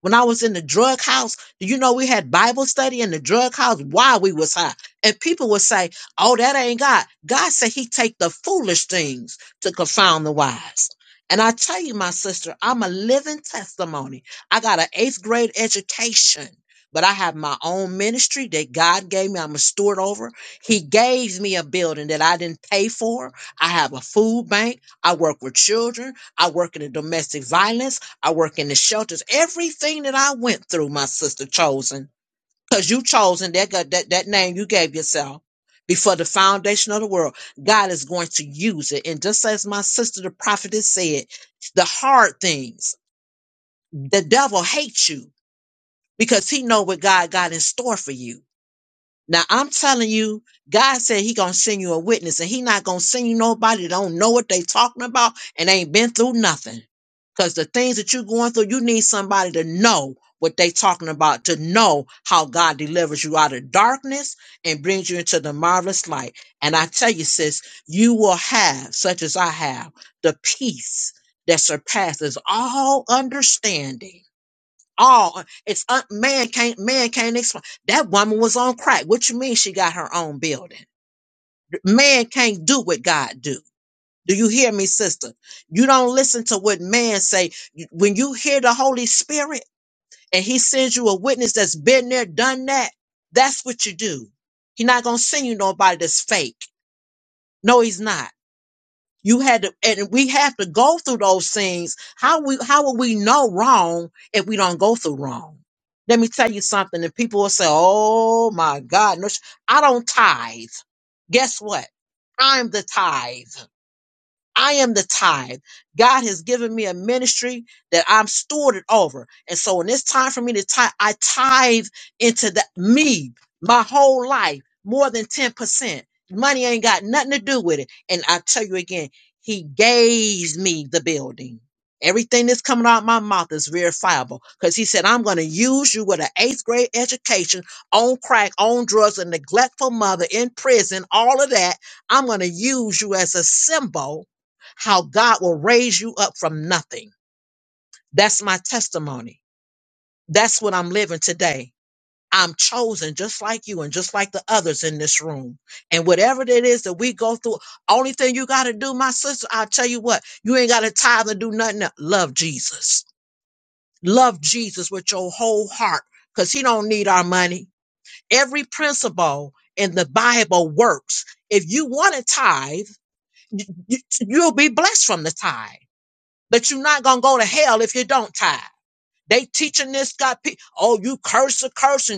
[SPEAKER 6] When I was in the drug house, do you know we had Bible study in the drug house while we was high? And people would say, "Oh, that ain't God." God said He take the foolish things to confound the wise. And I tell you, my sister, I'm a living testimony. I got an eighth grade education, but I have my own ministry that God gave me. I'm a steward over. He gave me a building that I didn't pay for. I have a food bank. I work with children. I work in the domestic violence. I work in the shelters. Everything that I went through, my sister chosen because you chosen that, that that name you gave yourself before the foundation of the world. God is going to use it, and just as my sister, the prophetess, said, the hard things, the devil hates you because he know what God got in store for you now I'm telling you, God said He gonna send you a witness, and He not gonna send you nobody that don't know what they talking about and ain't been through nothing. Cause the things that you are going through, you need somebody to know what they talking about, to know how God delivers you out of darkness and brings you into the marvelous light. And I tell you, sis, you will have, such as I have, the peace that surpasses all understanding all it's un, man can't man can't explain that woman was on crack what you mean she got her own building man can't do what god do do you hear me sister you don't listen to what man say when you hear the holy spirit and he sends you a witness that's been there done that that's what you do He's not gonna send you nobody that's fake no he's not You had to, and we have to go through those things. How we, how will we know wrong if we don't go through wrong? Let me tell you something. And people will say, "Oh my God, no, sh- I don't tithe." Guess what? I'm the tithe. I am the tithe. God has given me a ministry that I'm stewarded over. And so when it's time for me to tithe, I tithe into the me, my whole life, more than 10%. Money ain't got nothing to do with it. And I tell you again, he gave me the building. Everything that's coming out of my mouth is verifiable because he said, I'm going to use you with an eighth grade education on crack, on drugs, a neglectful mother in prison, all of that. I'm going to use you as a symbol how God will raise you up from nothing. That's my testimony. That's what I'm living today. I'm chosen just like you and just like the others in this room. And whatever it is that we go through, only thing you got to do, my sister, I'll tell you what, you ain't got to tithe and do nothing else. Love Jesus. Love Jesus with your whole heart because he don't need our money. Every principle in the Bible works. If you want to tithe, you, you- you'll be blessed from the tithe. but you're not gonna go to hell if you don't tithe. They teaching this God, oh, you curse a cursing.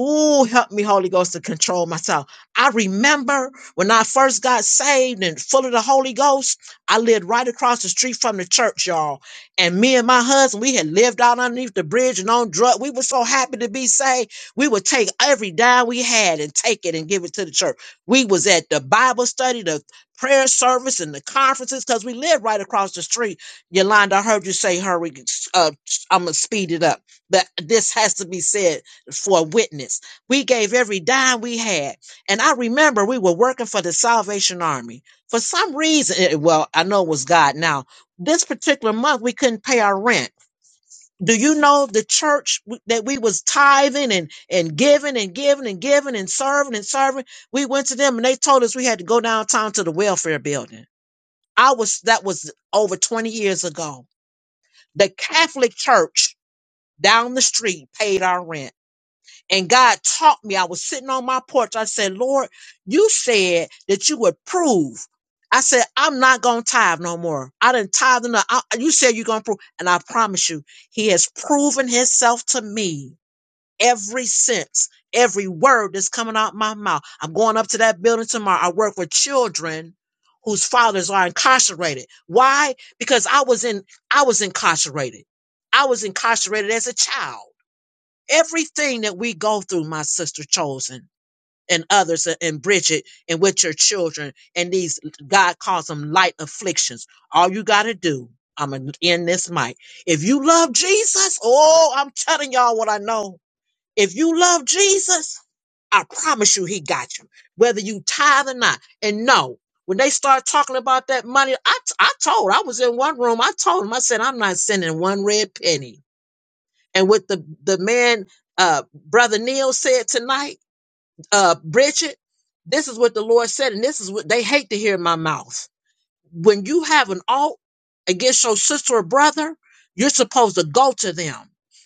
[SPEAKER 6] Ooh, help me, Holy Ghost, to control myself. I remember when I first got saved and full of the Holy Ghost, I lived right across the street from the church, y'all. And me and my husband, we had lived out underneath the bridge and on drugs. We were so happy to be saved. We would take every dime we had and take it and give it to the church. We was at the Bible study, the prayer service, and the conferences because we lived right across the street. Yolanda, I heard you say, hurry, uh, I'm going to speed it up. But this has to be said for a witness. We gave every dime we had. And I remember we were working for the Salvation Army. For some reason, eh, well, I know it was God now. This particular month, we couldn't pay our rent. Do you know the church w- that we was tithing and, and giving and giving and giving and serving and serving? We went to them and they told us we had to go downtown to the welfare building. I was, that was over 20 years ago. The Catholic church down the street paid our rent and God taught me. I was sitting on my porch. I said, Lord, you said that you would prove. I said, I'm not going to tithe no more. I didn't tithe enough. I, you said you're going to prove. And I promise you, he has proven himself to me every since. Every word that's coming out my mouth. I'm going up to that building tomorrow. I work with children whose fathers are incarcerated. Why? Because I was in, I was incarcerated. I was incarcerated as a child. Everything that we go through, my sister chosen and others uh, and Bridget and with your children and these God calls them light afflictions. All you got to do, I'm going to end this mic. If you love Jesus, oh, I'm telling y'all what I know. If you love Jesus, I promise you he got you, whether you tithe or not. And no, when they start talking about that money, I, I told, I was in one room. I told him, I said, I'm not sending one red penny and what the the man uh brother neil said tonight uh bridget this is what the lord said and this is what they hate to hear in my mouth when you have an alt against your sister or brother, you're supposed to go to them.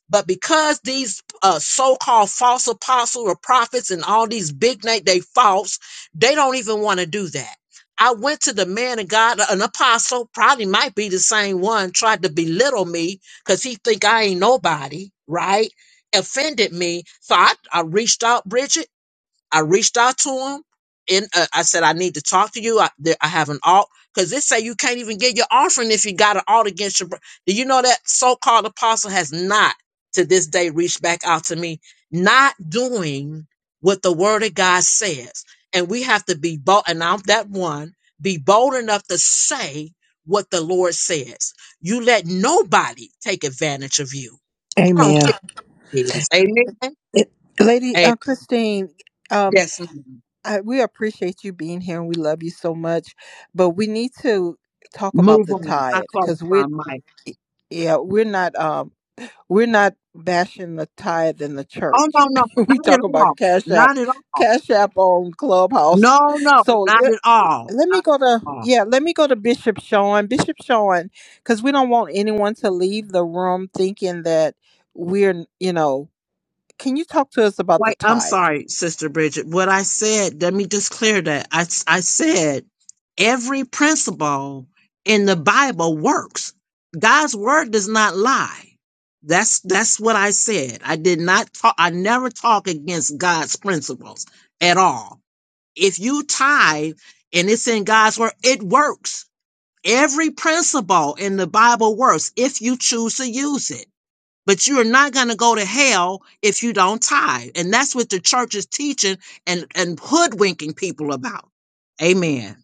[SPEAKER 6] But because these uh, so-called false apostles or prophets and all these big name they false, they don't even want to do that. I went to the man of God, an apostle, probably might be the same one, tried to belittle me because he think I ain't nobody, right? Offended me. So I, I reached out, Bridget, I reached out to him and uh, I said, I need to talk to you. I, there, I have an alt because they say you can't even get your offering if you got an alt against your. bro- Do you know that so-called apostle has not to this day reached back out to me, not doing what the Word of God says, and we have to be bold. And I'm that one be bold enough to say what the Lord says. You let nobody take advantage of you. I don't
[SPEAKER 1] Amen.
[SPEAKER 6] care. who it is. Amen.
[SPEAKER 1] It, Lady
[SPEAKER 6] Amen.
[SPEAKER 1] uh, Christine, um,
[SPEAKER 6] Yes. ma'am.
[SPEAKER 1] I, we appreciate you being here and we love you so much, but we need to talk about
[SPEAKER 6] Move
[SPEAKER 1] the
[SPEAKER 6] on. I
[SPEAKER 1] tithe because we're
[SPEAKER 6] qualify, Mike.
[SPEAKER 1] yeah we're not um we're not bashing the tithe in the
[SPEAKER 6] Oh
[SPEAKER 1] church.
[SPEAKER 6] no, no,
[SPEAKER 1] we
[SPEAKER 6] not
[SPEAKER 1] talk
[SPEAKER 6] at
[SPEAKER 1] about
[SPEAKER 6] all.
[SPEAKER 1] Cash App,
[SPEAKER 6] Not at all.
[SPEAKER 1] Cash App on Clubhouse.
[SPEAKER 6] No, no,
[SPEAKER 1] So
[SPEAKER 6] not at all.
[SPEAKER 1] let me go to
[SPEAKER 6] Oh,
[SPEAKER 1] yeah let me go to bishop sean bishop sean because we don't want anyone to leave the room thinking that we're you know can you talk to us about the
[SPEAKER 6] Wait, I'm
[SPEAKER 1] tithe
[SPEAKER 6] sorry, Sister Bridget. What I said, let me just clear that. I, s- I said every principle in the Bible works. God's word does not lie. That's that's what I said. I did not talk I never talk against God's principles at all. If you tithe and it's in God's word, it works Every principle in the Bible works if you choose to use it. But you're not going to go to hell if you don't tithe. And that's what the church is teaching and, and hoodwinking people about. Amen.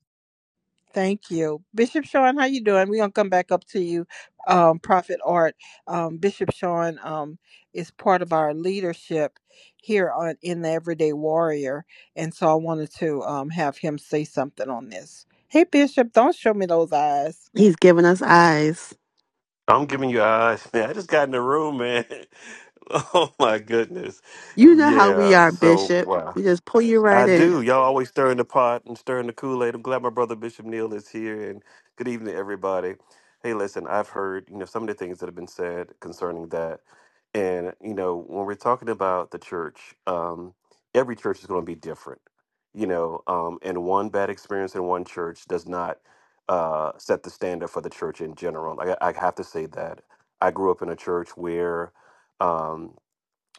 [SPEAKER 1] thank you bishop sean how you doing we're gonna come back up to you um prophet art um bishop sean um is part of our leadership here on in the everyday warrior and so i wanted to um have him say something on this hey bishop don't show me those eyes
[SPEAKER 2] He's giving us eyes.
[SPEAKER 10] I'm giving you eyes, man. I just got in the room, man. Oh my goodness.
[SPEAKER 2] You know how we
[SPEAKER 10] Yeah.
[SPEAKER 2] are,
[SPEAKER 10] So
[SPEAKER 2] Bishop.
[SPEAKER 10] wow.
[SPEAKER 2] We just pull you right
[SPEAKER 10] I
[SPEAKER 2] in.
[SPEAKER 10] do. Y'all always stirring the pot and stirring the Kool-Aid. I'm glad my brother Bishop Neal is here and good evening everybody. Hey, listen, I've heard, you know, some of the things that have been said concerning that. And, you know, when we're talking about the church, um, every church is going to be different. You know, um, and one bad experience in one church does not uh, set the standard for the church in general. Like, I, I have to say that. I grew up in a church where um,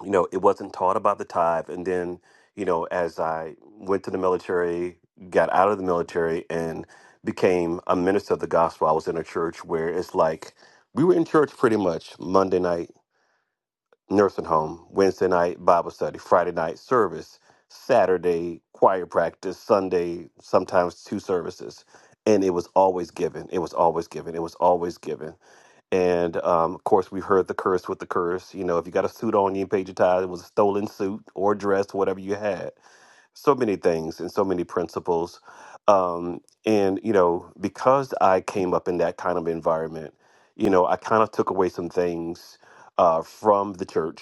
[SPEAKER 10] you know, it wasn't taught about the tithe. And then, you know, as I went to the military, got out of the military, and became a minister of the gospel, I was in a church where it's like we were in church pretty much Monday night, nursing home, Wednesday night, Bible study, Friday night, service, Saturday, choir practice, Sunday, sometimes two services. And it was always given. It was always given. It was always given. And um, of course, we heard the curse with the curse. You know, if you got a suit on, you ain't paid your tithe. It was a stolen suit or dress, whatever you had. So many things and so many principles. Um, and you know, because I came up in that kind of environment, you know, I kind of took away some things uh, from the church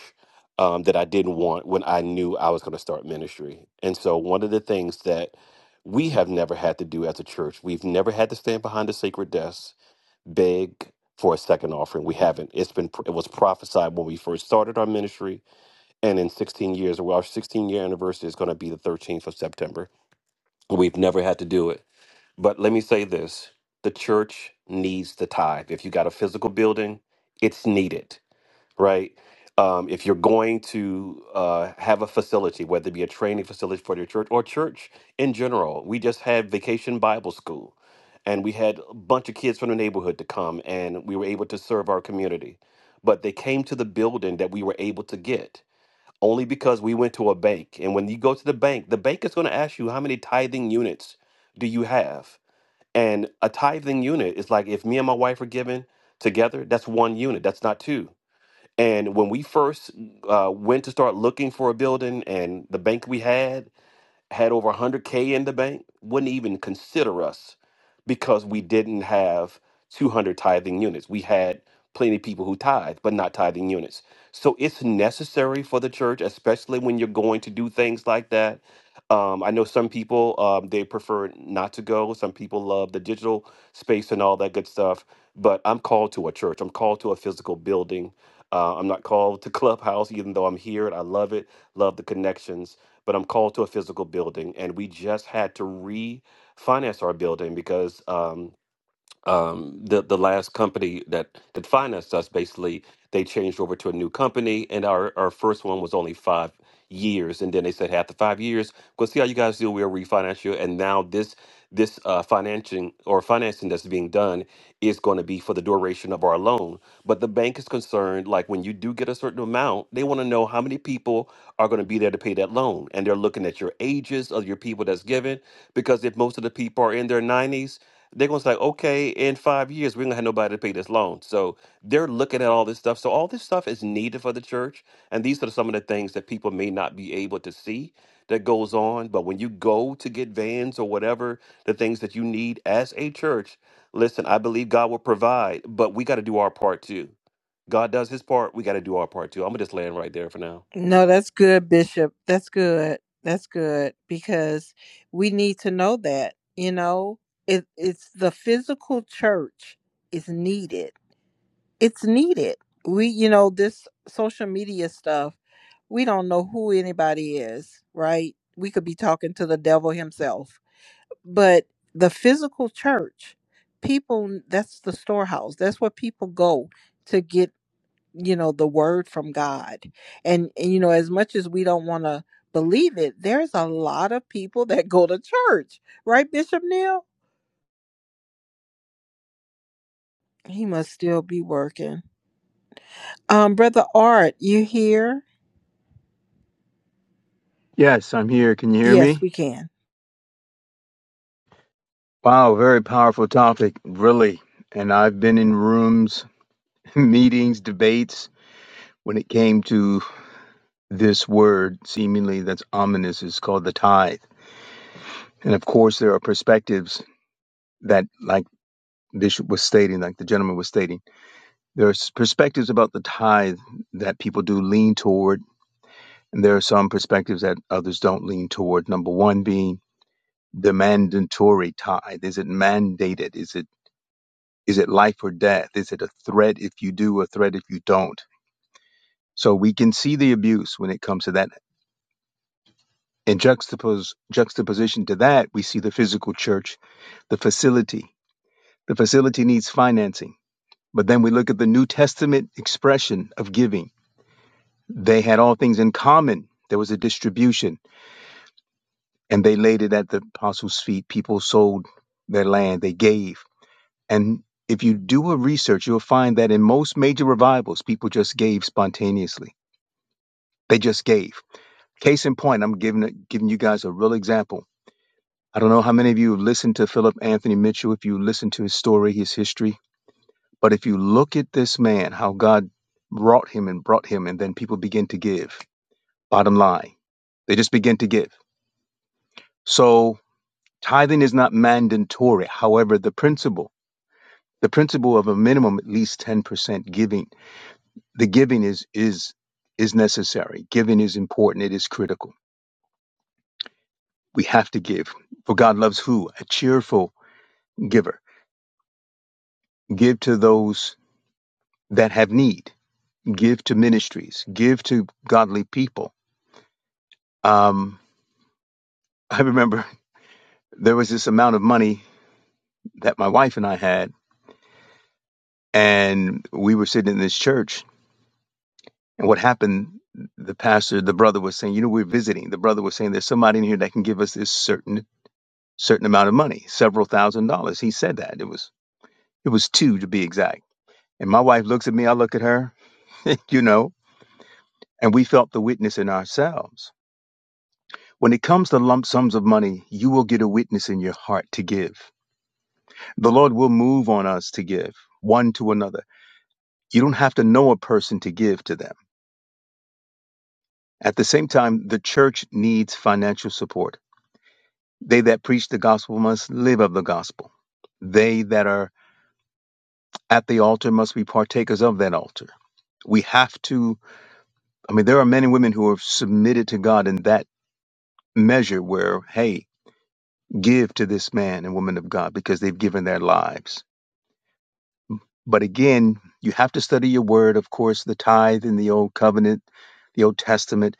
[SPEAKER 10] um, that I didn't want when I knew I was going to start ministry. And so, one of the things that we have never had to do as a church, we've never had to stand behind a sacred desk beg for a second offering. We haven't. It's been it was prophesied when we first started our ministry, and in 16 years, well, our 16 year anniversary is going to be the 13th of September. We've never had to do it. But let me say this: the church needs the tithe. If you got a physical building, it's needed right? Um, if you're going to uh, have a facility, whether it be a training facility for your church or church in general, we just had Vacation Bible School, and we had a bunch of kids from the neighborhood to come, and we were able to serve our community. But they came to the building that we were able to get only because we went to a bank. And when you go to the bank, the bank is going to ask you how many tithing units do you have. And a tithing unit is like if me and my wife are giving together, that's one unit. That's not two and when we first uh, went to start looking for a building and the bank we had, had over 100K in the bank, wouldn't even consider us because we didn't have 200 tithing units. We had plenty of people who tithe, but not tithing units. So it's necessary for the church, especially when you're going to do things like that. Um, I know some people um, they prefer not to go. Some people love the digital space and all that good stuff. But I'm called to a church. I'm called to a physical building. Uh, I'm not called to Clubhouse, even though I'm here and I love it. Love the connections but I'm called to a physical building. And we just had to refinance our building because um, um, the the last company that that financed us basically they changed over to a new company, and our our first one was only five years, and then they said after five years. We'll see how you guys do. We'll refinance you, and now this this uh, financing or financing that's being done is going to be for the duration of our loan. But the bank is concerned, like when you do get a certain amount, they want to know how many people are going to be there to pay that loan, and they're looking at your ages of your people that's given, because if most of the people are in their nineties they're gonna say, okay, in five years we're gonna have nobody to pay this loan. So they're looking at all this stuff. So all this stuff is needed for the church, and these are some of the things that people may not be able to see that goes on. But when you go to get vans or whatever the things that you need as a church, listen, I believe God will provide, but we got to do our part too. God does His part, we got to do our part too. I'm gonna just land right there for now.
[SPEAKER 1] No, that's good, Bishop. That's good. That's good because we need to know that, you know, it, it's the physical church is needed. It's needed. We, you know, this social media stuff, we don't know who anybody is, right? We could be talking to the devil himself. But the physical church, people, that's the storehouse. That's where people go to get you know the word from god and, and you know as much as we don't want to believe it there's a lot of people that go to church right bishop neil he must still be working um brother art you here
[SPEAKER 11] Yes, I'm here. Can you hear
[SPEAKER 1] yes
[SPEAKER 11] me?
[SPEAKER 1] we can
[SPEAKER 11] Wow, very powerful topic, really. And I've been in rooms, meetings, debates when it came to this word, seemingly that's ominous, is called the tithe. And of course, there are perspectives that, like Bishop was stating, like the gentleman was stating, there are perspectives about the tithe that people do lean toward. And there are some perspectives that others don't lean toward. Number one being the mandatory tithe. Is it mandated? Is it Is it life or death? Is it a threat if you do, a threat if you don't? So we can see the abuse when it comes to that. In juxtapose, juxtaposition to that, we see the physical church, the facility. The facility needs financing. But then we look at the New Testament expression of giving. They had all things in common. There was a distribution, and they laid it at the apostles' feet. People sold their land, they gave. And if you do a research, you'll find that in most major revivals, people just gave spontaneously They just gave. Case in point, I'm giving it, giving you guys a real example. I don't know how many of you have listened to Philip Anthony Mitchell, if you listen to his story, his history, but if you look at this man, how God wrought him and brought him, and then people begin to give. Bottom line, they just begin to give. So tithing is not mandatory. However, the principle, the principle of a minimum at least 10% giving, the giving is is is necessary. Giving is important. It is critical. We have to give. For God loves who? A cheerful giver. Give to those that have need. Give to ministries. Give to godly people. Um, I remember there was this amount of money that my wife and I had, and we were sitting in this church. And what happened, the pastor, the brother was saying, You know, we're visiting. The brother was saying, There's somebody in here that can give us this certain certain amount of money, several thousand dollars. He said that. It was it was two to be exact. And my wife looks at me, I look at her, you know. and we felt the witness in ourselves. When it comes to lump sums of money, you will get a witness in your heart to give. The Lord will move on us to give one to another. You don't have to know a person to give to them. At the same time, the church needs financial support. They that preach the gospel must live of the gospel. They that are at the altar must be partakers of that altar. We have to, I mean, there are men and women who have submitted to God in that measure where, hey, give to this man and woman of God because they've given their lives. But again, you have to study your word. Of course, the tithe in the old covenant, the Old Testament,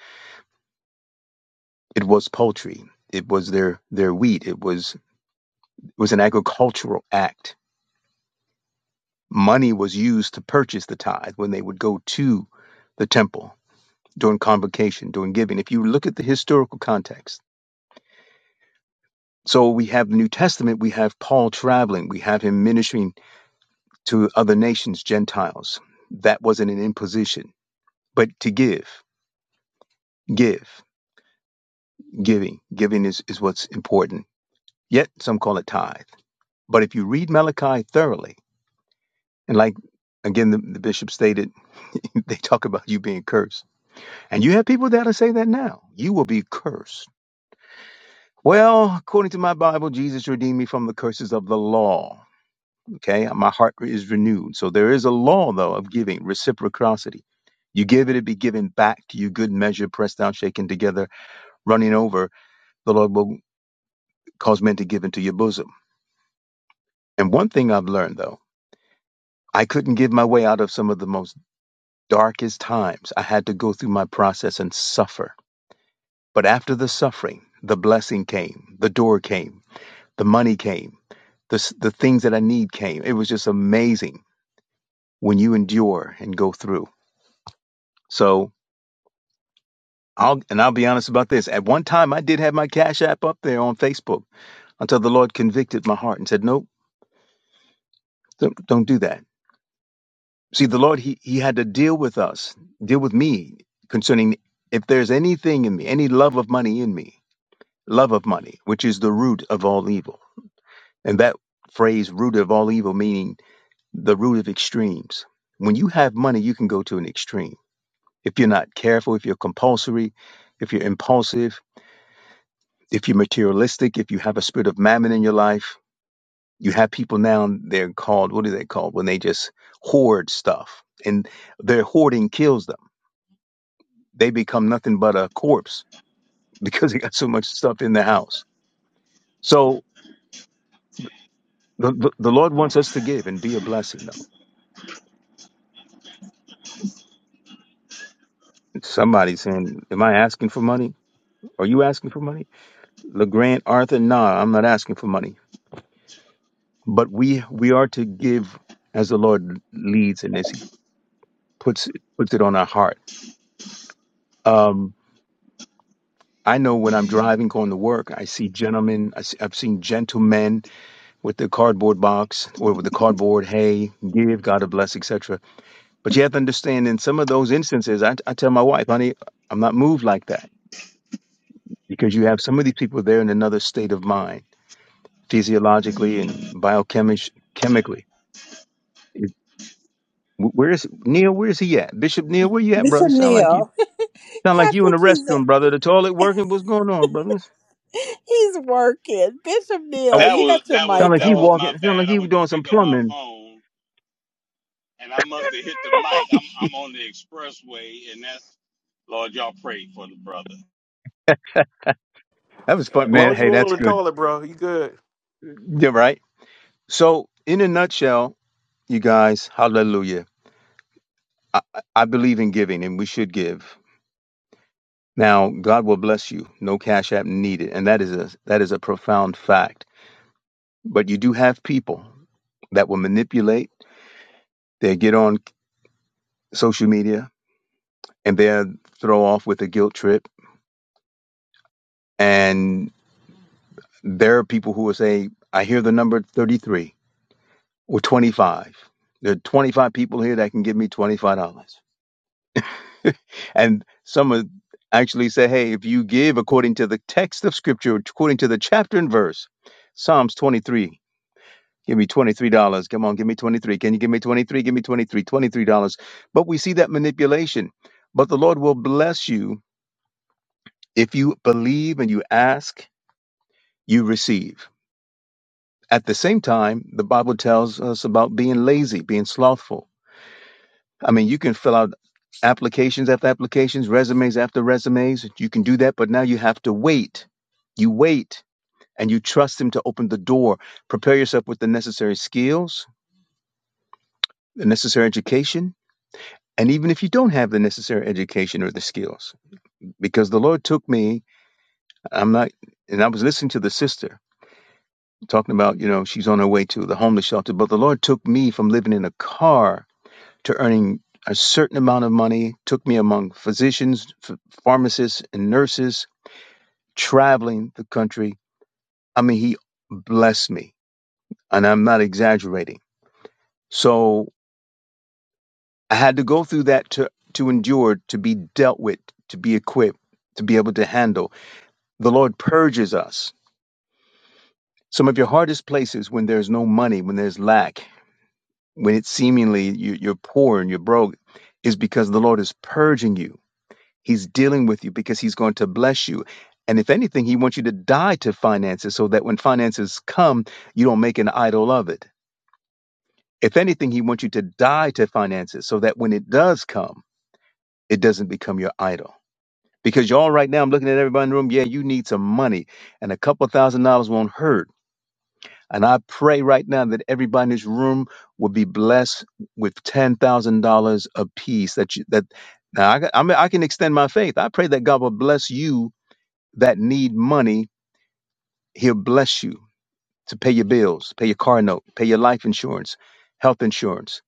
[SPEAKER 11] it was poultry. It was their, their wheat. It was it was an agricultural act. Money was used to purchase the tithe when they would go to the temple during convocation, during giving. If you look at the historical context. So we have the New Testament, we have Paul traveling, we have him ministering to other nations, Gentiles. That wasn't an imposition but to give, give, giving, giving is, is what's important. Yet some call it tithe. But if you read Malachi thoroughly, and like again the, the bishop stated, they talk about you being cursed. And you have people that'll say that now. You will be cursed. Well, according to my Bible, Jesus redeemed me from the curses of the law. Okay, my heart is renewed. So there is a law though of giving, reciprocity. You give it, it be given back to you, good measure, pressed down, shaken together, running over. The Lord will cause men to give into your bosom. And one thing I've learned though, I couldn't give my way out of some of the most darkest times. I had to go through my process and suffer. But after the suffering, the blessing came, the door came, the money came, the, the things that I need came. It was just amazing when you endure and go through. So I'll, and I'll be honest about this. At one time, I did have my Cash App up there on Facebook until the Lord convicted my heart and said, nope, don't, don't do that See, the Lord, he, he had to deal with us, deal with me concerning if there's anything in me, any love of money in me, love of money, which is the root of all evil. And that phrase, root of all evil, meaning the root of extremes. When you have money, you can go to an extreme. If you're not careful, if you're compulsory, if you're impulsive, if you're materialistic, if you have a spirit of mammon in your life, you have people now, they're called, what are they called? When they just hoard stuff and their hoarding kills them they become nothing but a corpse because they got so much stuff in the house. So the, the, the Lord wants us to give and be a blessing, though. Somebody's saying, Am I asking for money? Are you asking for money? LeGrand, Arthur, nah, I'm not asking for money. But we we are to give as the Lord leads and as He puts puts it on our heart. Um, I know when I'm driving going to work, I see gentlemen, I see, I've seen gentlemen with the cardboard box or with the cardboard, hey, give, God bless, etc But you have to understand in some of those instances, I, I tell my wife, honey, I'm not moved like that because you have some of these people there in another state of mind, physiologically and biochemically. Where is Neil? Where is he at? Bishop Neil, where you at, brother?
[SPEAKER 1] bishop
[SPEAKER 11] Sound like you
[SPEAKER 1] neil
[SPEAKER 11] sound like
[SPEAKER 1] i
[SPEAKER 11] you in the
[SPEAKER 1] think he's
[SPEAKER 11] restroom, brother. The toilet working? What's going on, brother?
[SPEAKER 1] he's working bishop
[SPEAKER 11] Oh,
[SPEAKER 1] neil you got your
[SPEAKER 11] sound
[SPEAKER 1] mic
[SPEAKER 11] like he
[SPEAKER 1] on
[SPEAKER 11] walking. Sound like he was doing some plumbing. that was fun,
[SPEAKER 10] As long
[SPEAKER 11] man.
[SPEAKER 10] as you
[SPEAKER 11] Hey,
[SPEAKER 10] weren't on
[SPEAKER 11] that's
[SPEAKER 10] the
[SPEAKER 11] good.
[SPEAKER 10] toilet, bro, you good.
[SPEAKER 11] Yeah, right. So, in a nutshell, you guys, hallelujah. I I believe in giving, and we should give. Now, God will bless you. No cash app needed. And that is a that is a profound fact. But you do have people that will manipulate. They get on social media and they'll throw off with a guilt trip. And there are people who will say, I hear the number 33 or 25. There are 25 people here that can give me $25. And some will actually say, hey, if you give according to the text of scripture, according to the chapter and verse, Psalms 23 Give me $23. Come on, give me 23. Can you give me 23? Give me 23. $23. But we see that manipulation. But the Lord will bless you if you believe and you ask, you receive. At the same time, the Bible tells us about being lazy, being slothful. I mean, you can fill out applications after applications, resumes after resumes. You can do that, but now you have to wait. You wait and you trust Him to open the door. Prepare yourself with the necessary skills, the necessary education, and even if you don't have the necessary education or the skills because the lord took me i'm not and i was listening to the sister talking about you know she's on her way to the homeless shelter but the lord took me from living in a car to earning a certain amount of money took me among physicians ph- pharmacists and nurses traveling the country i mean he blessed me and i'm not exaggerating so i had to go through that to to endure to be dealt with to be equipped to be able to handle The Lord purges us. Some of your hardest places when there's no money, when there's lack, when it's seemingly you- you're poor and you're broke, is because the Lord is purging you. He's dealing with you because He's going to bless you. And if anything, He wants you to die to finances so that when finances come, you don't make an idol of it. If anything, He wants you to die to finances so that when it does come, it doesn't become your idol. Because y'all right now, I'm looking at everybody in the room, yeah, you need some money, and a couple thousand dollars won't hurt And I pray right now that everybody in this room will be blessed with ten thousand dollars apiece. That you, that now I, I, mean, I can extend my faith. I pray that God will bless you that need money. He'll bless you to pay your bills, pay your car note, pay your life insurance, health insurance.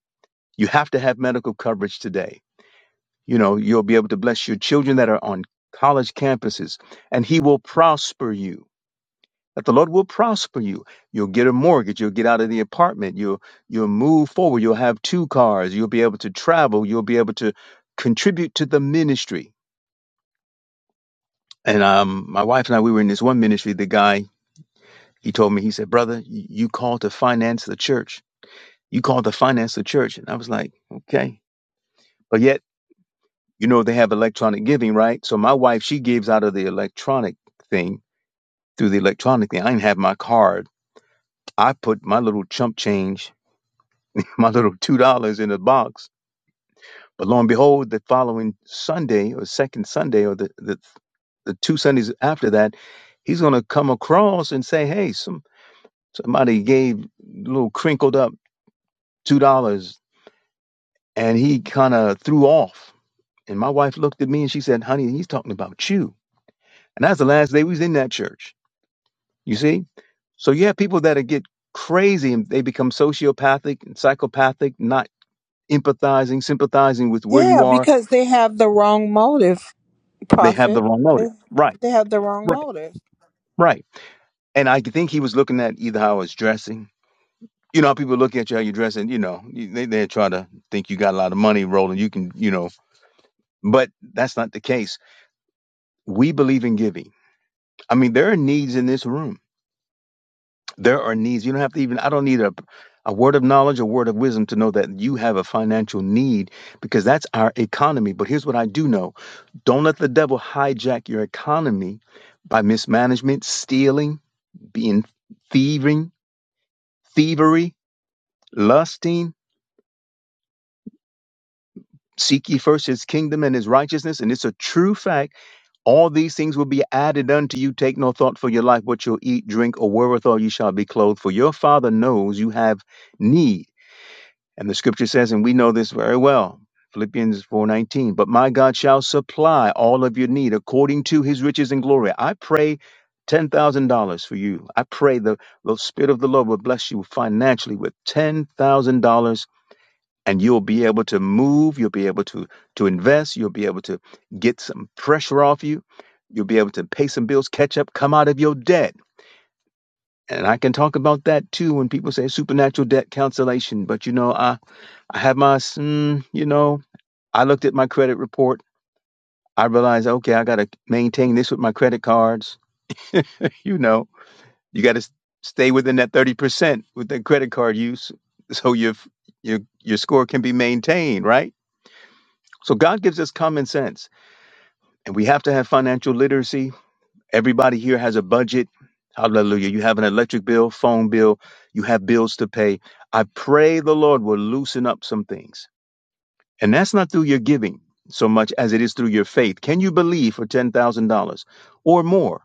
[SPEAKER 11] You have to have medical coverage today. You know you'll be able to bless your children that are on college campuses, and He will prosper you. that the Lord will prosper you. You'll get a mortgage. You'll get out of the apartment. You'll you'll move forward. You'll have two cars. You'll be able to travel. You'll be able to contribute to the ministry. And um, my wife and I, we were in this one ministry. The guy he told me, he said, "Brother, you you called to finance the church. You called to finance the church." And I was like, "Okay," but yet you know they have electronic giving, right? So my wife she gives out of the electronic thing through the electronic thing. I didn't have my card. I put my little chump change my little two dollars in a box. But lo and behold, the following Sunday or second Sunday or the the, the two Sundays after that, he's gonna come across and say, Hey, some somebody gave a little crinkled up two dollars and he kinda threw off. And my wife looked at me and she said, Honey, he's talking about you. And that's the last day we was in that church. You see? So you have people that get crazy and they become sociopathic and psychopathic, not empathizing, sympathizing with where you
[SPEAKER 1] yeah
[SPEAKER 11] are
[SPEAKER 1] because they have the wrong motive
[SPEAKER 11] They have
[SPEAKER 1] Prophet.
[SPEAKER 11] the wrong
[SPEAKER 1] They
[SPEAKER 11] motive. Right.
[SPEAKER 1] they have the wrong
[SPEAKER 11] Right.
[SPEAKER 1] motive.
[SPEAKER 11] Right. And I think he was looking at either how I was dressing. You know how people look at you how you're dressing, you know, you- they they try to think you got a lot of money rolling. You can, you know, but that's not the case. We believe in giving. I mean, there are needs in this room. There are needs. You don't have to even I don't need a a word of knowledge, a word of wisdom to know that you have a financial need because that's our economy. But here's what I do know. Don't let the devil hijack your economy by mismanagement, stealing, being thieving, thievery, lusting. Seek ye first his kingdom and his righteousness, and it's a true fact. All these things will be added unto you. Take no thought for your life, what you'll eat, drink, or wherewithal you shall be clothed. For your father knows you have need. And the scripture says, and we know this very well, Philippians 4:19, but my God shall supply all of your need according to his riches and glory. I pray $10,000 for you. I pray the, the spirit of the Lord will bless you financially with $10,000 and you'll be able to move, you'll be able to to invest, you'll be able to get some pressure off you. You'll be able to pay some bills, catch up, come out of your debt. And I can talk about that too when people say supernatural debt cancellation. But you know, I. I had my, mm, you know, I looked at my credit report. I realized, okay, I got to maintain this with my credit cards. You know, you got to stay within that 30% with the credit card use so your, your, your score can be maintained, right? So God gives us common sense and we have to have financial literacy. Everybody here has a budget. Hallelujah. You have an electric bill, phone bill, you have bills to pay. I pray the Lord will loosen up some things And that's not through your giving so much as it is through your faith. Can you believe for $10,000 or more?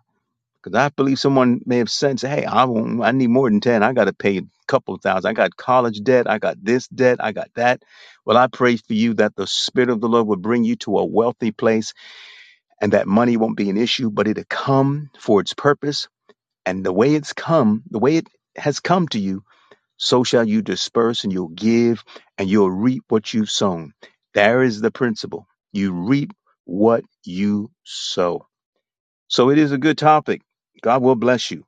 [SPEAKER 11] Because I believe someone may have said, hey, I, won't, I need more than 10. I got to pay a couple of thousand. I got college debt. I got this debt. I got that. Well, I pray for you that the Spirit of the Lord will bring you to a wealthy place and that money won't be an issue, but it'll come for its purpose. And the way it's come, the way it has come to you so shall you disperse and you'll give and you'll reap what you've sown. There is the principle. You reap what you sow. So it is a good topic. God will bless you.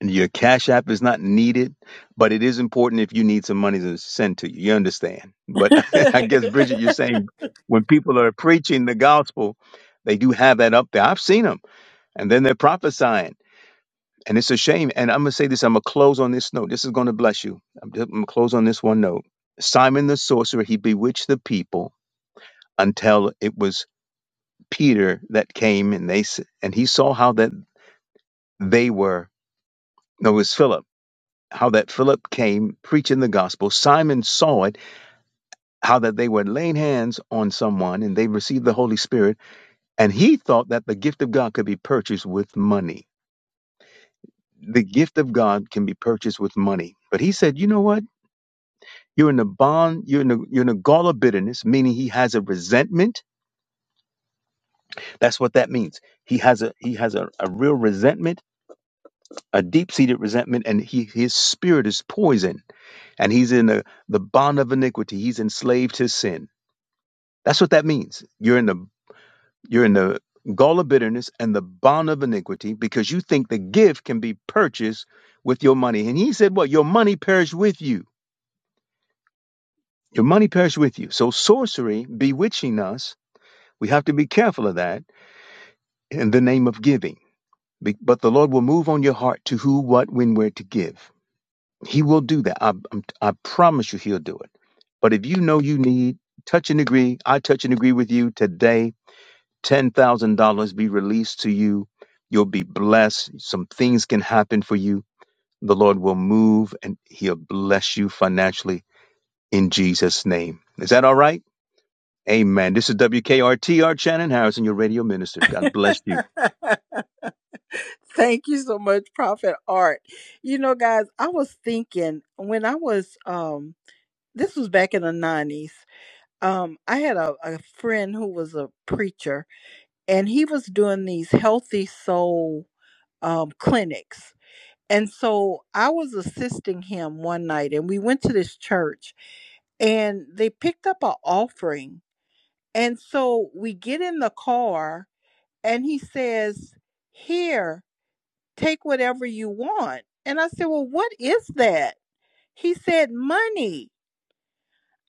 [SPEAKER 11] And Your cash app is not needed, but it is important if you need some money to send to you. You understand? But I guess, Bridget, you're saying when people are preaching the gospel, they do have that up there. I've seen them. And then they're prophesying. And it's a shame. And I'm going to say this. I'm going to close on this note. This is going to bless you. I'm going to close on this one note. Simon the sorcerer, he bewitched the people until it was Peter that came and they s- and he saw how that they were. No, it was Philip. How that Philip came preaching the gospel. Simon saw it, how that they were laying hands on someone and they received the Holy Spirit. And he thought that the gift of God could be purchased with money. The gift of God can be purchased with money. But he said, you know what? You're in the bond, you're in the you're in the gall of bitterness, meaning he has a resentment. That's what that means. He has a he has a, a real resentment, a deep-seated resentment, and he his spirit is poison. And he's in the, the bond of iniquity. He's enslaved to sin. That's what that means. You're in the you're in the gall of bitterness and the bond of iniquity because you think the gift can be purchased with your money. And he said, What? Your money perish with you. Your money perish with you. So sorcery, bewitching us, we have to be careful of that in the name of giving. But the Lord will move on your heart to who, what, when, where to give. He will do that. I, I promise you, He'll do it. But if you know you need, touch and agree. I touch and agree with you today. $10,000 be released to you. You'll be blessed. Some things can happen for you. The Lord will move and He'll bless you financially in Jesus' name. Is that all right? Amen. This is WKRTR Shannon Harrison, your radio minister. God bless you.
[SPEAKER 1] Thank you so much, Prophet Art. You know, guys, I was thinking when I was um this was back in the nineties. Um, I had a, a friend who was a preacher and he was doing these healthy soul um clinics. And so I was assisting him one night and we went to this church and they picked up an offering. And so we get in the car and he says, Here, take whatever you want. And I said, Well, what is that? He said, Money.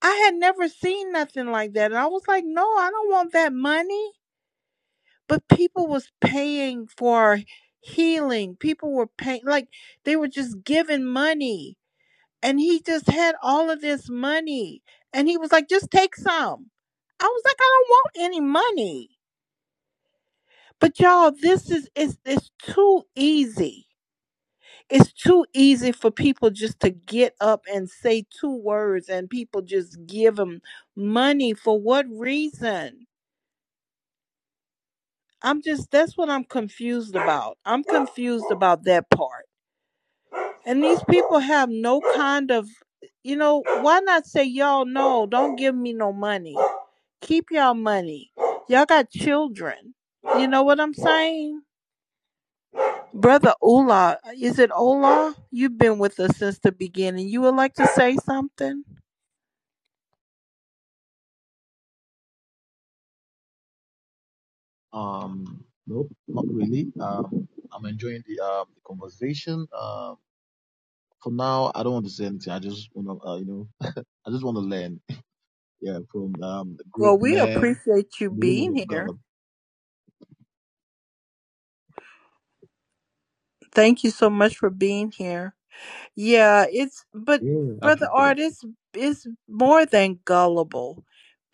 [SPEAKER 1] I had never seen nothing like that. And I was like, No, I don't want that money. But people was paying for healing. People were paying like they were just giving money. And he just had all of this money. And he was like, just take some. I was like, I don't want any money. But y'all, this is it's it's too easy it's too easy for people just to get up and say two words and people just give them money for what reason i'm just that's what i'm confused about i'm confused about that part and these people have no kind of you know why not say y'all no don't give me no money keep y'all money y'all got children you know what i'm saying Brother Ola, is it Ola? You've been with us since the beginning. You would like to say something?
[SPEAKER 12] Um, nope, not really. Um, I'm enjoying the um the conversation. Um, for now, I don't want to say anything. I just want to, uh, you know, I just want to learn. Yeah, from um the great
[SPEAKER 1] Well, we
[SPEAKER 12] men
[SPEAKER 1] appreciate you
[SPEAKER 12] and the women
[SPEAKER 1] being
[SPEAKER 12] of
[SPEAKER 1] here.
[SPEAKER 12] God.
[SPEAKER 1] Thank you so much for being here. Yeah, it's but brother
[SPEAKER 12] Yeah,
[SPEAKER 1] art is is more than gullible.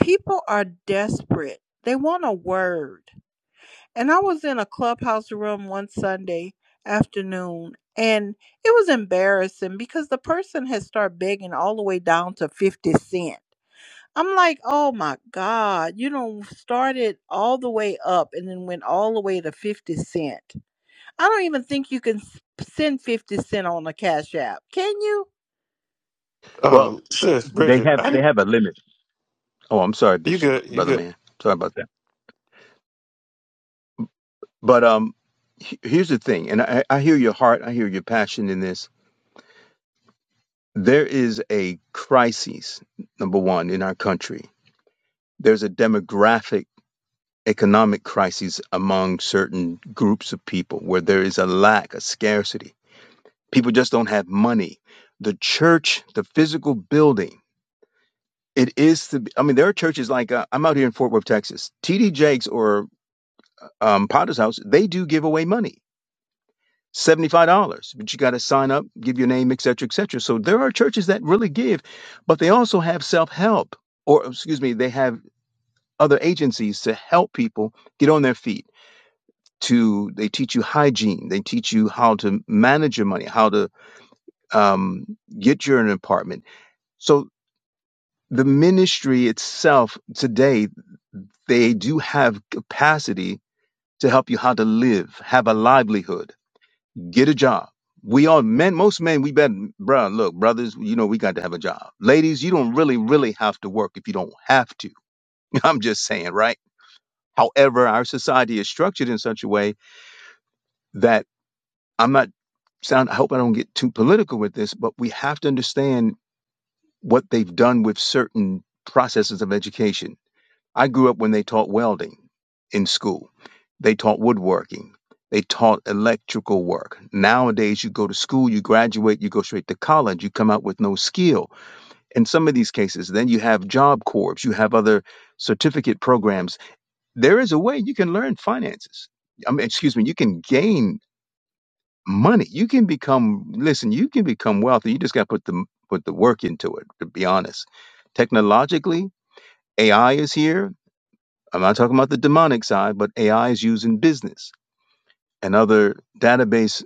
[SPEAKER 1] People are desperate. They want a word. And I was in a clubhouse room one Sunday afternoon and it was embarrassing because the person had started begging all the way down to 50 cent. I'm like, "Oh my god, you know, started all the way up and then went all the way to 50 cent. I don't even think you can send 50 Cent on a Cash App. Can you?
[SPEAKER 11] Well,
[SPEAKER 10] Um, sis, bro,
[SPEAKER 11] they have they
[SPEAKER 10] I'm
[SPEAKER 11] have a limit. Oh, I'm sorry,
[SPEAKER 10] you
[SPEAKER 11] Bishop, brother
[SPEAKER 10] good.
[SPEAKER 11] man. Sorry about that. But um, he- here's the thing, and I, I hear your heart, I hear your passion in this. There is a crisis, number one, in our country. There's a demographic, economic crisis among certain groups of people where there is a lack, a scarcity. People just don't have money. The church, the physical building, it is the. I mean, there are churches like uh, I'm out here in Fort Worth, Texas. TD Jakes or um, Potter's House, they do give away money $75, but you got to sign up, give your name, et cetera, et cetera. So there are churches that really give, but they also have self help, or excuse me, they have other agencies to help people get on their feet. To they teach you hygiene, they teach you how to manage your money, how to um, get your an apartment. So the ministry itself today, they do have capacity to help you how to live, have a livelihood get a job. We all men, most men, we better, bruh, look, brothers, you know, we got to have a job. Ladies, you don't really, really have to work if you don't have to. I'm just saying, right? However, our society is structured in such a way that I'm not sound, I hope I don't get too political with this, but we have to understand what they've done with certain processes of education I grew up when they taught welding in school. They taught woodworking. They taught electrical work. Nowadays, you go to school, you graduate, you go straight to college, you come out with no skill. In some of these cases, then you have job corps, you have other certificate programs. There is a way you can learn finances. I mean, excuse me, you can gain money. You can become, listen, you can become wealthy. You just got to put the, put the work into it, to be honest. Technologically, AI is here I'm not talking about the demonic side, but AI is used in business and other database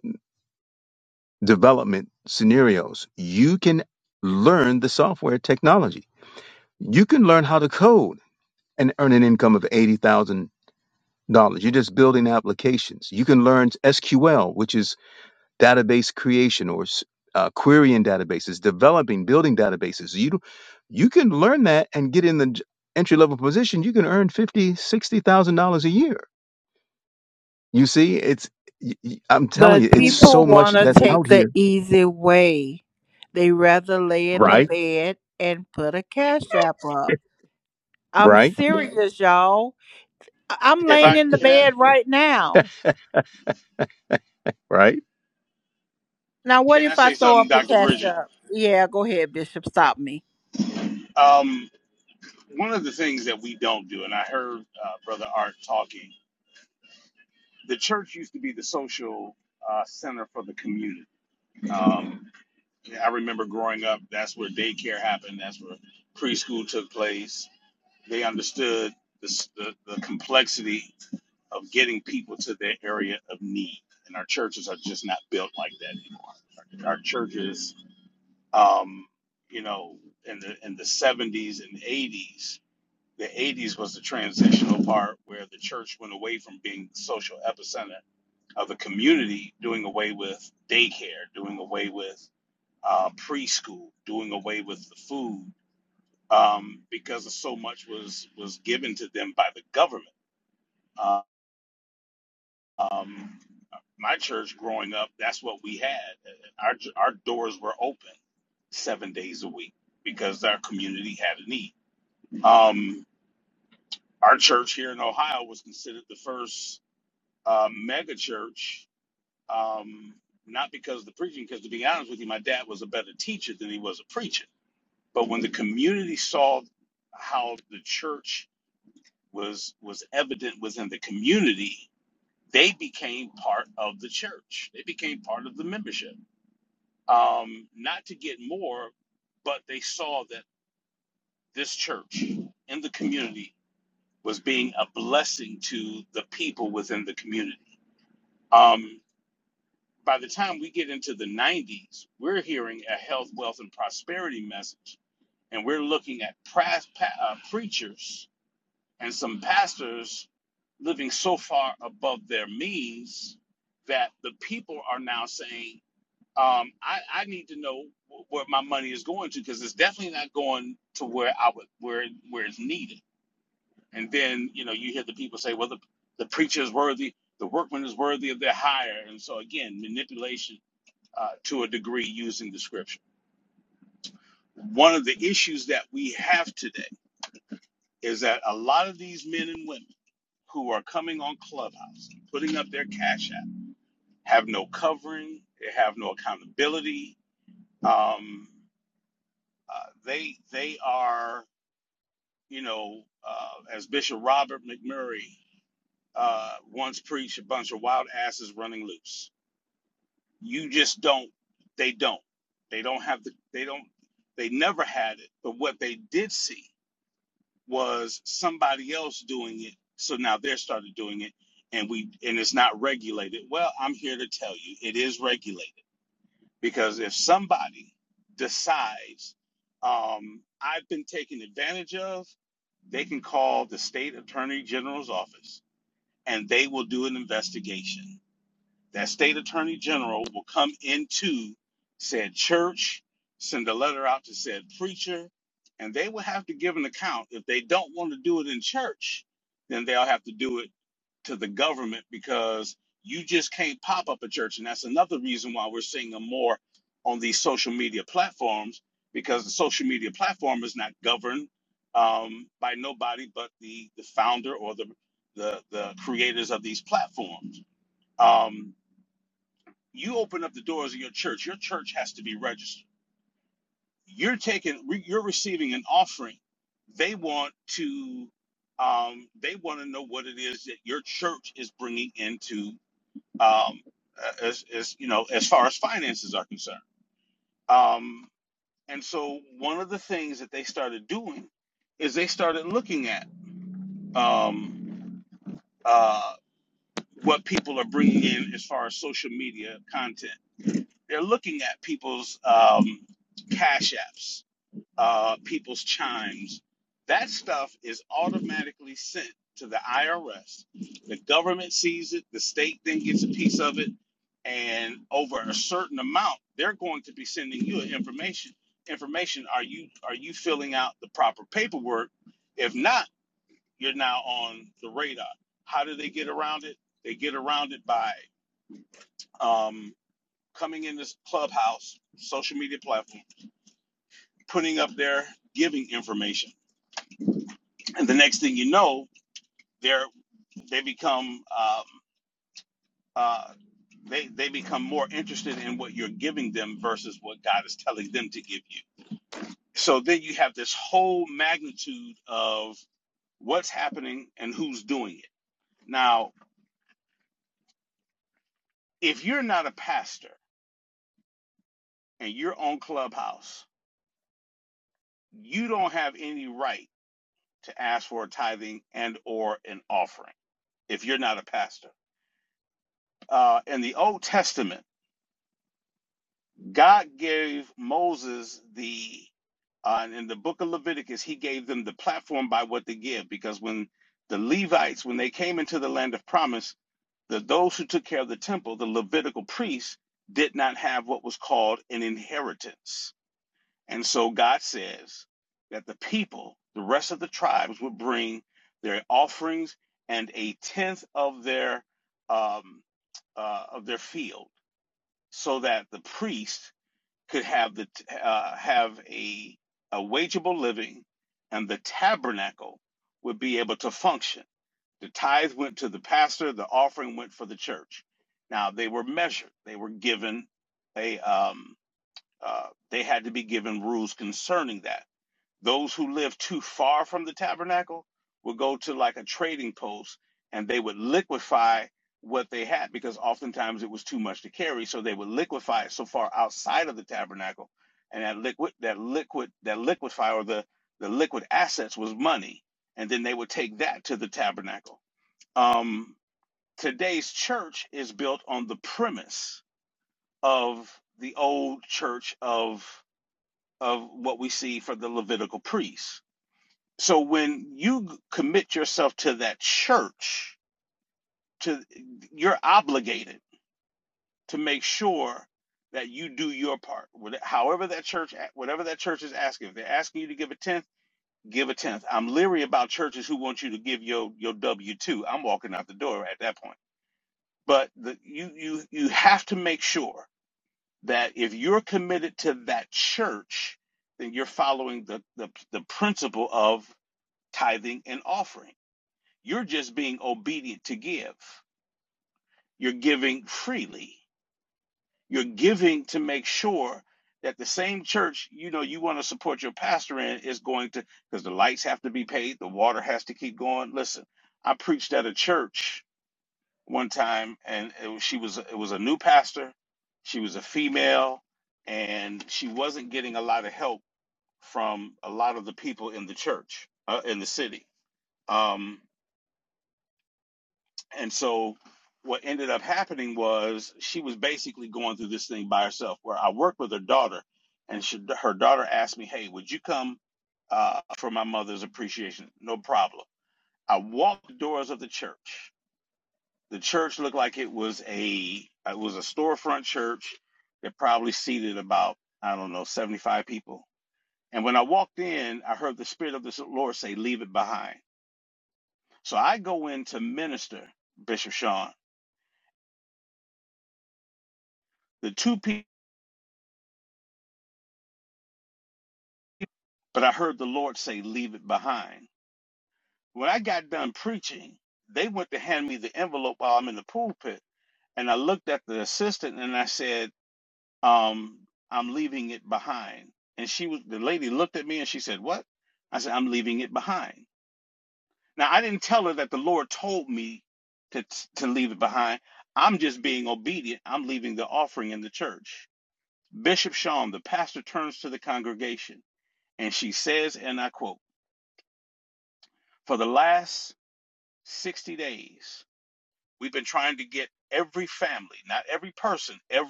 [SPEAKER 11] development scenarios. You can learn the software technology. You can learn how to code and earn an income of $80,000. You're just building applications. You can learn SQL, which is database creation or uh, querying databases, developing, building databases. You, don't- you can learn that and get in the entry level position. You can earn fifty, sixty thousand dollars a year You see, it's y- y- I'm telling
[SPEAKER 1] But
[SPEAKER 11] you, it's
[SPEAKER 1] people
[SPEAKER 11] so much
[SPEAKER 1] want to
[SPEAKER 11] that's
[SPEAKER 1] take
[SPEAKER 11] out
[SPEAKER 1] the
[SPEAKER 11] here.
[SPEAKER 1] easy way. They rather lay in the
[SPEAKER 11] Right,
[SPEAKER 1] bed and put a Cash App up. I'm
[SPEAKER 11] right,
[SPEAKER 1] serious, y'all. I- I'm laying in the bed right now.
[SPEAKER 11] right.
[SPEAKER 1] Now, what if I throw up a Cash App? Yeah, go ahead, Bishop. Stop me.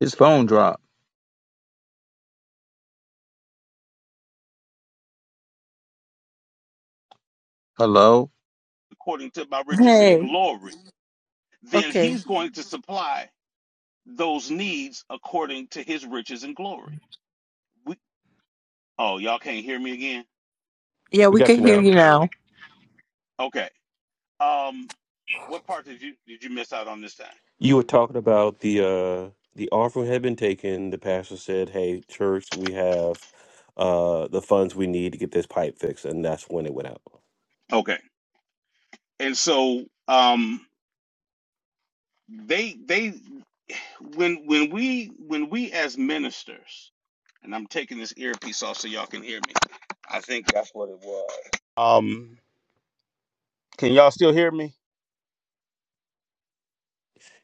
[SPEAKER 11] His phone dropped. Hello,
[SPEAKER 1] Hey, okay. Yeah,
[SPEAKER 10] We
[SPEAKER 1] we
[SPEAKER 10] got
[SPEAKER 1] can
[SPEAKER 10] you
[SPEAKER 1] hear
[SPEAKER 10] now.
[SPEAKER 1] you now.
[SPEAKER 10] You were talking about the uh the offering had been taken. The pastor said, "Hey, church, we have uh the funds we need to get this pipe fixed," and that's when it went out.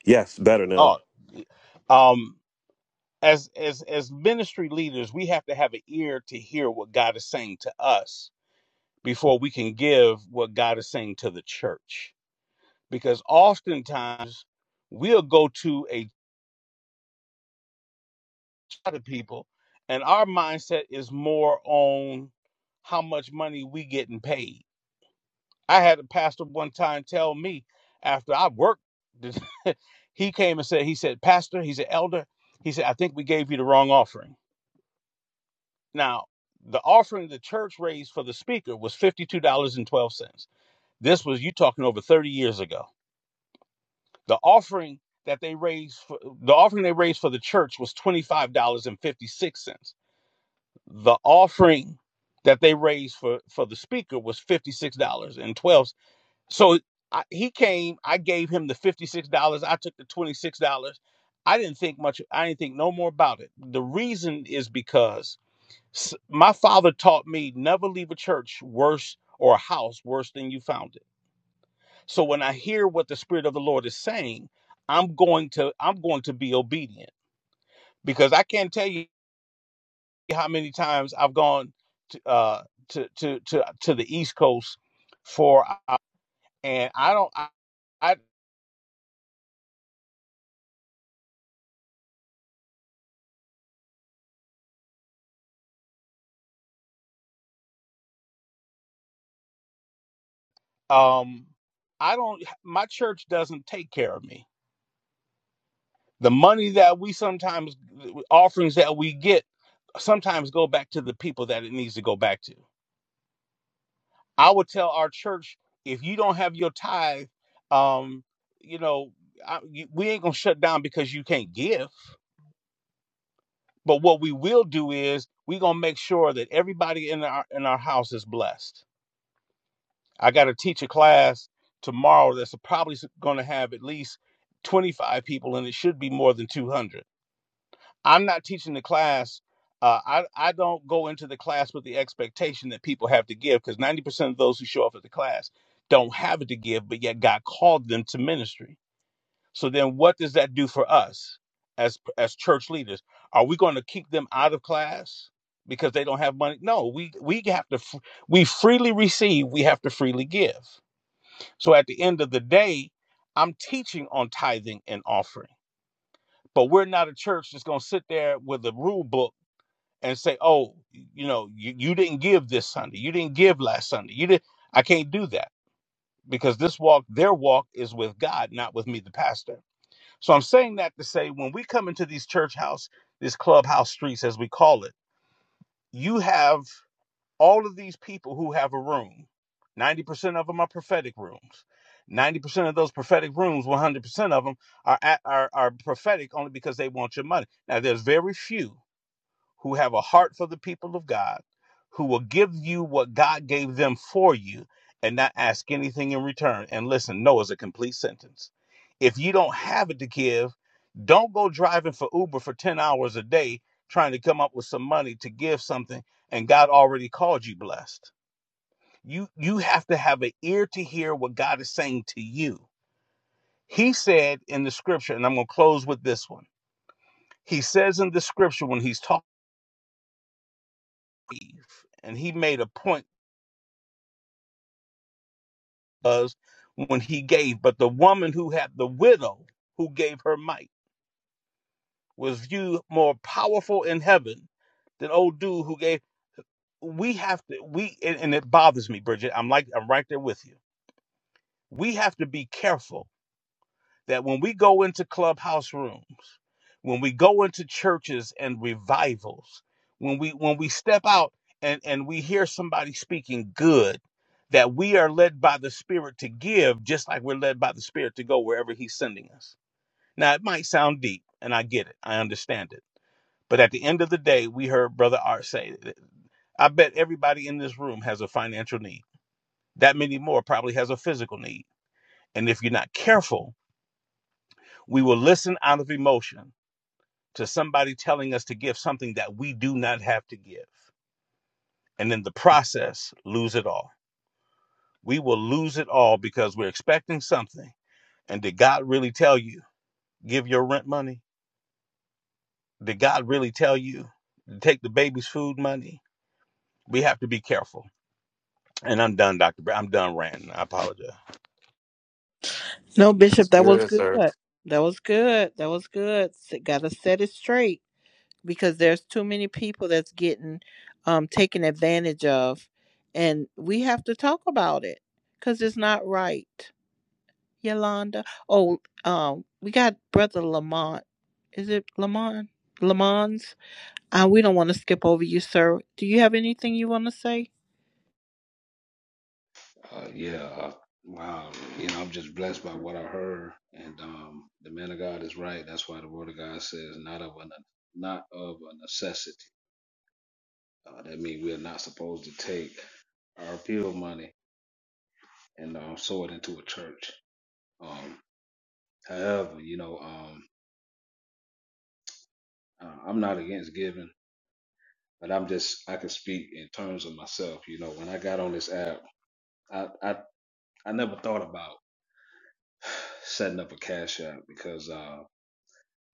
[SPEAKER 10] Yes, better now.
[SPEAKER 1] No,
[SPEAKER 10] That's
[SPEAKER 1] Bishop, that was
[SPEAKER 10] good,
[SPEAKER 1] good.
[SPEAKER 10] sir.
[SPEAKER 1] That was good. That was good. S- Gotta set it straight because there's too many people that's getting um taken advantage of, and we have to talk about it because it's not right. Yolanda. Oh, um, we got Brother Lamont. Is it Lamont? Lamont? Uh, we don't want to skip over you, sir. Do you have anything you want to say?
[SPEAKER 13] uh, yeah, uh, wow. You know, I'm just blessed by what I heard, and um, the man of God is right. That's why the word of God says, "Not of a not of a necessity." Uh, that means we are not supposed to take our appeal money and um, sow it into a church. Um, however, you know, um, uh, I'm not against giving, but I'm just I can speak in terms of myself. You know, when I got on this app, I I, I never thought about setting up a cash app because uh,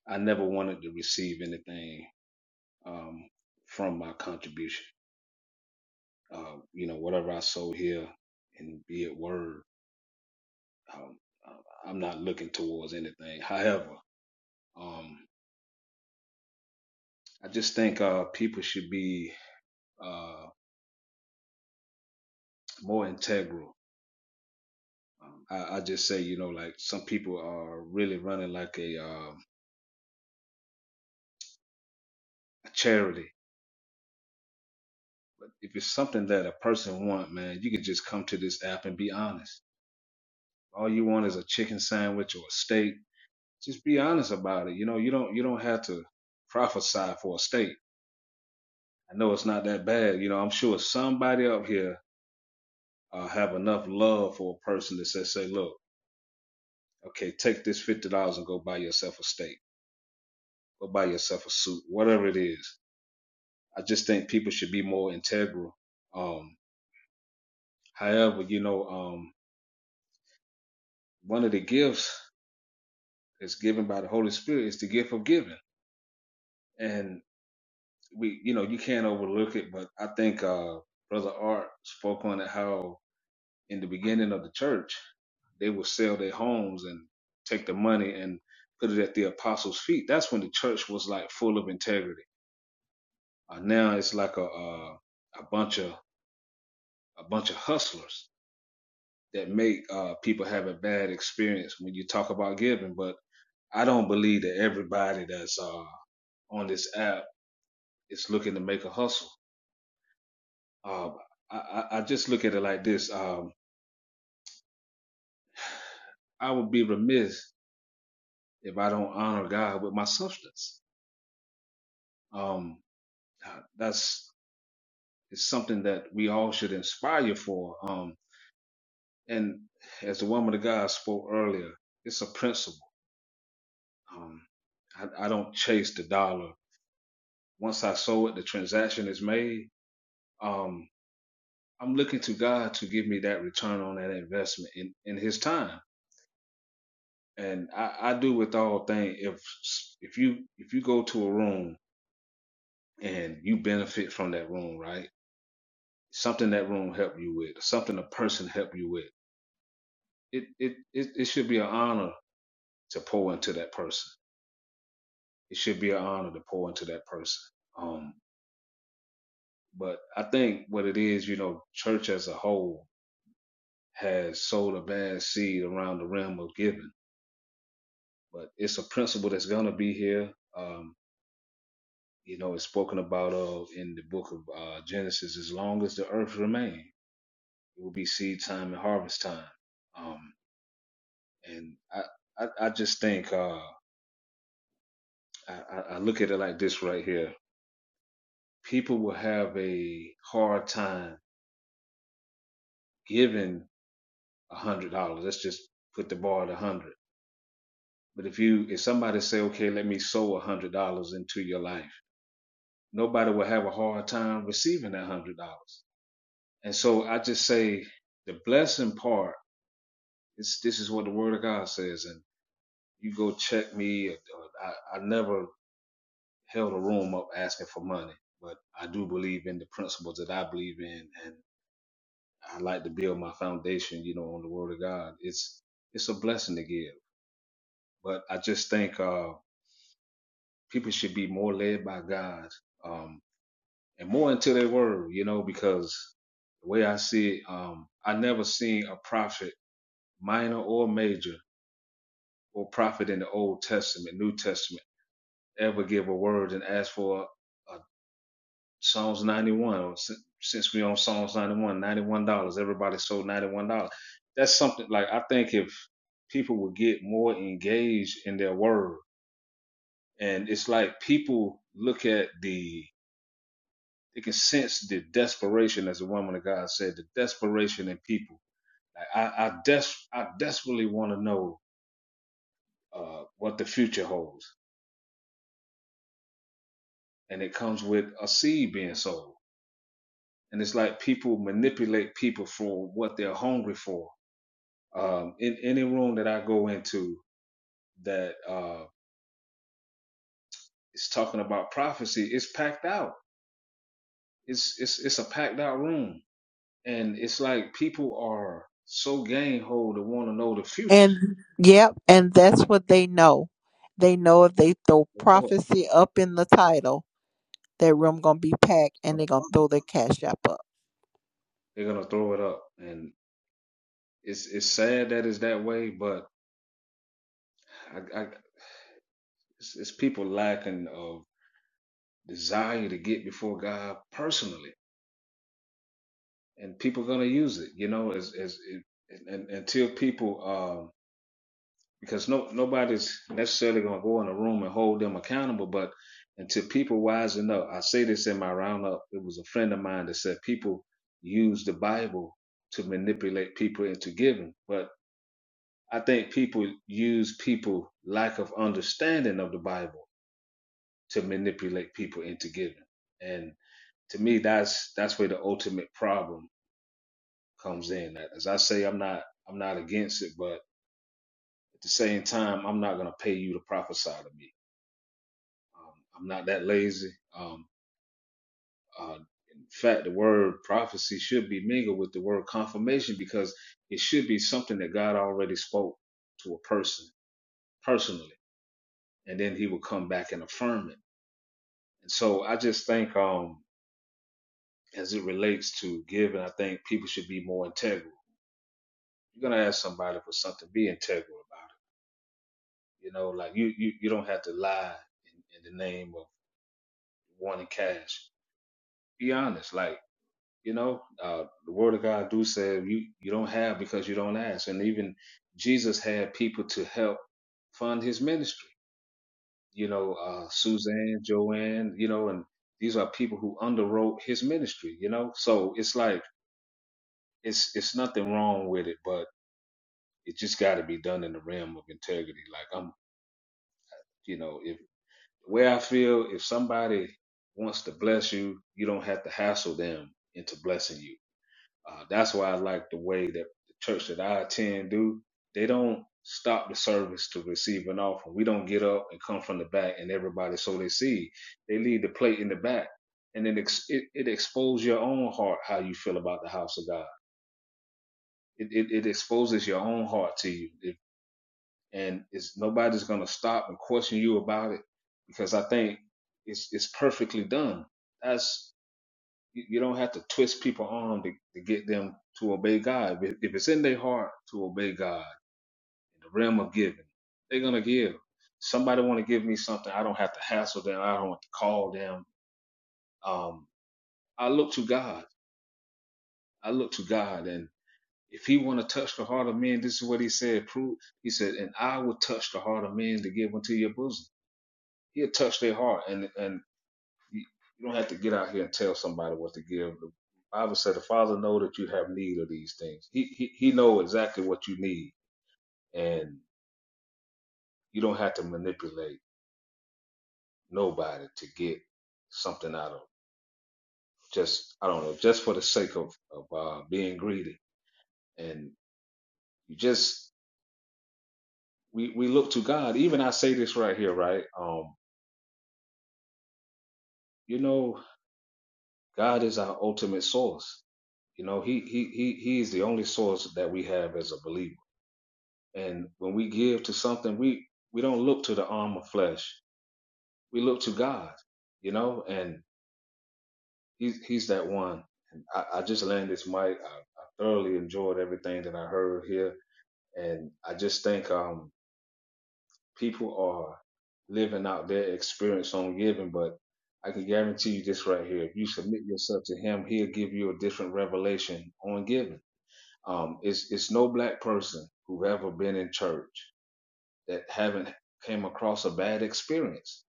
[SPEAKER 13] I never wanted to receive anything um, from my contribution. Uh, you know, whatever I sow here, and be it word, um, I- I'm not looking towards anything. However, um, I just think uh, people should be uh, more integral. Um, I, I just say, you know, like some people are really running like a, uh, a charity. But if it's something that a person want, man, you can just come to this app and be honest. All you want is a chicken sandwich or a steak just be honest about it. You know, you don't you don't have to prophesy for a state. I know it's not that bad. You know, I'm sure somebody up here uh, have enough love for a person that says, say, look, okay, take this fifty dollars and go buy yourself a steak, go buy yourself a suit, whatever it is. I just think people should be more integral. Um, however, you know, um, one of the gifts that's given by the Holy Spirit is the gift of giving, and we, you know, you can't overlook it. But I think uh, Brother Art spoke on it how in the beginning of the church, they would sell their homes and take the money and put it at the apostles' feet. That's when the church was like full of integrity. Uh, now it's like a uh, a bunch of a bunch of hustlers that make uh, people have a bad experience when you talk about giving. But I don't believe that everybody that's uh, on this app is looking to make a hustle. Uh, I, I I just look at it like this: um, I would be remiss if I don't honor God with my substance. Um, Uh, That's it's something that we all should inspire for. Um, and as the woman of God spoke earlier, it's a principle. Um, I, I don't chase the dollar. Once I sow it, the transaction is made. Um, I'm looking to God to give me that return on that investment in, in His time. And I, I do with all things. If if you if you go to a room and you benefit from that room, right? Something that room helped you with, something a person helped you with it, it it it should be an honor to pour into that person. It should be an honor to pour into that person. Um, but I think what it is, you know, church as a whole has sowed a bad seed around the realm of giving. But it's a principle that's gonna be here. Um, you know, it's spoken about of in the book of uh, Genesis. As long as the earth remains, it will be seed time and harvest time. Um, and I, I, I just think uh, I, I I look at it like this right here people will have a hard time giving a hundred dollars. Let's just put the bar at a hundred. But if you if somebody say, okay, let me sow a hundred dollars into your life, nobody will have a hard time receiving that hundred dollars. And so I just say the blessing part is this is what the word of God says. And you go check me. Or, or I, I never held a room up asking for money, but I do believe in the principles that I believe in. and. I like to build my foundation, you know, on the word of God. It's it's a blessing to give. But I just think uh people should be more led by God, um, and more into their word, you know, because the way I see it, um, I never seen a prophet, minor or major, or prophet in the old testament, New Testament, ever give a word and ask for a. a Psalms 91. Since we on Psalms ninety one, ninety one dollars Everybody sold $91. That's something like I think if people would get more engaged in their word, and it's like people look at the they can sense the desperation, as the woman of God said, the desperation in people. Like I, I des I desperately want to know uh, what the future holds, and it comes with a seed being sold. And it's like people manipulate people for what they're hungry for um, in any room that I go into that uh, is talking about prophecy, it's packed out. It's it's it's a packed out room, and it's like people are so gang ho to want to know the future.
[SPEAKER 1] And yep, and that's what they know. They know if they throw
[SPEAKER 13] They know it's
[SPEAKER 1] prophecy up in the title, that room gonna be packed, and
[SPEAKER 13] gonna
[SPEAKER 1] they're gonna
[SPEAKER 13] come.
[SPEAKER 1] throw their cash app up.
[SPEAKER 13] They're gonna throw it up, and it's it's sad that it's that way, but I, I it's, it's people lacking of desire to get before God personally, and people gonna use it, you know, as as it, and, and, until people um, because no nobody's necessarily going to go in a room and hold them accountable. But until people wisen up, I say this in my roundup. It was a friend of mine that said people use the Bible to manipulate people into giving, but I think people use people lack of understanding of the Bible to manipulate people into giving, and to me, that's that's where the ultimate problem comes in. As I say, I'm not I'm not against it, but at the same time, I'm not going to pay you to prophesy to me Um, I'm not that lazy. Um, uh, in fact, the word prophecy should be mingled with the word confirmation because it should be something that God already spoke to a person personally, and then He will come back and affirm it. And so I just think, um, as it relates to giving, I think people should be more integral. You're gonna ask somebody for something, be integral about it. You know, like you you, you don't have to lie in, in the name of wanting cash. Be honest, like. You know, uh, the word of God do say you, you don't have because you don't ask. And even Jesus had people to help fund his ministry. You know, uh, Suzanne, Joanne, you know, and these are people who underwrote his ministry, you know? So it's like, it's, it's nothing wrong with it, but it just got to be done in the realm of integrity. Like I'm, you know, if where I feel, if somebody wants to bless you, you don't have to hassle them into blessing you Uh, that's why I like the way that the church that I attend do. They don't stop the service to receive an offering. We don't get up and come from the back and everybody sow their seed. They leave the plate in the back, and it ex- it, it exposes your own heart how you feel about the house of God. It it, it exposes your own heart to you, It- and it's nobody's gonna stop and question you about it because I think it's it's perfectly done. That's you, you don't have to twist people on to, to get them to obey God. If, if it's in their heart to obey God in the realm of giving, they're gonna give. Somebody want to give me something, I don't have to hassle them. I don't have to call them. Um, I look to God. I look to God, and if He want to touch the heart of men, this is what He said. Prove. He said, and I will touch the heart of men to give unto your bosom. He'll touch their heart, and and You, you don't have to get out here and tell somebody what to give. The Bible said the Father know that you have need of these things. He, he He know exactly what you need, and you don't have to manipulate nobody to get something out of just I don't know just for the sake of of uh, being greedy. And you just we we look to God. Even I say this right here, right? Um, you know, God is our ultimate source. You know, he he he he is the only source that we have as a believer And when we give to something, we we don't look to the arm of flesh. We look to God, you know, and he's he's that one. And I, I just landed this mic. I, I thoroughly enjoyed everything that I heard here. And I just think um people are living out their experience on giving, but I can guarantee you this right here. If you submit yourself to him, he'll give you a different revelation on giving. Um, it's it's no black person who've ever been in church that haven't came across a bad experience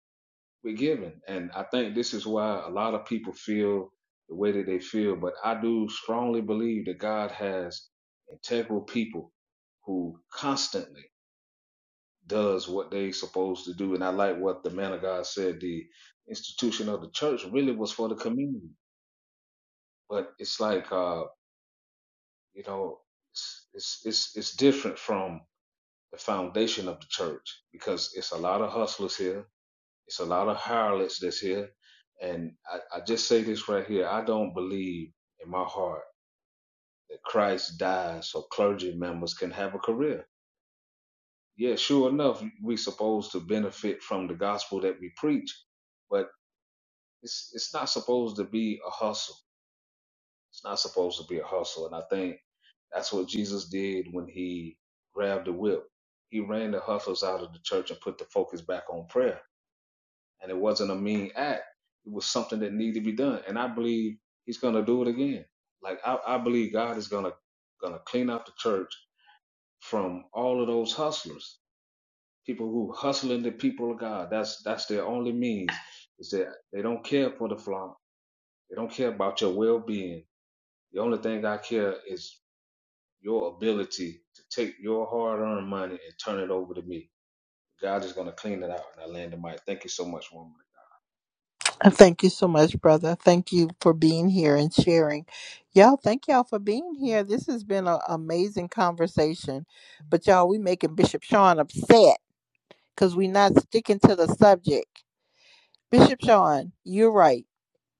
[SPEAKER 13] with giving. And I think this is why a lot of people feel the way that they feel. But I do strongly believe that God has integral people who constantly does what they supposed to do. And I like what the man of God said, the institution of the church really was for the community. But it's like uh, you know, it's it's it's, it's different from the foundation of the church because it's a lot of hustlers here It's a lot of harlots that's here. And I, I just say this right here. I don't believe in my heart that Christ died so clergy members can have a career. Yeah, sure enough, we supposed to benefit from the gospel that we preach, but it's it's not supposed to be a hustle. It's not supposed to be a hustle. And I think that's what Jesus did when he grabbed the whip. He ran the hustles out of the church and put the focus back on prayer and it wasn't a mean act. It was something that needed to be done, and I believe He's gonna do it again. Like I, I believe God is gonna gonna clean out the church from all of those hustlers, people who hustling the people of God. That's that's their only means is that they don't care for the flock. They don't care about your well being. The only thing I care is your ability to take your hard earned money and turn it over to me. God is gonna clean it out, and I land the mic. Thank you so much, woman.
[SPEAKER 1] Uh, Thank you so much, brother. Thank you for being here and sharing. Y'all, thank y'all for being here. This has been an amazing conversation. But y'all, we making Bishop Sean upset because we not sticking to the subject. Bishop Sean, you're right.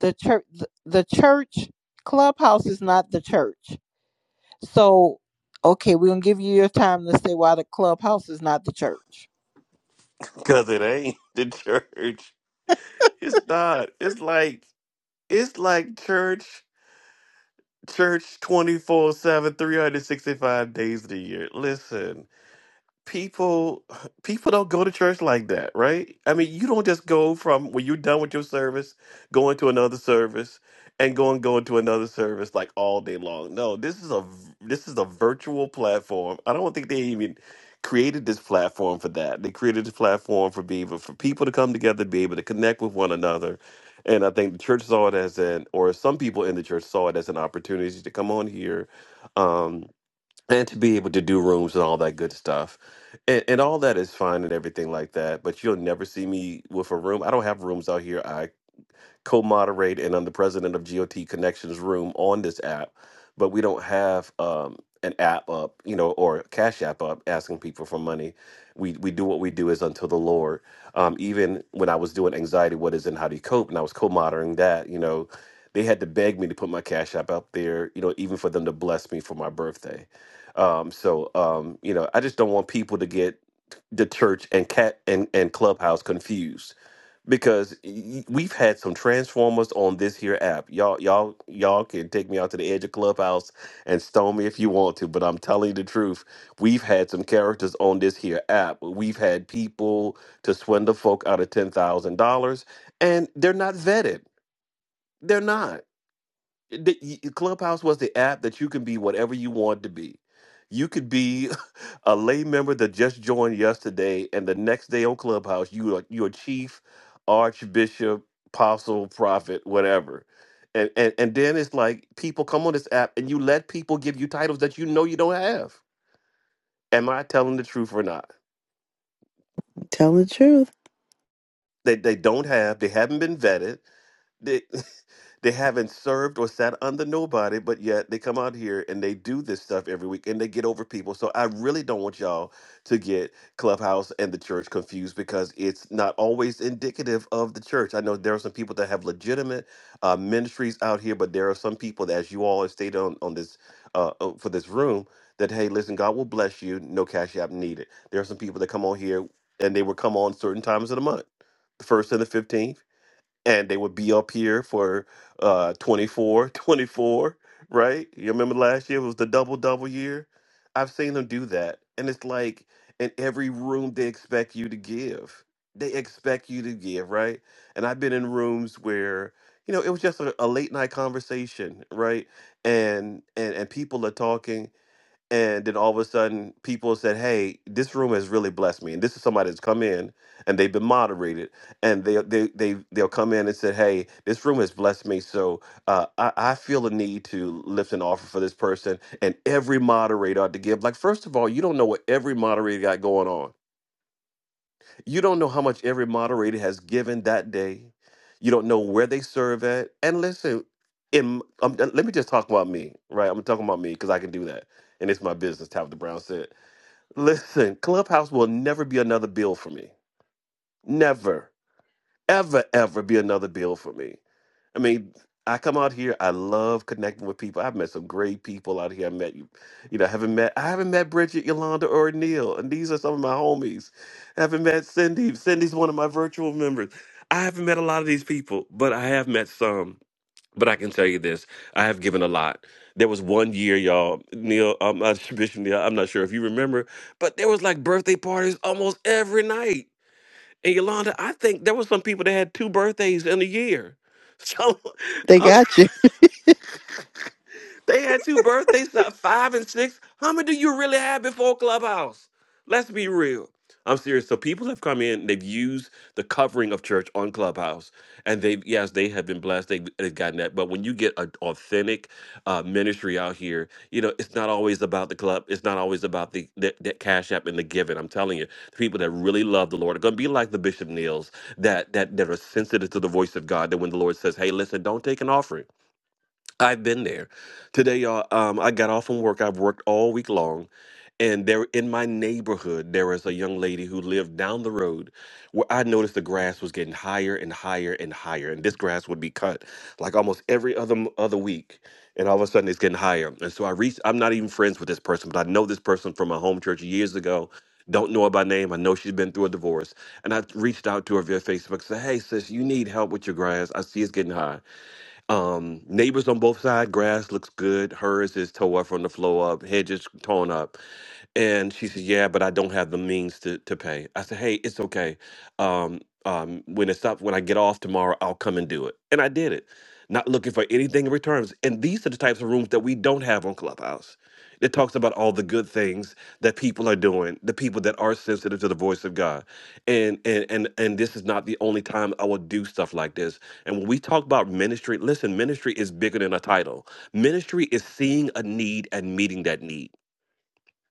[SPEAKER 1] The church, the church clubhouse is not the church. So, okay, we're gonna give you your time to say why the clubhouse is not the church.
[SPEAKER 10] Because it ain't the church. It's not. It's like it's like church. Church 24 7, 365 days of the year. Listen, people people don't go to church like that, right? I mean, you don't just go from when you're done with your service, going to another service and going going to another service like all day long. No, this is a this is a virtual platform. I don't think they even created this platform for that. They created this platform for being for people to come together, be able to connect with one another. And I think the church saw it as an, or some people in the church saw it as an opportunity to come on here, um, and to be able to do rooms and all that good stuff and, and all that is fine and everything like that but you'll never see me with a room i don't have rooms out here I co moderate, and I'm the president of GOT Connections Room on this app. But we don't have um, an app up, you know, or a Cash App up asking people for money. We, we do what we do is unto the Lord. Um, even when I was doing Anxiety, What Is and How Do You Cope, and I was co moderating that, you know, they had to beg me to put my Cash App up there, you know, even for them to bless me for my birthday. Um, so, um, you know, I just don't want people to get the church and cat and, and clubhouse confused because y- we've had some transformers on this here app. Y'all, y'all, y'all can take me out to the edge of clubhouse and stone me if you want to, but I'm telling you the truth. We've had some characters on this here app. We've had people to swindle folk out of ten thousand dollars, and they're not vetted. They're not the Clubhouse was the app that you can be whatever you want to be. You could be a lay member that just joined yesterday, and the next day on Clubhouse, you are you're chief, archbishop, apostle, prophet, whatever. And, and and then it's like people come on this app and you let people give you titles that you know you don't have. Am I telling the truth or not?
[SPEAKER 2] Tell the truth.
[SPEAKER 10] That they don't have, they haven't been vetted They they haven't served or sat under nobody, but yet they come out here and they do this stuff every week and they get over people. So I really don't want y'all to get Clubhouse and the church confused because it's not always indicative of the church. I know there are some people that have legitimate uh, ministries out here, but there are some people that, as you all have stated on on this uh, uh, for this room, that hey, listen, God will bless you. No cash app needed. There are some people that come on here and they will come on certain times of the month, the first and the fifteenth and they would be up here for uh 24, 24. right you remember last year was the double double year i've seen them do that and it's like in every room they expect you to give they expect you to give right and i've been in rooms where you know it was just a, a late night conversation right and and and people are talking and then all of a sudden people said hey this room has really blessed me and this is somebody that's come in and they've been moderated and they, they, they they'll come in and said hey this room has blessed me so uh, I, I feel a need to lift an offer for this person and every moderator ought to give like first of all you don't know what every moderator got going on you don't know how much every moderator has given that day. You don't know where they serve at. And listen, in, um, uh, let me just talk about me, right? I'm talking about me because I can do that. And it's my business, Tabitha Brown said. Listen, Clubhouse will never be another bill for me. Never ever, ever be another bill for me. I mean, I come out here. I love connecting with people. I've met some great people out here. I met you, you know, I haven't met I haven't met Bridget, Yolanda, or Neil, and these are some of my homies. I haven't met Cindy. Cindy's one of my virtual members. I haven't met a lot of these people, but I have met some. But I can tell you this: I have given a lot. There was one year, y'all, Neil, um, uh, Bishop Neil. I'm not sure if you remember, but there was like birthday parties almost every night. And Yolanda, I think there were some people that had two birthdays in a year. So
[SPEAKER 2] They
[SPEAKER 10] I'm
[SPEAKER 2] got you.
[SPEAKER 10] they had two birthdays, uh, five and six. How many do you really have before Clubhouse? Let's be real. I'm serious. So people have come in, they've used the covering of church on Clubhouse, and they've yes, they have been blessed. They've, they've gotten that. But when you get an authentic uh, ministry out here, you know it's not always about the club. It's not always about the that, that cash app and the giving. I'm telling you, the people that really love the Lord are going to be like the Bishop Neils that that that are sensitive to the voice of God. That when the Lord says, "Hey, listen, don't take an offering." I've been there. Today, y'all, um, I got off from work. I've worked all week long. And there in my neighborhood, there was a young lady who lived down the road where I noticed the grass was getting higher and higher and higher. And this grass would be cut like almost every other m- other week. And all of a sudden it's getting higher. And so I reached, I'm not even friends with this person, but I know this person from my home church years ago. Don't know her by name. I know she's been through a divorce. And I reached out to her via Facebook, said, Hey, sis, you need help with your grass. I see it's getting high. Um, neighbors on both sides, grass looks good. Hers is tore up from the floor up, hedges torn up. And she said, "Yeah, but I don't have the means to to pay." I said, "Hey, it's okay. Um, um, when it's up, when I get off tomorrow, I'll come and do it." And I did it, not looking for anything in returns. And these are the types of rooms that we don't have on Clubhouse. It talks about all the good things that people are doing, the people that are sensitive to the voice of God, and and and and this is not the only time I will do stuff like this. And when we talk about ministry, listen, ministry is bigger than a title. Ministry is seeing a need and meeting that need.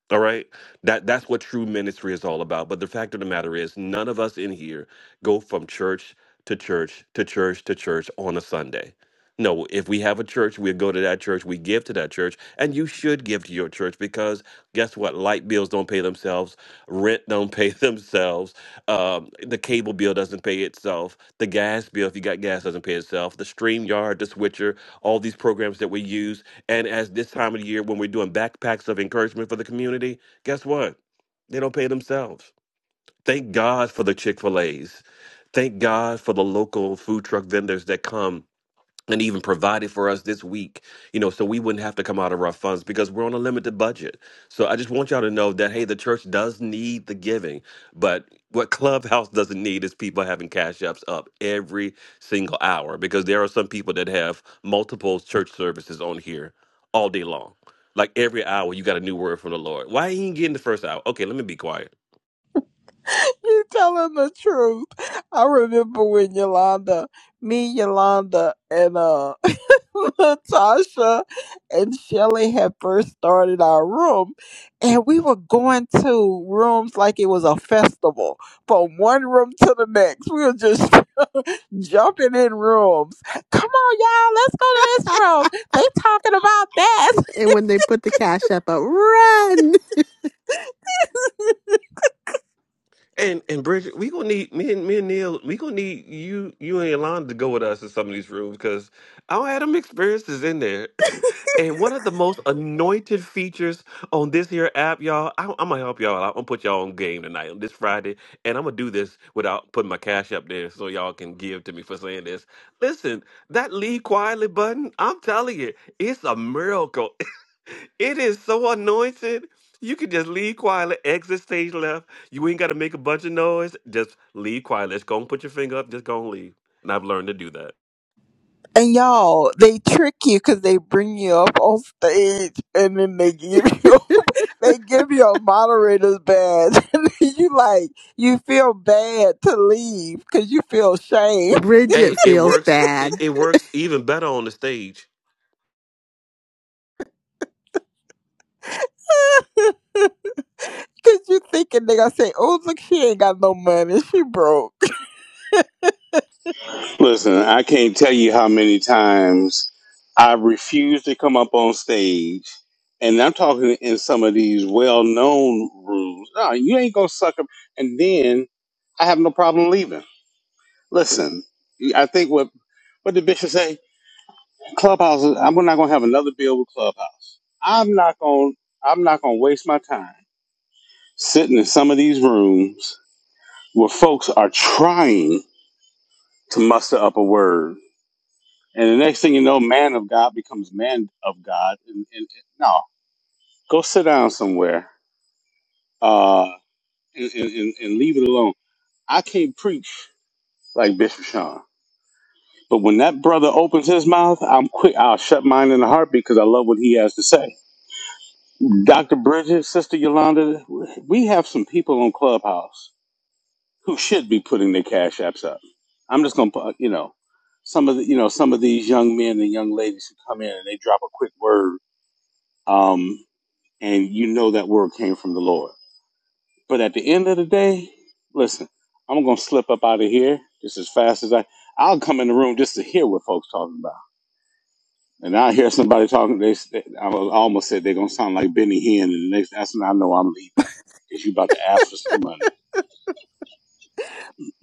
[SPEAKER 10] All right. That that's what true ministry is all about. But the fact of the matter is none of us in here go from church to church to church to church on a Sunday. No, if we have a church, we go to that church, we give to that church, and you should give to your church because guess what? Light bills don't pay themselves, rent don't pay themselves, um, the cable bill doesn't pay itself, the gas bill if you got gas doesn't pay itself, the stream yard, the switcher, all these programs that we use and as this time of the year, when we're doing backpacks of encouragement for the community, guess what? They don't pay themselves. Thank God for the Chick fil A's. Thank God for the local food truck vendors that come and even provided for us this week, you know, so we wouldn't have to come out of our funds because we're on a limited budget. So I just want y'all to know that hey, the church does need the giving, but what Clubhouse doesn't need is people having cash apps up every single hour because there are some people that have multiple church services on here all day long. Like every hour, you got a new word from the Lord. Why ain't you getting the first hour? Okay, let me be quiet.
[SPEAKER 1] Sure You're telling the truth. I remember when Yolanda, me, Yolanda, and uh Natasha and Shelly had first started our room, and we were going to rooms like it was a festival from one room to the next. We were just jumping in rooms. Come on, y'all, let's go to this room. They talking about that.
[SPEAKER 2] And when they put the cash up, up run.
[SPEAKER 10] And and Bridget, we gonna need me and me and Neil. We gonna need you, you and Yolanda to go with us in some of these rooms because I had them experiences in there. And one of the most anointed features on this here app, y'all, I, I'm gonna help y'all. out. I'm gonna put y'all on game tonight on this Friday, and I'm gonna do this without putting my cash up there so y'all can give to me for saying this. Listen, that leave quietly button, I'm telling you, it's a miracle. it is so anointed. You can just leave quietly, exit stage left you ain't got to make a bunch of noise. Just leave quiet. Let's go and put your finger up. Just go and leave. And I've learned to do that.
[SPEAKER 1] And y'all, they trick you because they bring you up on stage and then they give you they give you a moderator's badge and then you like you feel bad to leave because you feel shame
[SPEAKER 2] Bridget
[SPEAKER 10] Hey, it
[SPEAKER 2] feels
[SPEAKER 10] works. It,
[SPEAKER 2] bad.
[SPEAKER 10] it works even better on the stage.
[SPEAKER 1] because you thinking they gonna say, "Oh, look, she ain't got no money, she broke."
[SPEAKER 14] Listen, I can't tell you how many times I refuse to come up on stage, and I'm talking in some of these well-known rooms. No, you ain't gonna suck up, and then I have no problem leaving. Listen, I think what what did Bishop say? Clubhouse. is- I'm not gonna have another bill with Clubhouse. I'm not gonna. I'm not gonna waste my time sitting in some of these rooms where folks are trying to muster up a word And the next thing you know, man of God becomes man of God. And, and, and- no, go sit down somewhere uh, and, and, and and leave it alone. I can't preach like Bishop Sean. But when that brother opens his mouth, I'm quick. I'll shut mine in a heartbeat because I love what he has to say. Dr. Bridget, Sister Yolanda, we have some people on Clubhouse who should be putting their cash apps up. I'm just gonna, put, you know, some of the, you know, some of these young men and young ladies who come in and they drop a quick word. Um, and you know that word came from the Lord. But at the end of the day, listen, I'm gonna slip up out of here just as fast as I. I'll come in the room just to hear what folks talking about, and I hear somebody talking. They, they I almost said they're gonna sound like Benny Hinn, and the next that's when I know I'm leaving because you about to ask for some money.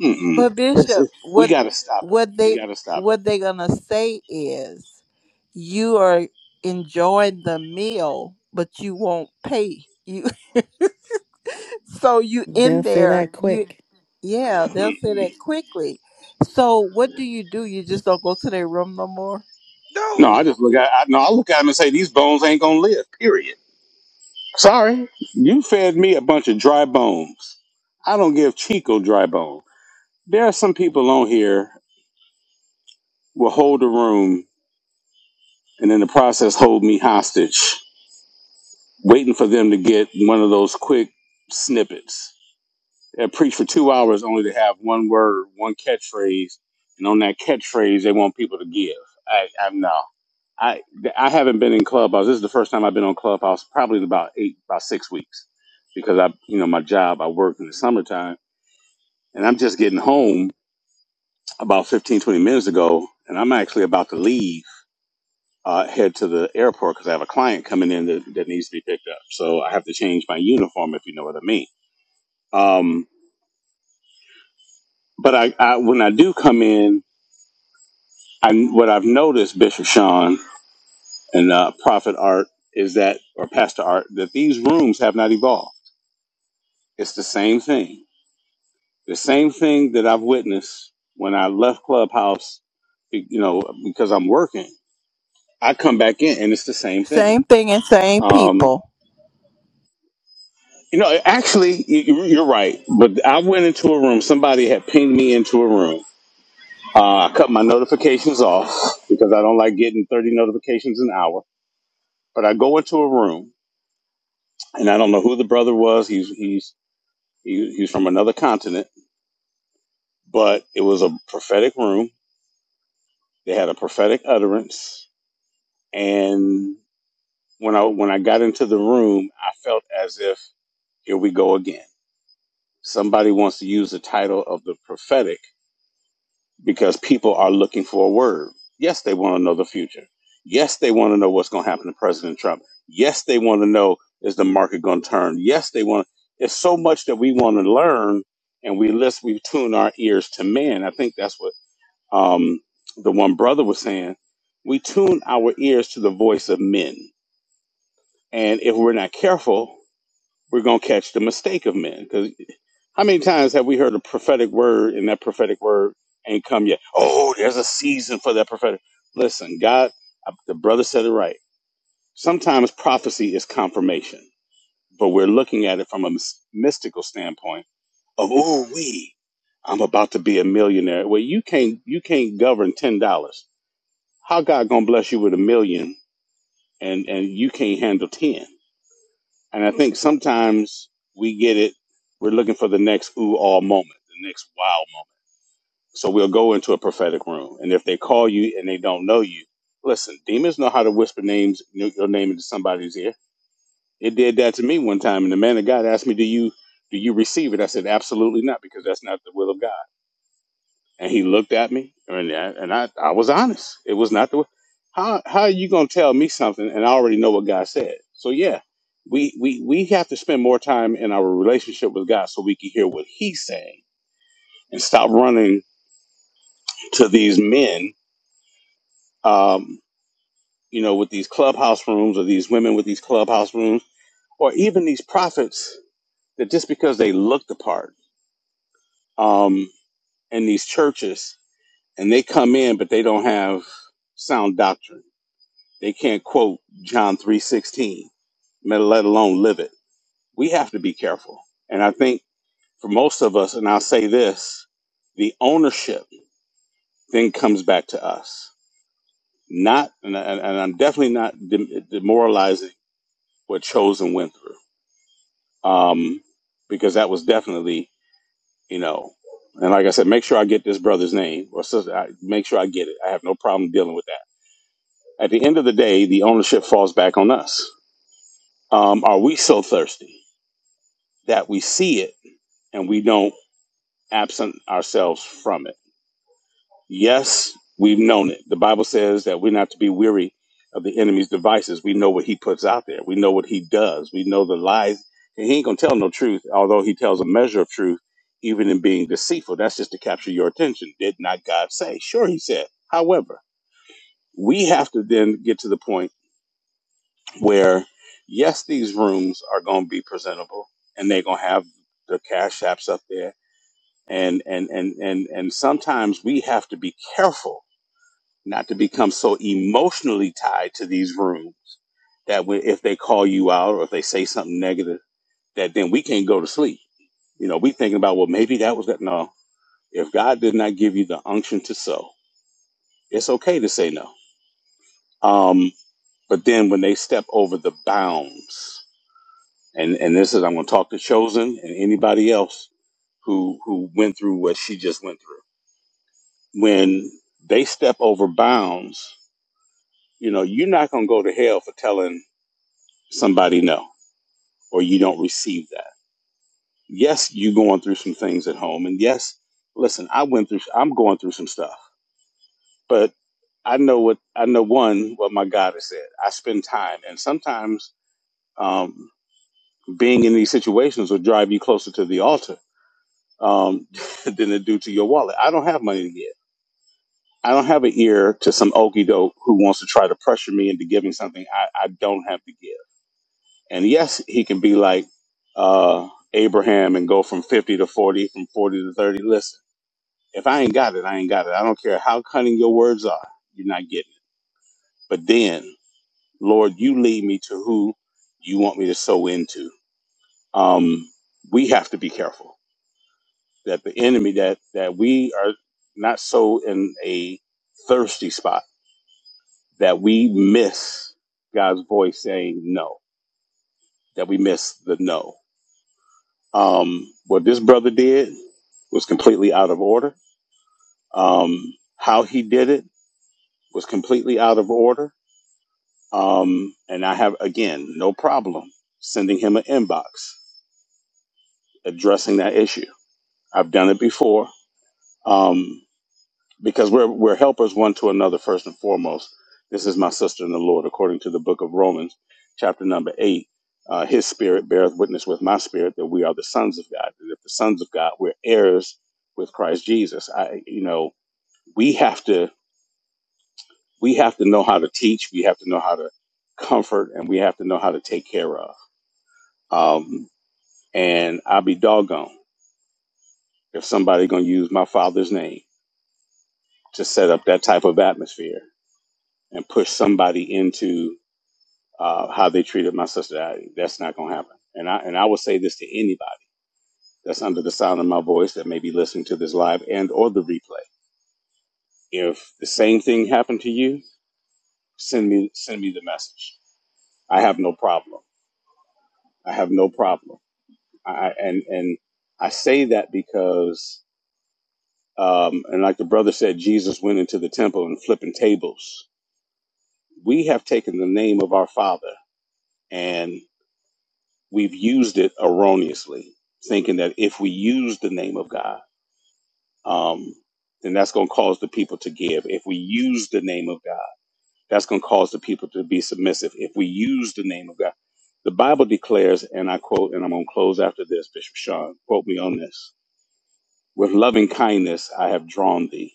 [SPEAKER 14] Mm-mm.
[SPEAKER 1] But
[SPEAKER 14] It's,
[SPEAKER 1] Bishop,
[SPEAKER 14] it, we
[SPEAKER 1] what
[SPEAKER 14] gotta stop it.
[SPEAKER 1] what
[SPEAKER 14] We
[SPEAKER 1] they
[SPEAKER 14] gotta stop
[SPEAKER 1] what
[SPEAKER 14] it.
[SPEAKER 1] they gonna say is you are enjoying the meal, but you won't pay. You so you
[SPEAKER 2] They'll
[SPEAKER 1] in
[SPEAKER 2] say that
[SPEAKER 1] there, you
[SPEAKER 2] quick.
[SPEAKER 1] yeah, they'll say
[SPEAKER 14] Mm-mm.
[SPEAKER 1] that quickly. So what do you do? You just don't go to their room no more?
[SPEAKER 14] No,
[SPEAKER 10] No.
[SPEAKER 14] I just look at I, no, I look at him and say these bones ain't gonna live. Sorry, you fed me a bunch of dry bones. I don't give Chico dry bones. There are some people on here will hold the room and in the process hold me hostage, waiting for them to get one of those quick snippets. They'll preach for two hours only to have one word, one catchphrase, and on that catchphrase they want people to give. I, I'm no. I I haven't been in Clubhouse. This is the first time I've been on Clubhouse probably in about eight, about six weeks, because I, you know, my job, I work in the summertime, and I'm just getting home about 15, 20 minutes ago, and I'm actually about to leave uh, head to the airport because I have a client coming in that, that needs to be picked up. So I have to change my uniform, if you know what I mean. Um, but I, I, when I do come in, I, what I've noticed, Bishop Sean and uh, Prophet Art, is that, or Pastor Art, that these rooms have not evolved. It's the same thing. The same thing that I've witnessed when I left Clubhouse, you know, because I'm working. I come back in and it's the same thing.
[SPEAKER 1] Same thing and same
[SPEAKER 14] Um,
[SPEAKER 1] people.
[SPEAKER 14] You know, actually, you- you're right. But I went into a room. Somebody had pinged me into a room. Uh, I cut my notifications off because I don't like getting 30 notifications an hour. But I go into a room, and I don't know who the brother was. He's he's he, he's from another continent, but it was a prophetic room. They had a prophetic utterance, and when I when I got into the room, I felt as if here we go again. Somebody wants to use the title of the prophetic because people are looking for a word. Yes, they want to know the future. Yes, they want to know what's going to happen to President Trump. Yes, they want to know is the market going to turn. Yes, they want. It's so much that we want to learn, and we list we tune our ears to man. I think that's what um, the one brother was saying. We tune our ears to the voice of men, and if we're not careful, we're going to catch the mistake of men. because. How many times have we heard a prophetic word and that prophetic word ain't come yet? Oh, there's a season for that prophetic. Listen, God, uh, the brother said it right. Sometimes prophecy is confirmation, but we're looking at it from a mys- mystical standpoint of, ooh, we, I'm about to be a millionaire. Well, you can't, you can't govern $10. How God gonna bless you with a million and, and you can't handle 10? And I think sometimes we get it. We're looking for the next ooh, all moment, the next wow moment So we'll go into a prophetic room, and if they call you and they don't know you, listen, demons know how to whisper names, your name into somebody's ear. It did that to me one time, and the man of God asked me, "Do you do you receive it?" I said, "Absolutely not, because that's not the will of God." And he looked at me, and I, and I, I was honest. It was not the will. How how are you gonna tell me something and I already know what God said? So yeah, we we we have to spend more time in our relationship with God so we can hear what He's saying and stop running to these men um, you know, with these clubhouse rooms or these women with these clubhouse rooms or even these prophets that just because they look the part um, in these churches and they come in, but they don't have sound doctrine. They can't quote John 3.16, let alone live it. We have to be careful. And I think for most of us, and I'll say this, the ownership then comes back to us. Not, and, and, and I'm definitely not dem- demoralizing what Chosen went through um, because that was definitely, you know, and like I said, make sure I get this brother's name or sister. I, make sure I get it. I have no problem dealing with that. At the end of the day, the ownership falls back on us. Um, are we so thirsty that we see it and we don't absent ourselves from it? Yes, we've known it. The Bible says that we're not to be weary of the enemy's devices. We know what he puts out there. We know what he does. We know the lies. And he ain't gonna tell no truth, although he tells a measure of truth, even in being deceitful. That's just to capture your attention. Did not God say? Sure, he said. However, we have to then get to the point where, yes, these rooms are gonna be presentable and they're gonna have the cash apps up there. And and and and and sometimes we have to be careful not to become so emotionally tied to these rooms that when, if they call you out or if they say something negative, that then we can't go to sleep. You know, we thinking about, well, maybe that was that. No, if God did not give you the unction to sow, it's okay to say no. Um, but then when they step over the bounds, and, and this is, I'm going to talk to Chosen and anybody else who, who went through what she just went through. When they step over bounds, you know, you're not going to go to hell for telling somebody no, or you don't receive that. Yes, you going through some things at home, and yes, listen, I went through, I'm going through some stuff, but I know what I know. One, what my God has said. I spend time, and sometimes um, being in these situations will drive you closer to the altar um, than it do to your wallet. I don't have money to give. I don't have an ear to some okey doke who wants to try to pressure me into giving something I, I don't have to give. And yes, he can be like uh, Abraham and go from 50 to 40, from 40 to 30. Listen, if I ain't got it, I ain't got it. I don't care how cunning your words are, you're not getting it. But then, Lord, you lead me to who you want me to sow into. Um, we have to be careful that the enemy that that we are not so in a thirsty spot that we miss God's voice saying no, that we miss the no Um, what this brother did was completely out of order. Um, how he did it was completely out of order. Um, and I have, again, no problem sending him an inbox addressing that issue. I've done it before. Um, because we're we're helpers one to another first and foremost. This is my sister in the Lord, according to the book of Romans, chapter number eight. Uh, His spirit beareth witness with my spirit that we are the sons of God, and if the sons of God, we're heirs with Christ Jesus. I, you know, we have to we have to know how to teach, we have to know how to comfort, and we have to know how to take care of. Um, and I'll be doggone if somebody gonna use my father's name to set up that type of atmosphere and push somebody into uh, how they treated my sister. I, that's not going to happen. And I and I will say this to anybody that's under the sound of my voice that may be listening to this live and or the replay. If the same thing happened to you, send me send me the message. I have no problem. I have no problem. I and and I say that because um, and like the brother said, Jesus went into the temple and flipping tables. We have taken the name of our Father and we've used it erroneously, thinking that if we use the name of God um, then that's going to cause the people to give. If we use the name of God, that's going to cause the people to be submissive. If we use the name of God, the Bible declares, and I quote, and I'm going to close after this, Bishop Sean, quote me on this. With loving kindness, I have drawn thee.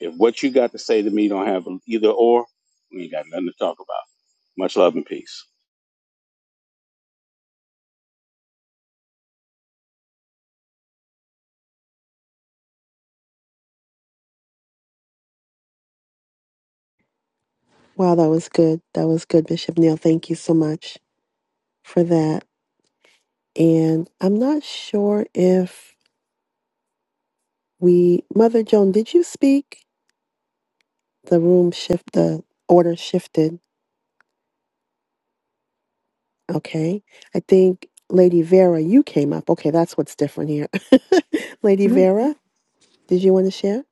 [SPEAKER 14] If what you got to say to me don't have either or, we ain't got nothing to talk about. Much love and peace.
[SPEAKER 2] Wow, that was good. That was good, Bishop Neil. Thank you so much for that. And I'm not sure if we, Mother Joan, did you speak? The room shift, the order shifted. Okay. I think Lady Vera, you came up. Okay, that's what's different here. Lady
[SPEAKER 15] And
[SPEAKER 2] Vera, did you want to share?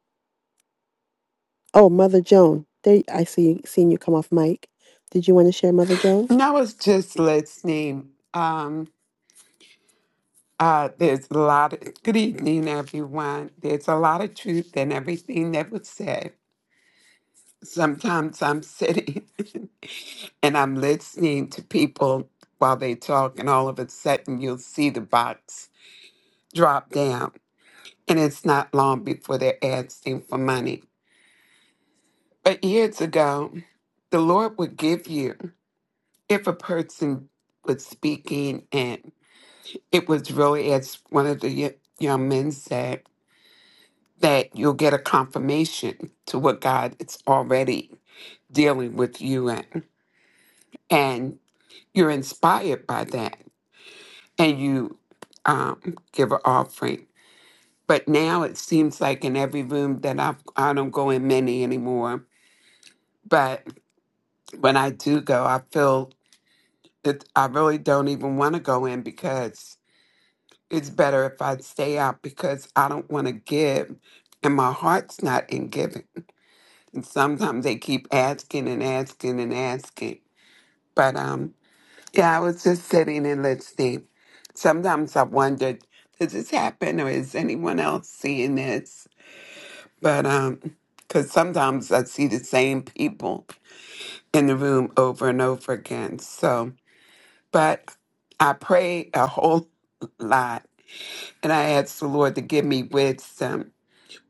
[SPEAKER 2] Oh, Mother Joan. There, I see. Seen you come off mic. Did you want to share, Mother Joan?
[SPEAKER 15] I was just listening. Um, uh, there's a lot of, good evening, everyone. There's a lot of truth in everything that was said. Sometimes I'm sitting and I'm listening to people while they talk, and all of a sudden you'll see the box drop down. And it's not long before they're asking for money. But years ago, the Lord would give you, if a person was speaking and. it was really as one of the y- young men said that you'll get a confirmation to what god is already dealing with you in and you're inspired by that and you um, give an offering but now it seems like in every room that I've, i don't go in many anymore but when i do go i feel that i really don't even want to go in because it's better if I stay out because I don't want to give and my heart's not in giving. And sometimes they keep asking and asking and asking. But um yeah, I was just sitting and listening. Sometimes I wondered, does this happen or is anyone else seeing this? But um because sometimes I see the same people in the room over and over again. So but I pray a whole lot and I ask the Lord to give me wisdom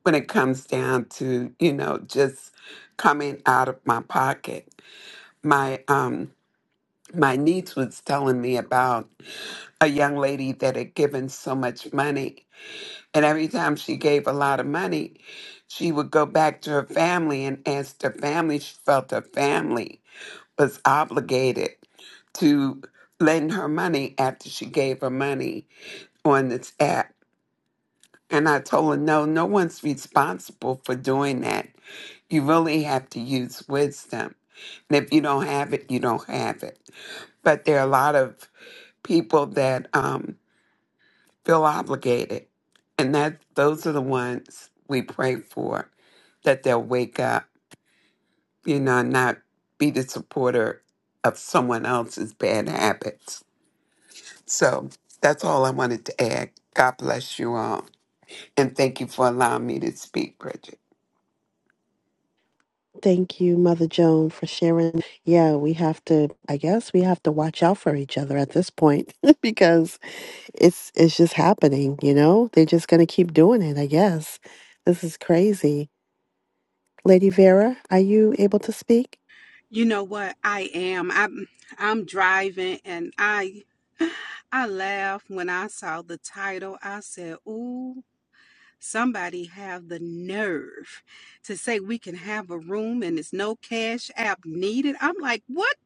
[SPEAKER 15] when it comes down to you know just coming out of my pocket my um my niece was telling me about a young lady that had given so much money and every time she gave a lot of money she would go back to her family and ask her family she felt her family was obligated to lend her money after she gave her money on this app And I told her, no, no one's responsible for doing that. You really have to use wisdom. And if you don't have it, you don't have it. But there are a lot of people that um, feel obligated. And that those are the ones we pray for, that they'll wake up, you know, and not be the supporter of someone else's bad habits. So that's all I wanted to add. God bless you all. And thank you for allowing me to speak, Bridget.
[SPEAKER 2] Thank you, Mother Joan, for sharing. Yeah, we have to. I guess we have to watch out for each other at this point because it's it's just happening. You know, they're just gonna keep doing it. I guess this is crazy. Lady Vera, are you able to speak?
[SPEAKER 16] You know what? I am. I'm I'm driving and I I laughed when I saw the title. I said, "Ooh, somebody have the nerve to say we can have a room and it's no cash app needed." I'm like, "What?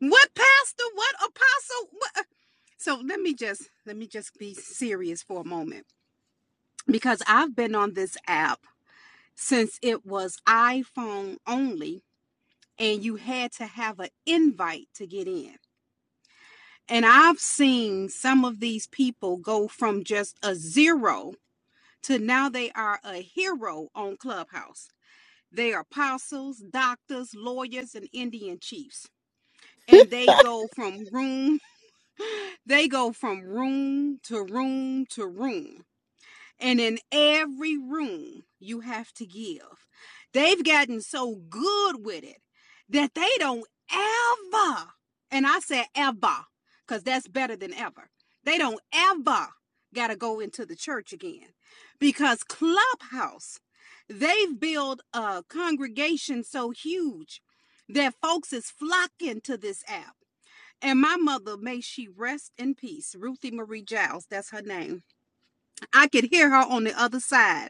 [SPEAKER 16] What pastor? What apostle?" What? So let me just let me just be serious for a moment because I've been on this app since it was iPhone only and you had to have an invite to get in. And I've seen some of these people go from just a zero to now they are a hero on Clubhouse. They are apostles, doctors, lawyers, and Indian chiefs. And they go from room, they go from room to room to room. And in every room, you have to give. They've gotten so good with it that they don't ever, and I said ever, because that's better than ever. They don't ever got to go into the church again because Clubhouse, they've built a congregation so huge that folks is flocking to this app. And my mother, may she rest in peace, Ruthie Marie Giles, that's her name I could hear her on the other side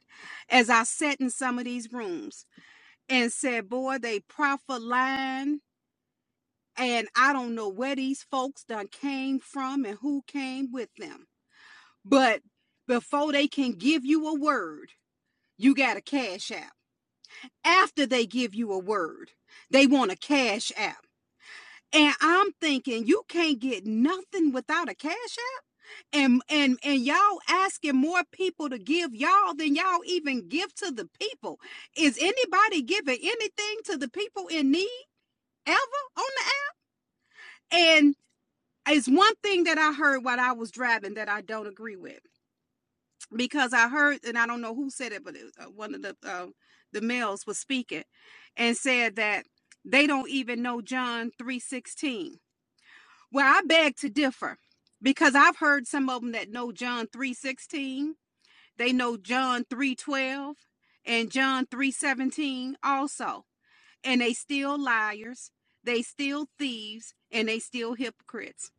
[SPEAKER 16] as I sat in some of these rooms and said, Boy, they profit line. And I don't know where these folks done came from and who came with them. But before they can give you a word, you got a cash app. After they give you a word, they want a cash app. And I'm thinking, you can't get nothing without a cash app. and and and y'all asking more people to give y'all than y'all even give to the people is anybody giving anything to the people in need ever on the app and it's one thing that i heard while i was driving that i don't agree with because i heard and i don't know who said it but it, was, uh, one of the uh, the males was speaking and said that they don't even know john 316 well i beg to differ because i've heard some of them that know john 316 They know John 3:12 and John 3:17 also. And they still liars, they still thieves, and they still hypocrites.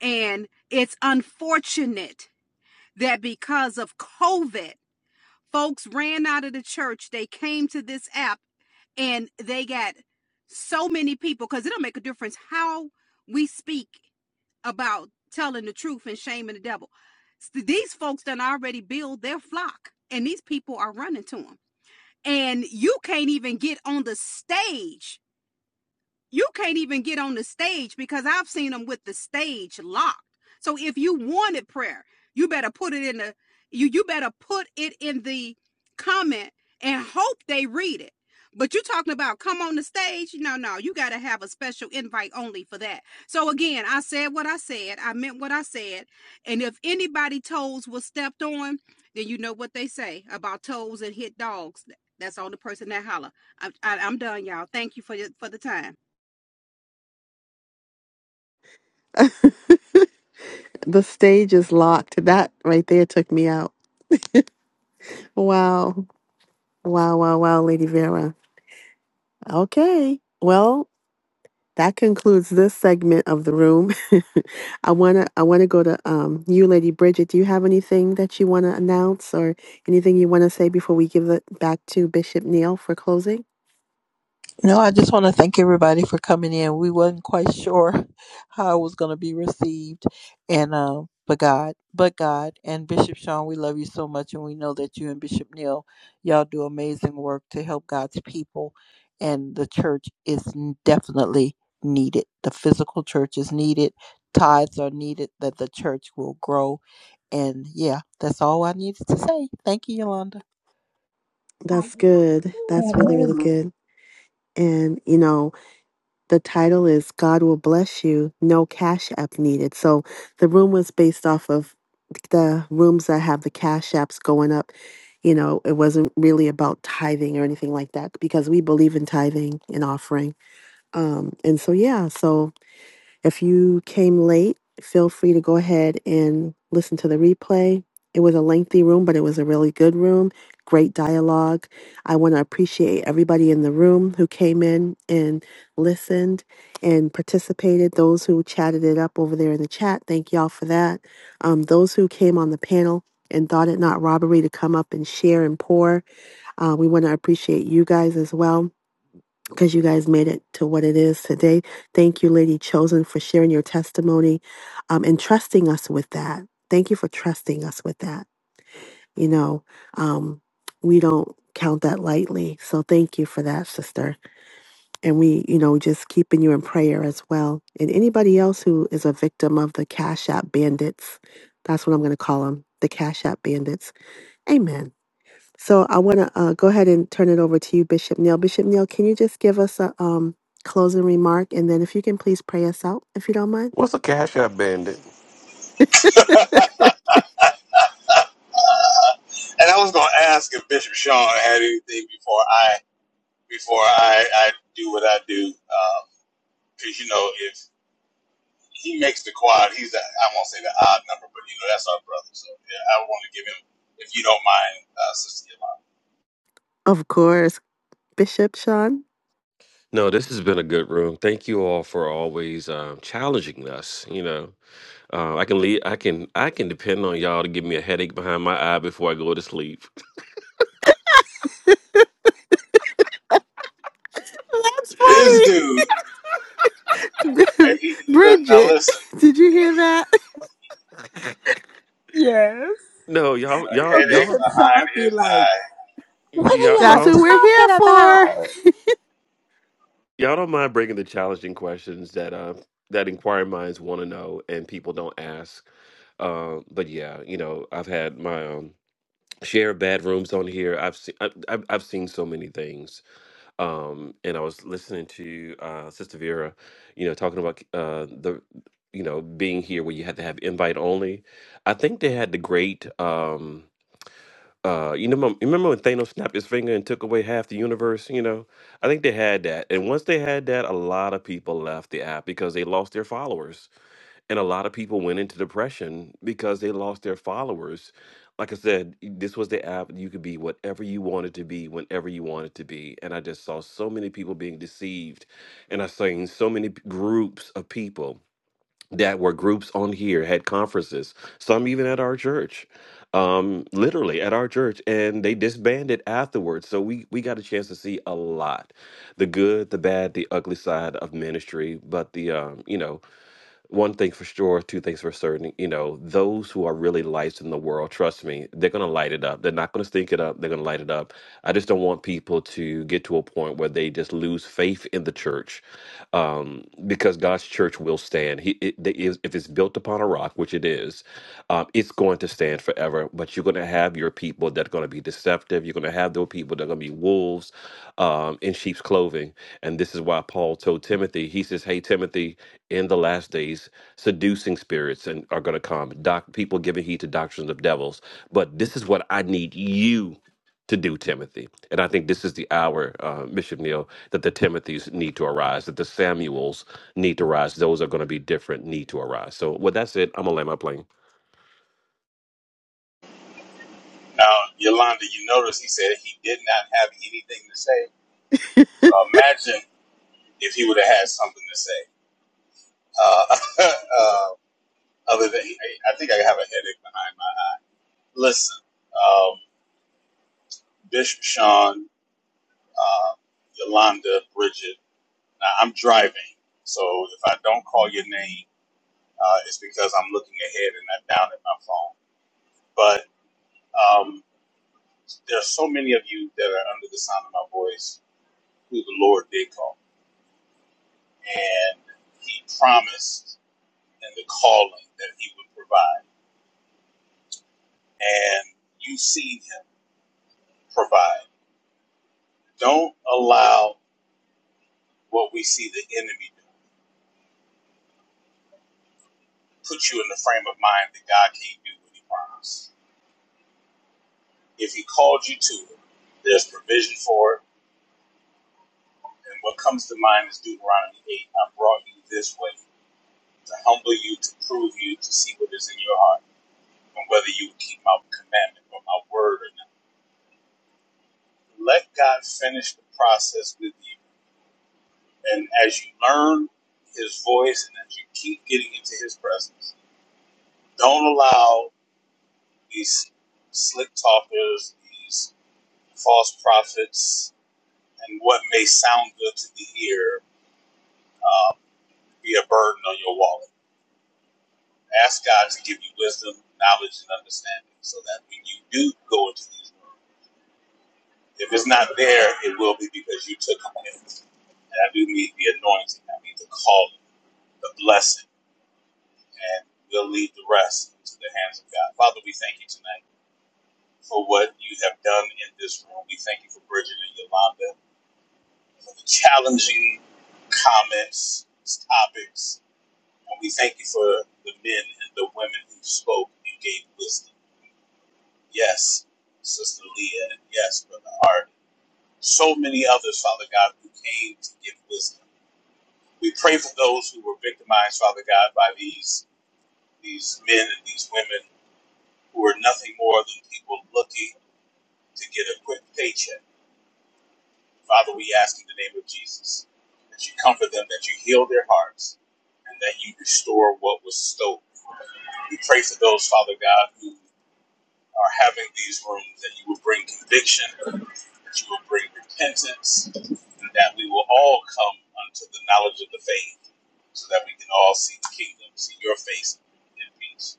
[SPEAKER 16] And it's unfortunate that because of COVID, folks ran out of the church, they came to this app and they got so many people cuz it'll make a difference how we speak about telling the truth and shaming the devil. These folks done already build their flock, and these people are running to them. And you can't even get on the stage you can't even get on the stage because I've seen them with the stage locked. So if you wanted prayer, you better put it in the you you better put it in the comment and hope they read it. But you are talking about come on the stage? No, no, you got to have a special invite only for that. So again, I said what I said. I meant what I said. And if anybody toes was stepped on, then you know what they say about toes and hit dogs. That's on the person that holler. I, I, I'm done, y'all. Thank you for for the time.
[SPEAKER 2] The stage is locked. That right there took me out. Wow, wow, wow, wow, Lady Vera. Okay. Well, That concludes this segment of the room. I wanna I wanna go to um you, Lady Bridget. Do you have anything that you wanna announce or anything you wanna say before we give it back to Bishop Neil for closing?
[SPEAKER 1] No, I just want to thank everybody for coming in. We wasn't quite sure how it was going to be received, and uh, but God, but God, and Bishop Sean, we love you so much, and we know that you and Bishop Neal, y'all do amazing work to help God's people, and the church is definitely needed. The physical church is needed. Tithes are needed that the church will grow, and yeah, that's all I needed to say. Thank you, Yolanda.
[SPEAKER 2] That's good. That's really
[SPEAKER 7] Father.
[SPEAKER 2] really good. And you know the title is God will bless you. No cash app needed. So the room was based off of the rooms that have the cash apps going up you know, it wasn't really about tithing or anything like that because we believe in tithing and offering Um, and so, yeah, so if you came late, feel free to go ahead and listen to the replay. It was a lengthy room, but it was a really good room. Great dialogue. I want to appreciate everybody in the room who came in and listened and participated. Those who chatted it up over there in the chat, thank y'all for that. Um, those who came on the panel and thought it not robbery to come up and share and pour, uh, we want to appreciate you guys as well because you guys made it to what it is today. Thank you, Lady Chosen, for sharing your testimony um, and trusting us with that. Thank you for trusting us with that. You know, um, we don't count that lightly. So thank you for that, sister. And we, you know, just keeping you in prayer as well. And anybody else who is a victim of the Cash App bandits, that's what I'm going to call them the Cash App bandits. Amen. So I want to uh, go ahead and turn it over to you, Bishop Neil. Bishop Neil, can you just give us a um, closing remark? And then if you can please pray us out, if you don't mind.
[SPEAKER 10] What's a cash app bandit?
[SPEAKER 14] And I was gonna ask if Bishop Sean had anything before I before I, I do what I do, because um, you know if. he makes the quad. He's a, I won't say the odd number, but you know that's our brother. So yeah, I want to give him, if you don't mind, uh, Sister Yolanda.
[SPEAKER 2] of course. Bishop Sean.
[SPEAKER 10] No, this has been a good room. Thank you all for always um, challenging us. You know, uh, I can leave. I can. I can depend on y'all to give me a headache behind my eye before I go to sleep.
[SPEAKER 2] That's
[SPEAKER 14] This
[SPEAKER 2] funny.
[SPEAKER 14] dude. He, now
[SPEAKER 2] Bridget,
[SPEAKER 14] listen,
[SPEAKER 2] did you hear that?
[SPEAKER 1] Yeah.
[SPEAKER 10] no, y'all, y'all,
[SPEAKER 1] Oh,
[SPEAKER 10] y'all,
[SPEAKER 1] Bishop Sean, what
[SPEAKER 10] y'all,
[SPEAKER 1] are y'all
[SPEAKER 2] That's
[SPEAKER 10] y'all.
[SPEAKER 2] what we're here
[SPEAKER 1] talking
[SPEAKER 2] for.
[SPEAKER 1] about?
[SPEAKER 10] Y'all don't mind bringing the challenging questions that uh, that inquiring minds want to know and people don't ask. Uh, but yeah, you know, I've had my um, share of bad rooms on here. I've seen I've, I've I've seen so many things. Um, and I was listening to uh, Sister Vera, you know, talking about uh, the you know being here where you had to have invite only. I think they had the great. Um, uh you know remember when Thanos snapped his finger and took away half the universe, you know? I think they had that. And once they had that, a lot of people left the app because they lost their followers. And a lot of people went into depression because they lost their followers. Like I said, this was the app you could be whatever you wanted to be whenever you wanted to be. And I just saw so many people being deceived and I seen so many p- groups of people that were groups on here had conferences some even at our church um literally at our church and they disbanded afterwards so we we got a chance to see a lot the good the bad the ugly side of ministry but the um you know one thing for sure two things for certain you know those who are really lights in the world trust me they're gonna light it up they're not gonna stink it up they're gonna light it up i just don't want people to get to a point where they just lose faith in the church um, because God's church will stand. He, it, it is, if it's built upon a rock, which it is, um, it's going to stand forever. But you're going to have your people that are going to be deceptive. You're going to have those people that are going to be wolves um, in sheep's clothing. And this is why Paul told Timothy, he says, Hey, Timothy, in the last days, seducing spirits and are going to come, doc- people giving heed to doctrines of devils. But this is what I need you to do, Timothy. And I think this is the hour, uh, Bishop Neal that the Timothys need to arise, that the Samuels need to rise. Those are going to be different, need to arise. So, with that said, I'm going to land my plane.
[SPEAKER 14] now Yolanda, you notice he said he did not have anything to say. So imagine if he would have had something to say. Uh, uh, other than I, I think I have a headache behind my. Listen, um, Bishop Sean, uh, Yolanda, Bridget. Now I'm driving, so if I don't call your name. uh, is because I'm looking ahead and not down at my phone. But um, there are so many of you that are under the sound of my voice who the Lord did call, and He promised in the calling that He would provide, and you've seen Him provide. Don't allow what we see the enemy do put you in the frame of mind that God can't do what He promised. If He called you to it, there's provision for it. And what comes to mind is Deuteronomy 8. I brought you this way to humble you, to prove you, to see what is in your heart, and whether you will keep my commandment or my word or not. Let God finish the process with you. And as you learn his voice and as you keep getting into his presence, don't allow these slick talkers, these false prophets, and what may sound good to the ear be a burden on your wallet. Ask God to give you wisdom, knowledge, and understanding so that when you do go into these If it's not there, it will be because you took on it. And I do need the anointing. I need the calling, the blessing, and we'll leave the rest into the hands of God. Father, we thank you tonight for what you have done in this room. We thank you for Bridget and Yolanda for the challenging comments, topics, and we thank you for the men and the women who spoke and gave wisdom. Yes, Sister Leah, and yes, Brother Art. So many others, Father God, who came to give wisdom We pray for those who were victimized, Father God, by these these men and these women who are nothing more than people looking to get a quick paycheck. Father, we ask in the name of Jesus that you comfort them, that you heal their hearts, and that you restore what was stolen. We pray for those, Father God, who are having these rooms that you will bring conviction, that you will bring repentance, and that we will all come unto the knowledge of the faith so that we can all see the kingdom, see your face in peace.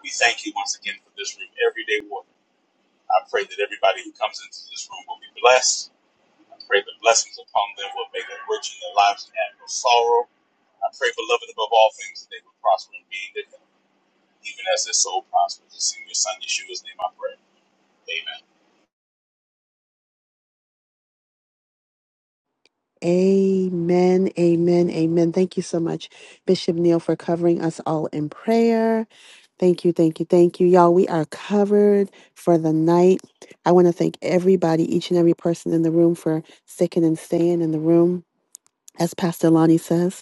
[SPEAKER 14] We thank you once again for this room, Everyday War. I pray that everybody who comes into this room will be blessed. I pray the blessings upon them will make them rich in their lives and add no sorrow. I pray, beloved, above all things, that they will prosper and be in good, even as their soul prospers. It's in your Son Yeshua's name I pray.
[SPEAKER 2] Amen, amen, amen. Thank you so much, Bishop Neil, for covering us all in prayer. Thank you, thank you, thank you. Y'all, we are covered for the night. I want to thank everybody, each and every person in the room for sticking and staying in the room, as Pastor Lonnie says.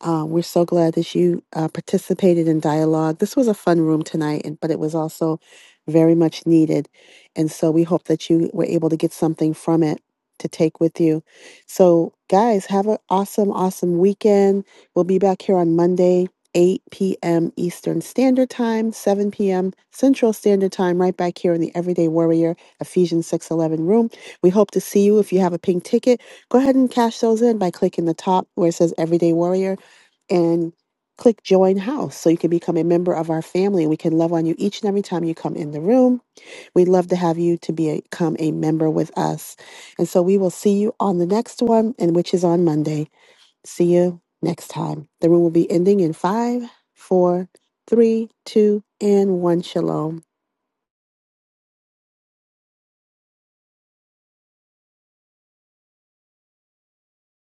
[SPEAKER 2] Uh, we're so glad that you uh, participated in dialogue. This was a fun room tonight, and, but it was also very much needed. And so we hope that you were able to get something from it to take with you. So, guys, have an awesome, awesome weekend. We'll be back here on Monday. 8 p.m. Eastern Standard Time, 7 p.m. Central Standard Time, right back here in the Everyday Warrior Ephesians 611 room. We hope to see you. If you have a pink ticket, go ahead and cash those in by clicking the top where it says Everyday Warrior and click join house so you can become a member of our family and we can love on you each and every time you come in the room. We'd love to have you to be a, become a member with us. And so we will see you on the next one and which is on Monday. See you next time. The room will be ending in five, four, three, two, and one. Shalom.